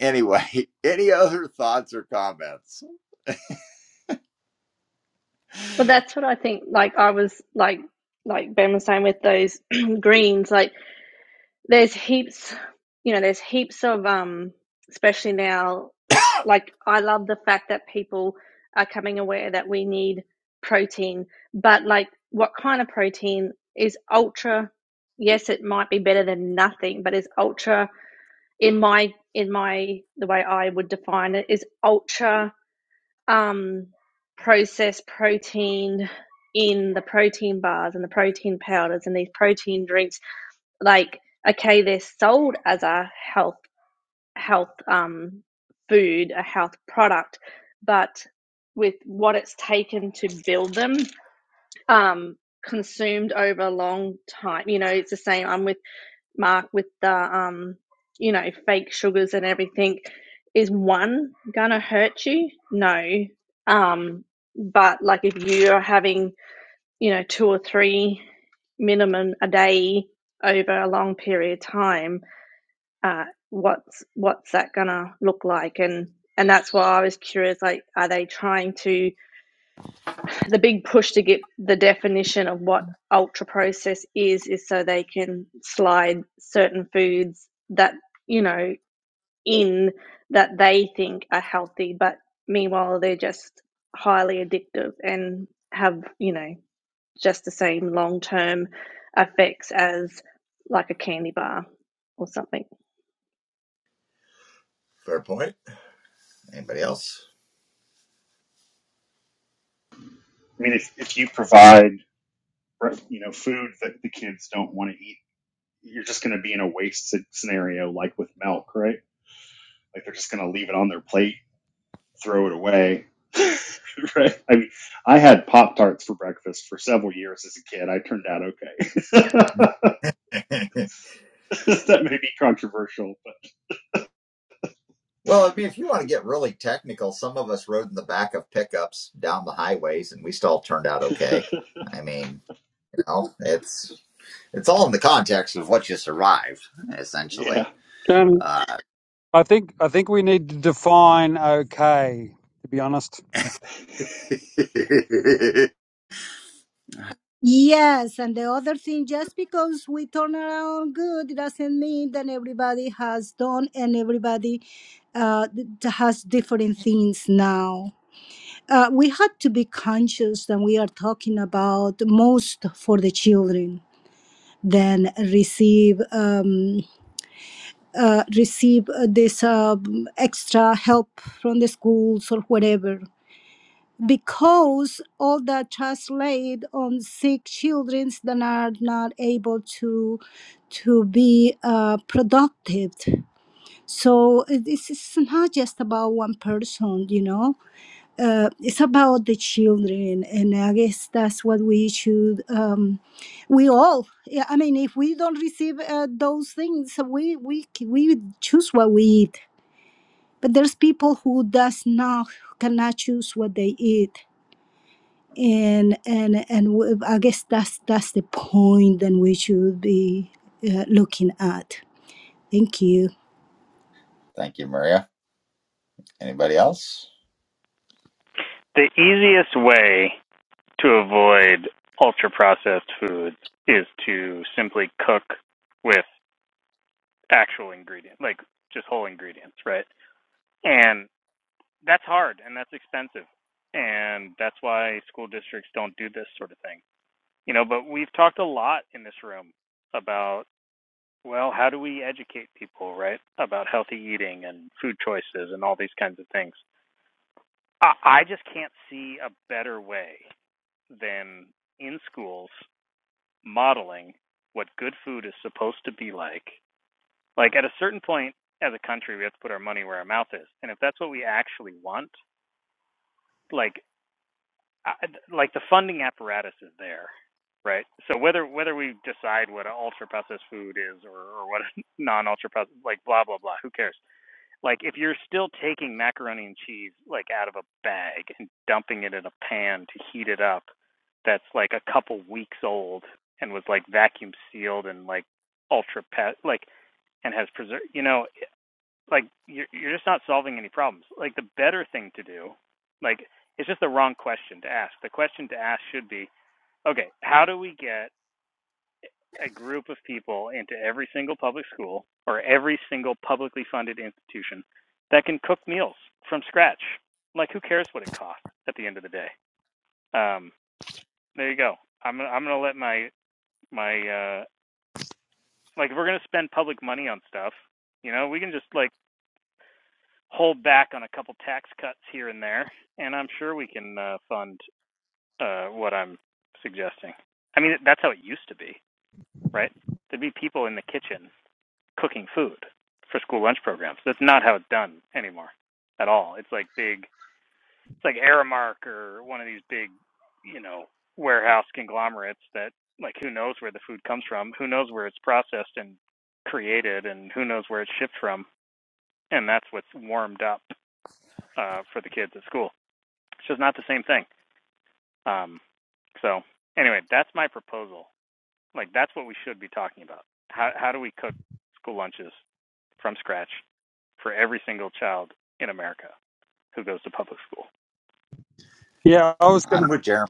Speaker 1: Anyway, *laughs* any other thoughts or comments?
Speaker 10: Well, that's what I think. Like I was like like Ben was saying with those *clears throat* greens, like there's heaps you know there's heaps of um especially now like i love the fact that people are coming aware that we need protein but like what kind of protein is ultra yes it might be better than nothing but is ultra in my in my the way i would define it is ultra um processed protein in the protein bars and the protein powders and these protein drinks like okay they're sold as a health health um food a health product but with what it's taken to build them um consumed over a long time you know it's the same i'm with mark with the um you know fake sugars and everything is one gonna hurt you no um but like if you're having you know two or three minimum a day over a long period of time uh, what's what's that gonna look like and and that's why I was curious like are they trying to the big push to get the definition of what ultra process is is so they can slide certain foods that you know in that they think are healthy but meanwhile they're just highly addictive and have you know just the same long term effects as like a candy bar or something
Speaker 1: Fair point. Anybody else?
Speaker 7: I mean, if, if you provide, you know, food that the kids don't want to eat, you're just going to be in a waste scenario like with milk, right? Like they're just going to leave it on their plate, throw it away, *laughs* right? I mean, I had Pop Tarts for breakfast for several years as a kid. I turned out okay.
Speaker 1: *laughs*
Speaker 7: *laughs* that may be controversial,
Speaker 1: well, I mean, if you want to get really technical, some of us rode in the back of pickups down the highways, and we still turned out
Speaker 7: but *laughs*
Speaker 1: okay. I mean, you know, it's it's all in the context of what you survived,
Speaker 7: yeah,
Speaker 1: essentially.
Speaker 3: Shannon,
Speaker 1: Uh,
Speaker 3: I think I think we need to define okay. To be honest,
Speaker 1: *laughs*
Speaker 8: Yes, and the other thing, just because we turn around good it doesn't mean that everybody has done and everybody uh, th- has different things now. Uh, we had to be conscious that we are talking about most for the children then receive um, uh, receive uh, this um extra help from the schools or whatever because all that translate on sick children that are not able to to be uh, productive so it- this is not just about one person you know uh, it's about the children, and I guess that's what we should. Um, we all, yeah, I mean, if we don't receive uh, those things, so we we we choose what we eat. But there's people who does not cannot choose what they eat, and and and w- I guess that's that's the point that we should be uh, looking at. Thank you.
Speaker 1: Thank you, Maria. Anybody else?
Speaker 9: The easiest way to avoid ultra processed foods is to simply cook with actual ingredients, like just whole ingredients, right? And that's hard and that's expensive. And that's why school districts don't do this sort of thing. You know, but we've talked a lot in this room about Well, how do we educate people, right, about healthy eating and food choices and all these kinds of things? I, I just can't see a better way than in schools modeling what good food is supposed to be like. Like at a certain point as a country, we have to put our money where our mouth is, and if that's what we actually want, like like the funding apparatus is there, right? So whether whether we decide what an ultra processed food is or or what a *laughs* non ultra processed like blah blah blah, who cares? Like if you're still taking macaroni and cheese like out of a bag and dumping it in a pan to heat it up, that's like a couple weeks old and was like vacuum sealed and like ultra pet like and has preserved. You know, like you're you're just not solving any problems. Like the better thing to do, like it's just the wrong question to ask. The question to ask should be, okay, how do we get a group of people into every single public school or every single publicly funded institution that can cook meals from scratch. Like, who cares what it costs at the end of the day? Um, there you go. I'm I'm gonna let my my uh, like if we're gonna spend public money on stuff, you know, we can just like hold back on a couple tax cuts here and there, and I'm sure we can uh, fund uh, what I'm suggesting. I mean, that's how it used to be, right? There'd be people in the kitchen cooking food for school lunch programs. That's not how it's done anymore at all. It's like big, it's like Aramark or one of these big, you know, warehouse conglomerates that like who knows where the food comes from, who knows where it's processed and created, and who knows where it's shipped from, and that's what's warmed up uh, for the kids at school. It's just not the same thing. Um, so anyway, that's my proposal Like that's what we should be talking about. How how do we cook school lunches from scratch for every single child in America who goes to public school?
Speaker 3: yeah, I was going to.
Speaker 1: I'm with Jeremy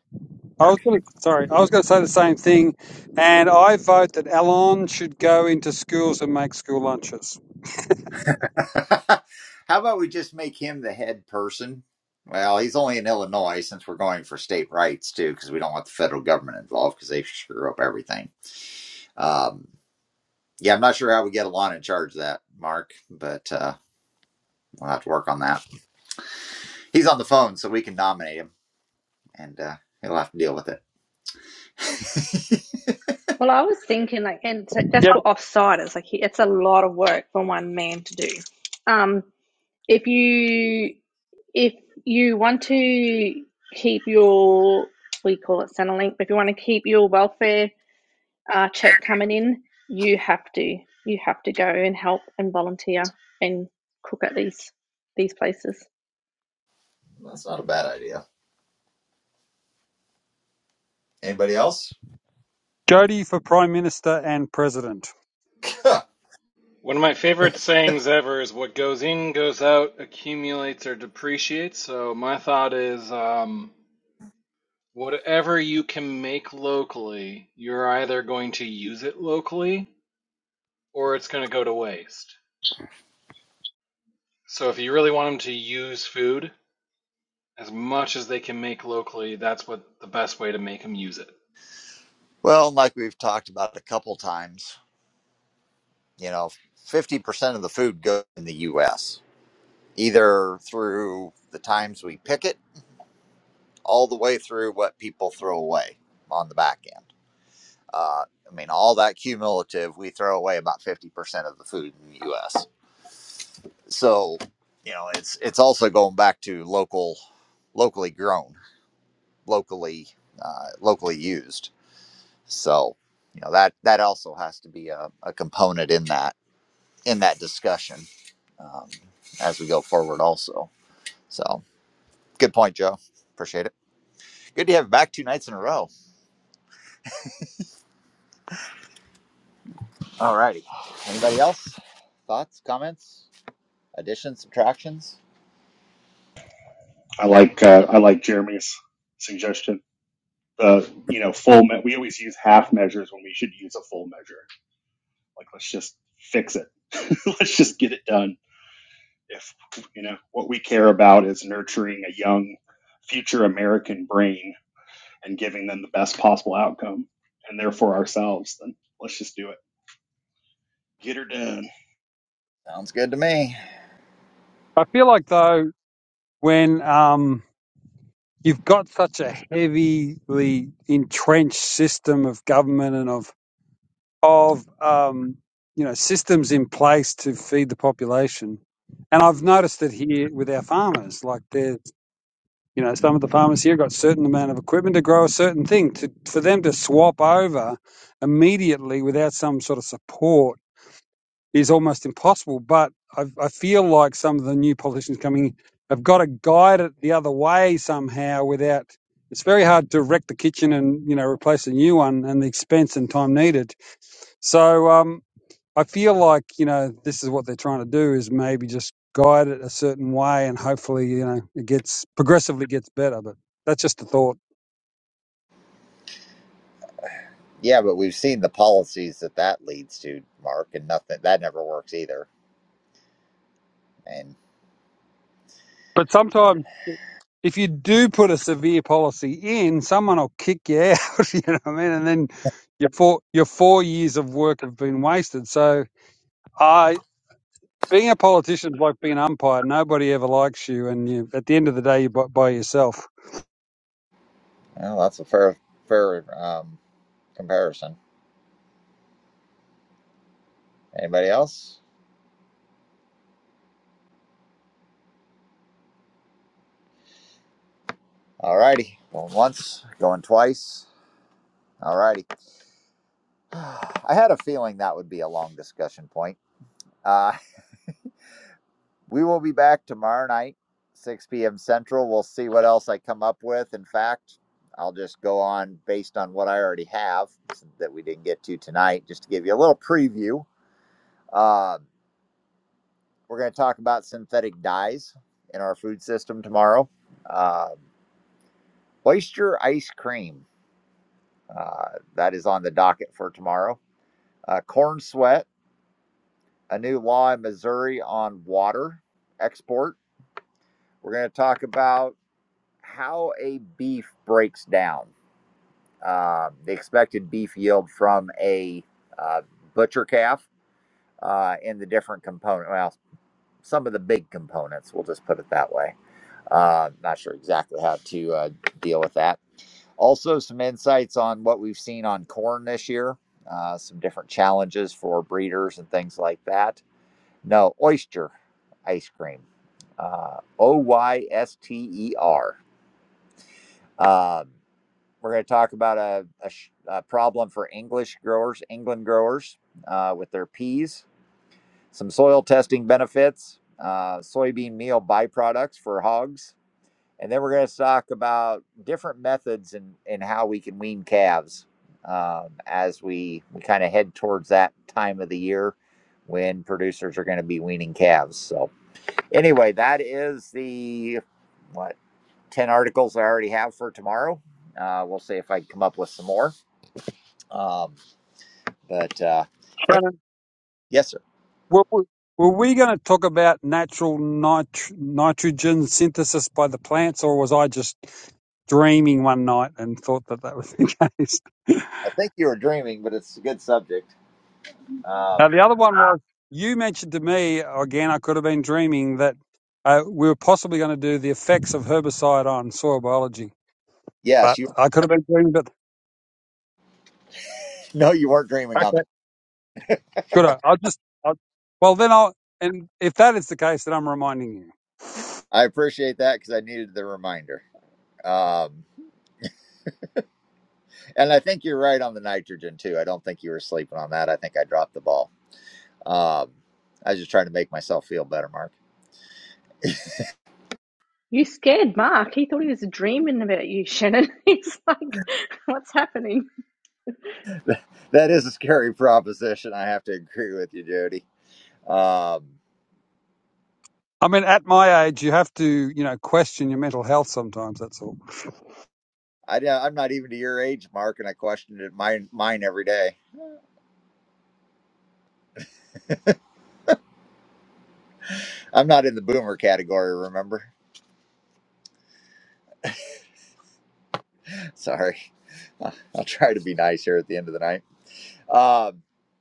Speaker 3: I was
Speaker 1: Clark.
Speaker 3: going to, sorry, I was going to say the same thing, and I vote that Alon should go into schools and make school lunches.
Speaker 1: *laughs* How about we just make him the head person? Well, he's only in Illinois since we're going for state rights too, because we don't want the federal government involved because they screw up everything. Um, yeah, I'm not sure how we get Alon in charge of that, Mark, but uh, we'll have to work on that. He's on the phone, so we can nominate him, and uh, he'll have to deal with it.
Speaker 10: Well, I was thinking like, and t- that's
Speaker 3: Yep,
Speaker 10: for offsiders. Like, he- it's a lot of work for one man to do. Um, if you if you want to keep your we call it Centrelink, but if you want to keep your welfare uh, check coming in, you have to you have to go and help and volunteer and cook at these these places.
Speaker 1: That's not a bad idea. Anybody else?
Speaker 3: Jody for Prime Minister and President.
Speaker 1: *laughs*
Speaker 12: One of my favorite sayings ever is what goes in, goes out, accumulates or depreciates. So my thought is um, whatever you can make locally, you're either going to use it locally or it's going to go to waste. So if you really want them to use food as much as they can make locally, that's what the best way to make them use it.
Speaker 1: Well, like we've talked about a couple times. You know, 50% of the food goes in the US, either through the times we pick it, all the way through what people throw away on the back end. Uh, I mean, all that cumulative, we throw away about 50% of the food in the US. So, you know, it's it's also going back to local, locally grown, locally uh, locally used. So, you know, that that also has to be a, a component in that in that discussion um, as we go forward also so good point joe appreciate it good to have you back two nights in a row all righty anybody else thoughts comments additions subtractions
Speaker 7: I like uh, I like Jeremy's suggestion. Uh, you know, full. Me- we always use half measures when we should use a full measure. Like, let's just fix it. *laughs* let's just get it done. If, you know, what we care about is nurturing a young future American brain and giving them the best possible outcome and therefore ourselves, then let's just do it. Get her done.
Speaker 1: sounds good to me
Speaker 3: I feel like though when um, you've got such a heavily entrenched system of government and of of um, you know systems in place to feed the population, and I've noticed it here with our farmers, like there. You know, some of the farmers here got a certain amount of equipment to grow a certain thing. To, for them to swap over immediately without some sort of support is almost impossible. But I, I feel like some of the new politicians coming in have got to guide it the other way somehow without. It's very hard to wreck the kitchen and you know replace a new one and the expense and time needed. So um, I feel like you know this is what they're trying to do is maybe just guide it a certain way, and hopefully you know it gets progressively gets better. But that's just a thought.
Speaker 1: yeah but we've seen the policies that that leads to mark and nothing that never works either and
Speaker 3: But sometimes if you do put a severe policy in, someone will kick you out. *laughs* You know what I mean? And then your four your four years of work have been wasted. So I. Being a politician is like being an umpire. Nobody ever likes you, and you, at the end of the day, you're by by yourself.
Speaker 1: well, that's a fair fair um, comparison anybody else all righty going once going twice All righty. I had a feeling that would be a long discussion point. Uh, *laughs* we will be back tomorrow night, 6 p.m. Central. We'll see what else I come up with. In fact, I'll just go on based on what I already have that we didn't get to tonight, just to give you a little preview. Um, we're going to talk about synthetic dyes in our food system tomorrow. Uh, oyster ice cream, uh, that is on the docket for tomorrow. Uh, corn sweat a new law in Missouri on water export. We're going to talk about how a beef breaks down, uh, the expected beef yield from a uh, butcher calf, uh, and the different component. Well, some of the big components. We'll just put it that way. Uh, not sure exactly how to uh, deal with that. Also, some insights on what we've seen on corn this year. Uh, some different challenges for breeders and things like that No, oyster ice cream. Uh, o Y S T E R. Um, we're going to talk about a, a, sh- a problem for English growers, England growers, uh, with their peas, some soil testing benefits, uh, soybean meal byproducts for hogs. And then we're going to talk about different methods and and how we can wean calves um, as we, we kind of head towards that time of the year when producers are going to be weaning calves. So, anyway, that is the what ten articles I already have for tomorrow. Uh, we'll see if I can come up with some more. Um, but uh, it, yes, sir.
Speaker 3: Were we, were we going to talk about natural nit- nitrogen synthesis by the plants, or was I just dreaming one night and thought that that was the *laughs* case?
Speaker 1: I think you were dreaming, but it's a good subject. Um,
Speaker 3: Now, the other one was you mentioned to me, again, I could have been dreaming, that uh, we were possibly going to do the effects of herbicide on soil biology,
Speaker 1: yes,
Speaker 3: but
Speaker 1: you. *laughs*
Speaker 3: I could have been dreaming, but
Speaker 1: No, you weren't dreaming on
Speaker 3: okay,
Speaker 1: that.
Speaker 3: good. I- I'll just, I'll, well, then I'll, and if that is the case, then I'm reminding you.
Speaker 1: I appreciate that because I needed the reminder. Um, and I think you're right on the nitrogen too. I don't think you were sleeping on that. I think I dropped the ball. Um, I was just trying to make myself feel better, Mark.
Speaker 10: You scared Mark. He thought he was dreaming about you, Shannon. *laughs* He's like, what's happening?
Speaker 1: *laughs* that is a scary proposition. I have to agree with you, Jody. Um,
Speaker 3: I mean, at my age, you have to, you know, question your mental health sometimes, that's all.
Speaker 1: I, I'm not even to your age, Mark, and I question it mine mine every day. I'm not in the boomer category, remember? *laughs* Sorry, I'll try to be nice here at the end of the night. Uh,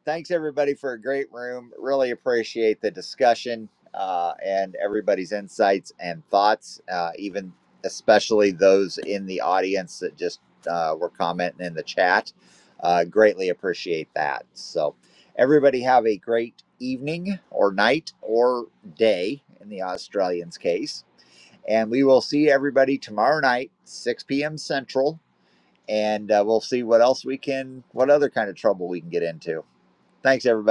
Speaker 1: thanks everybody for a great room. Really appreciate the discussion uh, and everybody's insights and thoughts, uh, even especially those in the audience that just uh, were commenting in the chat. Uh, greatly appreciate that. So, everybody have a great evening or night or day in the Australians' case. And we will see everybody tomorrow night, 6 p.m. Central. And uh, we'll see what else we can, what other kind of trouble we can get into. Thanks, everybody.